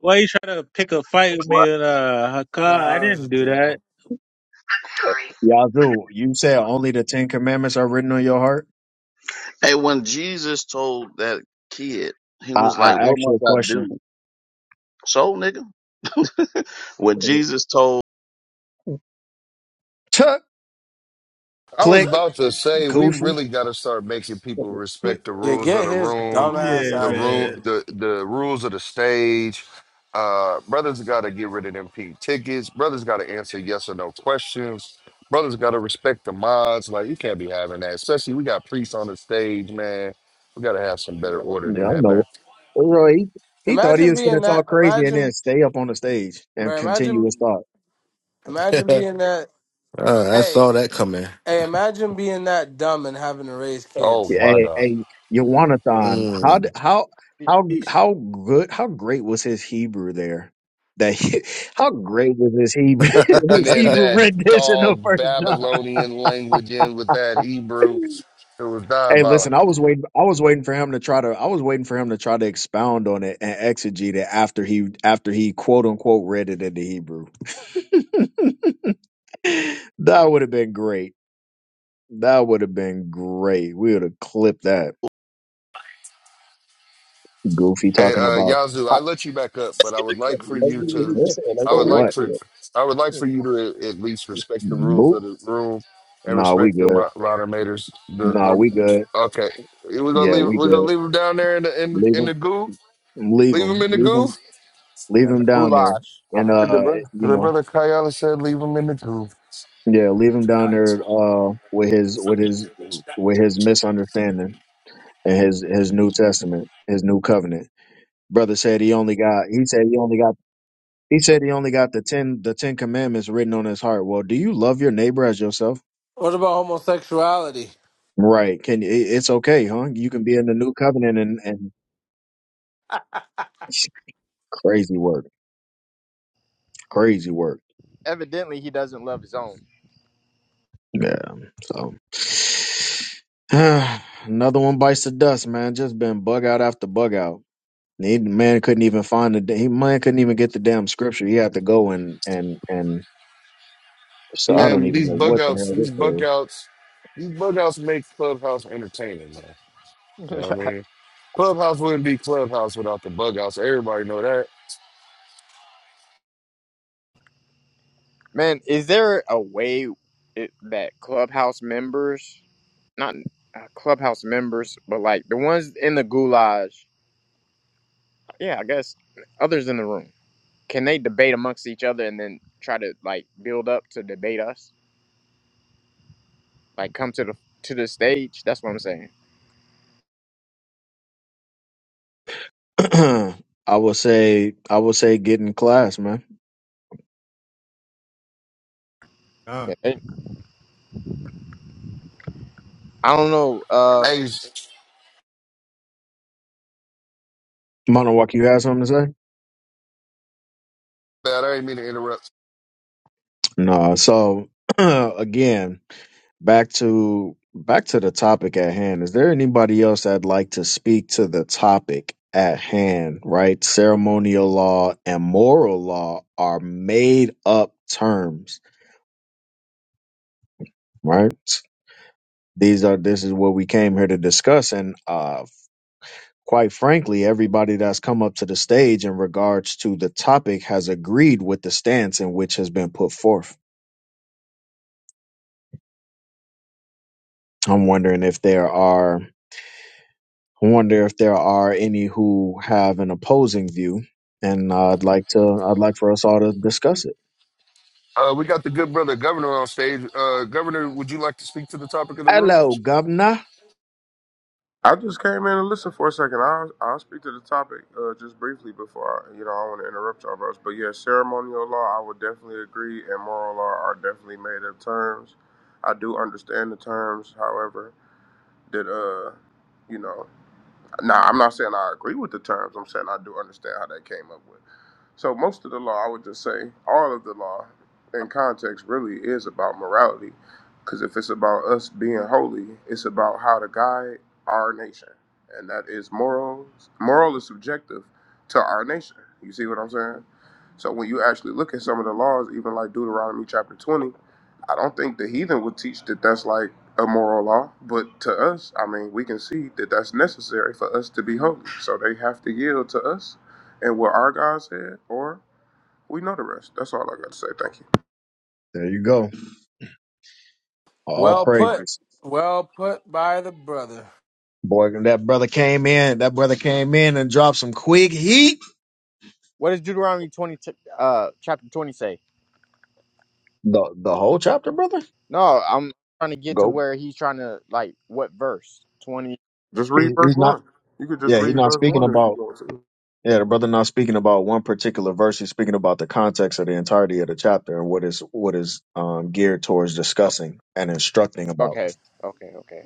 S6: Why you trying to pick a fight with me
S14: What?
S6: and uh,
S3: No,
S6: Hakkad? I
S3: I was
S6: didn't
S3: just
S6: do that.
S3: joking.
S4: Yazoo, you said only the Ten Commandments are written on your heart.
S14: Hey, when Jesus told that kid, he
S4: I,
S14: was like,
S4: I
S14: "What
S4: asked you a
S14: must I
S4: question.
S14: do?" So, nigga. when Jesus told
S4: Chuck,
S5: I was
S4: click,
S5: about to say we
S4: goofy.
S5: really got to start making people
S7: Quick.
S5: respect the
S3: Yeah,
S5: rules of
S3: get
S5: the
S3: his
S5: room,
S3: dumb ass
S7: Yeah,
S5: the
S3: out of
S5: room,
S7: man.
S3: here.
S5: the the rules of the stage. Uh, brothers got to get rid of them pink tickets. Brothers got to answer yes or no questions. Brothers got to respect the mods. Like you can't be having that. Especially we got priests on the stage, man. We got to have some better
S4: Yeah, I
S5: order than that,
S4: know.
S5: man.
S4: Leroy, he, he thought he
S3: Imagine
S4: was gonna
S3: being that.
S4: talk crazy and then
S3: Imagine,
S4: stay up on the stage and
S3: man.
S4: continue
S3: imagine,
S4: his thought.
S3: imagine being that.
S15: Uh, I
S3: Hey,
S15: saw that coming.
S3: hey, imagine being that dumb and having to raise
S5: Oh
S3: kids.
S5: my
S4: Hey,
S5: God.
S4: hey, Yawanathan, how d-
S15: Mm.
S4: how how how good how great was his Hebrew there? That he, how great was his Hebrew
S5: And
S4: his
S5: then
S4: Hebrew
S5: that
S4: rendition of
S5: dog
S4: First John?
S5: Babylonian language in with that Hebrew, it was
S4: Hey, listen,
S5: diabolical.
S4: I was waiting. I was waiting for him to try to. I was waiting for him to try to expound on it and exegete it after he after he quote unquote read it in the Hebrew. That would have been great. That would have been great. We would have clipped that. Goofy
S5: Hey,
S4: talking
S5: uh,
S4: about
S5: Yazoo, I
S4: "Ah,
S5: let you back up,
S14: Let's
S5: but I
S14: get
S5: would
S14: the clip.
S5: like for
S14: Let's
S5: you
S14: do what he
S5: to,
S4: yeah,
S14: just said.
S5: I
S14: Let's do
S4: for
S5: would
S14: what he
S5: like
S4: what?
S14: just said.
S5: for, I would like for you to at at least respect the rules
S4: Boop.
S5: of the room and
S4: Nah, we
S5: respect the
S4: good.
S5: mo- moderators. The
S4: Nah, we
S5: the
S4: good.
S5: okay, we're gonna
S4: Yeah,
S5: leave,
S4: we
S5: we're gonna
S4: good.
S5: leave them down there in the in,
S4: Leave
S5: in
S4: him.
S5: the goo.
S4: Leave
S5: Leave them
S4: him.
S5: in the
S4: Leave
S5: goo.
S4: him. Leave
S9: Yeah, and the
S4: him down there.
S9: goulash.
S4: And
S5: All right, the
S4: uh, eh,
S5: brother,
S4: you
S5: the
S4: know,
S5: brother Kayala said, leave them in the goo.
S4: yeah, leave him down there. Uh, with his with his with his misunderstanding and his his New Testament, his New Covenant. Brother said he only got. He said he only got He said he only got the ten the Ten Commandments written on his heart. Well, do you love your neighbor as yourself?
S3: What about homosexuality?
S4: Right. Can it, it's okay, huh? You can be in the new covenant and and crazy work, crazy work.
S9: Evidently, he doesn't love his own.
S4: Yeah. So another one bites the dust, man. Just been bug out after bug out. He, man couldn't even find the da- he man couldn't even get the damn scripture. He had to go and and and so I don't
S5: Man,
S4: even
S5: these
S4: know
S5: bug
S4: what the
S5: outs, these bug
S4: hell
S5: outs, these bug outs make clubhouse entertaining, man. You know what I mean? Clubhouse wouldn't be clubhouse without the bug outs. Everybody know that.
S9: Man, is there a way it, that clubhouse members, not uh, clubhouse members, but like the ones in the goulash, yeah, I guess others in the room, can they debate amongst each other and then try to like build up to debate us? Like come to the to the stage. That's what I'm saying.
S4: this is. I would say I would say get in class, man.
S7: Uh,
S9: Yeah, they- I don't know. Uh,
S5: Hey,
S4: Monowalk, you have something to say?
S5: bad. I didn't mean to interrupt.
S4: No. So again, back to back to the topic at hand. Is there anybody else that'd like to speak to the topic at hand? Right, ceremonial law and moral law are made up terms. Right. These are this is what we came here to discuss, and uh, quite frankly, everybody that's come up to the stage in regards to the topic has agreed with the stance in which has been put forth. I'm wondering if there are I wonder if there are any who have an opposing view, and uh, I'd like to. I'd like for us all to discuss it.
S5: Uh, we got the good brother governor on stage. Uh, governor, would you like to speak to the topic of the room?
S4: Hello, Governor.
S18: I just came in and listened for a second. I'll, I'll speak to the topic uh, just briefly before I, you know, I want to interrupt y'all, brothers. But yeah, ceremonial law, I would definitely agree, and moral law are definitely made up terms. I do understand the terms, however, that, uh, you know, now, I'm not saying I agree with the terms. I'm saying I do understand how they came up with. So most of the law, I would just say, all of the law, in context, really is about morality, because if it's about us being holy, it's about how to guide our nation, and that is moral. Moral is subjective to our nation. You see what I'm saying? So when you actually look at some of the laws, even like Deuteronomy chapter 20, I don't think the heathen would teach that that's like a moral law, but to us, I mean, we can see that that's necessary for us to be holy. So they have to yield to us and what our God said, or we know the rest. That's all I got to say. Thank you.
S4: There you go. All
S3: Well put.
S4: praises,
S3: Well put by the brother.
S4: boy. That brother came in. That brother came in and dropped some quick heat.
S9: what does Deuteronomy twenty ch- uh chapter twenty say?
S4: The the whole chapter, brother.
S9: No, I'm trying to get to
S4: Go.
S9: where he's trying to like what verse? Twenty.
S18: Just read
S4: He,
S18: verse
S4: he's not.
S18: one. You could just
S4: Yeah, he's
S18: read
S4: not
S18: verse
S4: speaking
S18: one if you
S4: about.
S18: want to.
S4: Yeah, the brother not speaking about one particular verse. He's speaking about the context of the entirety of the chapter and what is what is um, geared towards discussing and instructing about.
S9: Okay, okay, okay.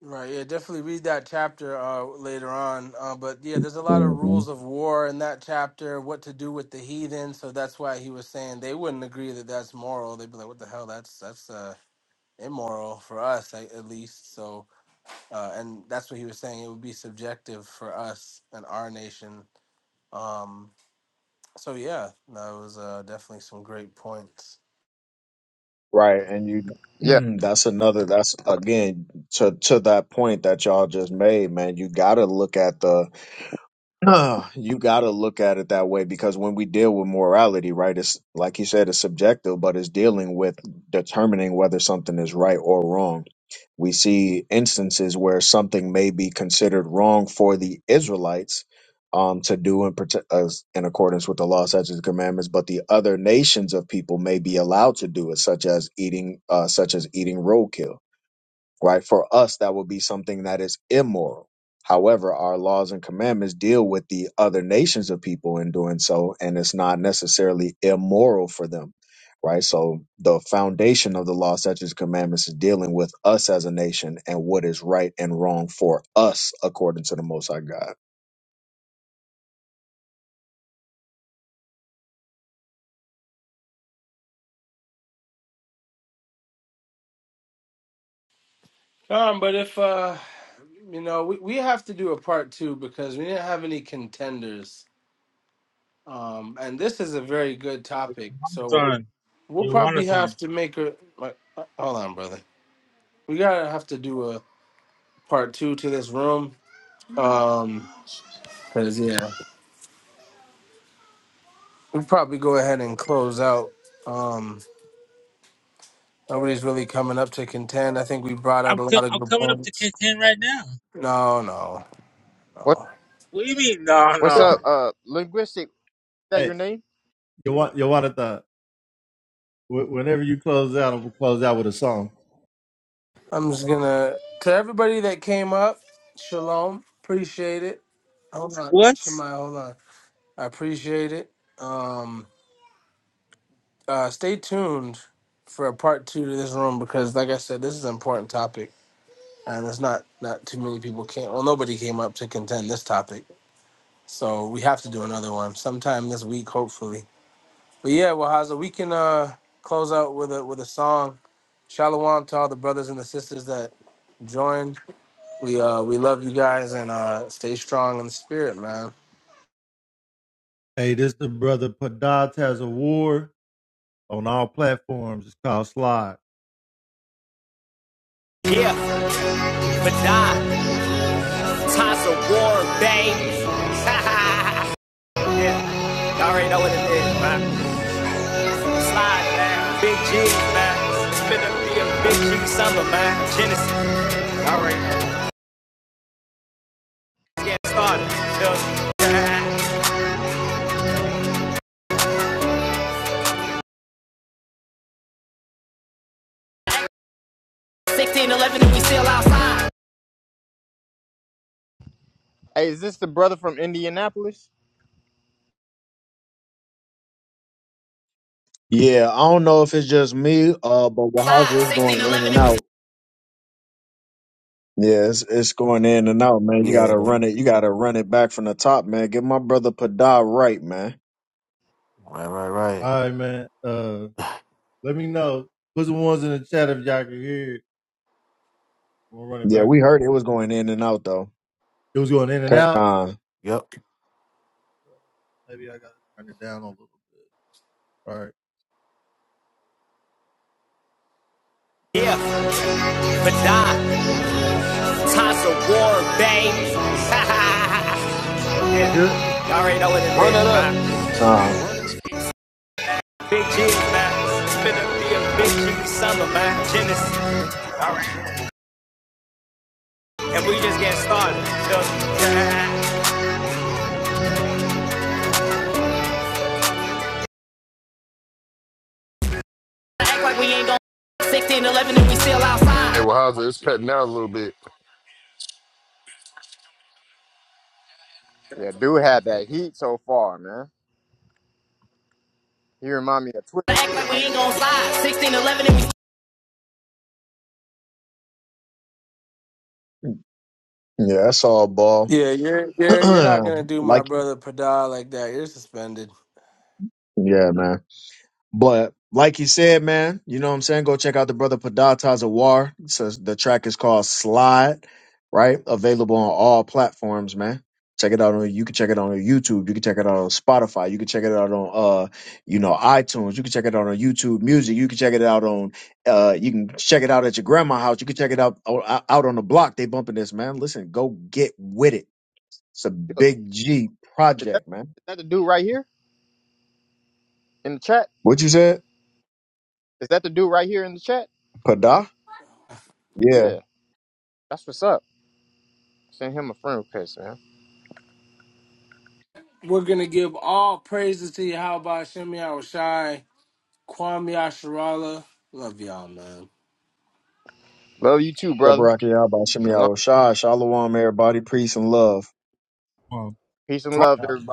S3: Right. Yeah, definitely read that chapter uh, later on. Uh, but yeah, there's a lot of rules of war in that chapter, what to do with the heathen. So that's why he was saying they wouldn't agree that that's moral. They'd be like, what the hell? That's that's uh, immoral for us, a- at least. So, uh, and that's what he was saying. It would be subjective for us and our nation. Um, so yeah, that was uh, definitely some great points.
S4: Right, and you
S9: Yeah.
S4: that's another that's again to to that point that y'all just made, man. You got to look at the you got to look at it that way because when we deal with morality, right, it's like you said it's subjective, but it's dealing with determining whether something is right or wrong we see instances where something may be considered wrong for the Israelites um, to do in, prote- uh, in accordance with the law, such as commandments, but the other nations of people may be allowed to do it, such as eating, uh, such as eating roadkill right? For us, that would be something that is immoral. However, our laws and commandments deal with the other nations of people in doing so, and it's not necessarily immoral for them, right? So the foundation of the law, such as commandments, is dealing with us as a nation and what is right and wrong for us according to the Most High God.
S3: Um, but if uh, You know, we, we have to do a part two because we didn't have any contenders. Um, and this is a very good
S6: Uh,
S3: topic. So
S6: Jonathan,
S3: we'll
S6: you wanna
S3: probably have
S6: Jonathan.
S3: to make a. Like, uh, hold on, brother. We gotta have to do a part two to this room. Um, cause yeah, we'll probably go ahead and close out. Um, nobody's really coming up to contend. I think we brought out
S6: I'm
S3: a
S6: co-
S3: lot of
S6: I'm
S3: good
S6: coming up to
S3: points.
S6: kick in right now.
S3: No, no,
S9: What
S3: no.
S6: What do you mean? No,
S9: What's
S6: no.
S9: up? Uh, linguistic. Is that your
S7: hey,
S9: name?
S7: you want you want the whenever you close out, I'm gonna close out with a song.
S3: I'm just gonna to everybody that came up, shalom. Appreciate it. Hold on,
S6: What?
S3: Shemai, hold on. I appreciate it. Um uh stay tuned for a part two to this room because like I said, this is an important topic and it's not not too many people came well nobody came up to contend this topic. So we have to do another one sometime this week, hopefully. But yeah, well Haza, we can uh close out with a with a song. Shalom to all the brothers and the sisters that joined. We uh we love you guys and uh stay strong in the spirit, man.
S7: Hey, this is the brother Padat has a war on all platforms. It's called Slide. Yeah, but Toss of war, baby. yeah. Y'all already know what it is, man. Slide, man. Big G, man. It's finna be a big G summer, man. Genesis. All right. Let's get started.
S9: Hey, is this the brother from Indianapolis?
S4: Yeah, I don't know if it's just me, uh, but Wahaza is going in and out. Yeah, it's, it's going in and out, man. You
S15: Yeah.
S4: gotta run it. You gotta run it back from the top, man. Get my brother Pada right, man.
S15: Right, right, right.
S7: All right, man. Uh, let me know. Put some ones in the chat if y'all can hear it. We're running
S4: Yeah,
S7: back.
S4: we heard it was going in and out though.
S7: It was going in and out.
S4: Uh,
S15: Yep.
S7: Maybe I gotta turn it down a little bit. All right. yeah. But die. Toss of war, baby. Y'all already know what it
S5: Run that
S7: is,
S5: up.
S7: man.
S4: uh,
S7: Big G's, man. It's finna be a big G summer, man. Genesis. Alright, And we just getting started. Feel Act like we ain't gon' 16, 11 and we still
S5: Hey,
S7: outside.
S5: well, how's it? It's cutting out a little bit.
S9: Yeah, dude had that heat so far, man. He remind me of Twitch.
S7: Act like we ain't gon' slide. 16, 11 and we
S4: yeah, that's all ball.
S3: Yeah, you're you're you're not gonna do my
S4: like,
S3: brother Pada like that. You're suspended.
S4: yeah, man. But like he said, man, you know what I'm saying? Go check out the brother Padata's Awar. Says the track is called Slide, right? Available on all platforms, man. Check it out on you can check it out on YouTube. You can check it out on Spotify. You can check it out on uh you know iTunes. You can check it out on YouTube Music. You can check it out on uh you can check it out at your grandma's house. You can check it out o- out on the block. They bumping this, man. Listen, go get with it. It's a
S9: Is
S4: big G
S9: that
S4: project, man.
S9: Is that the dude right here in the chat?
S4: What you said?
S9: Is that the dude right here in the chat?
S4: Pada? Yeah.
S9: Yeah, that's what's up. Send him a friend request, man.
S3: We're gonna give all praises to you. How about Shemi Awashai, Kwame Asharala? Love y'all, man.
S9: Love you too, brother.
S4: Yabarak Yabba Shimmy
S9: Shalom.
S4: Awashai. Shalom, everybody. Peace and love.
S7: Well,
S9: Peace and love, everybody.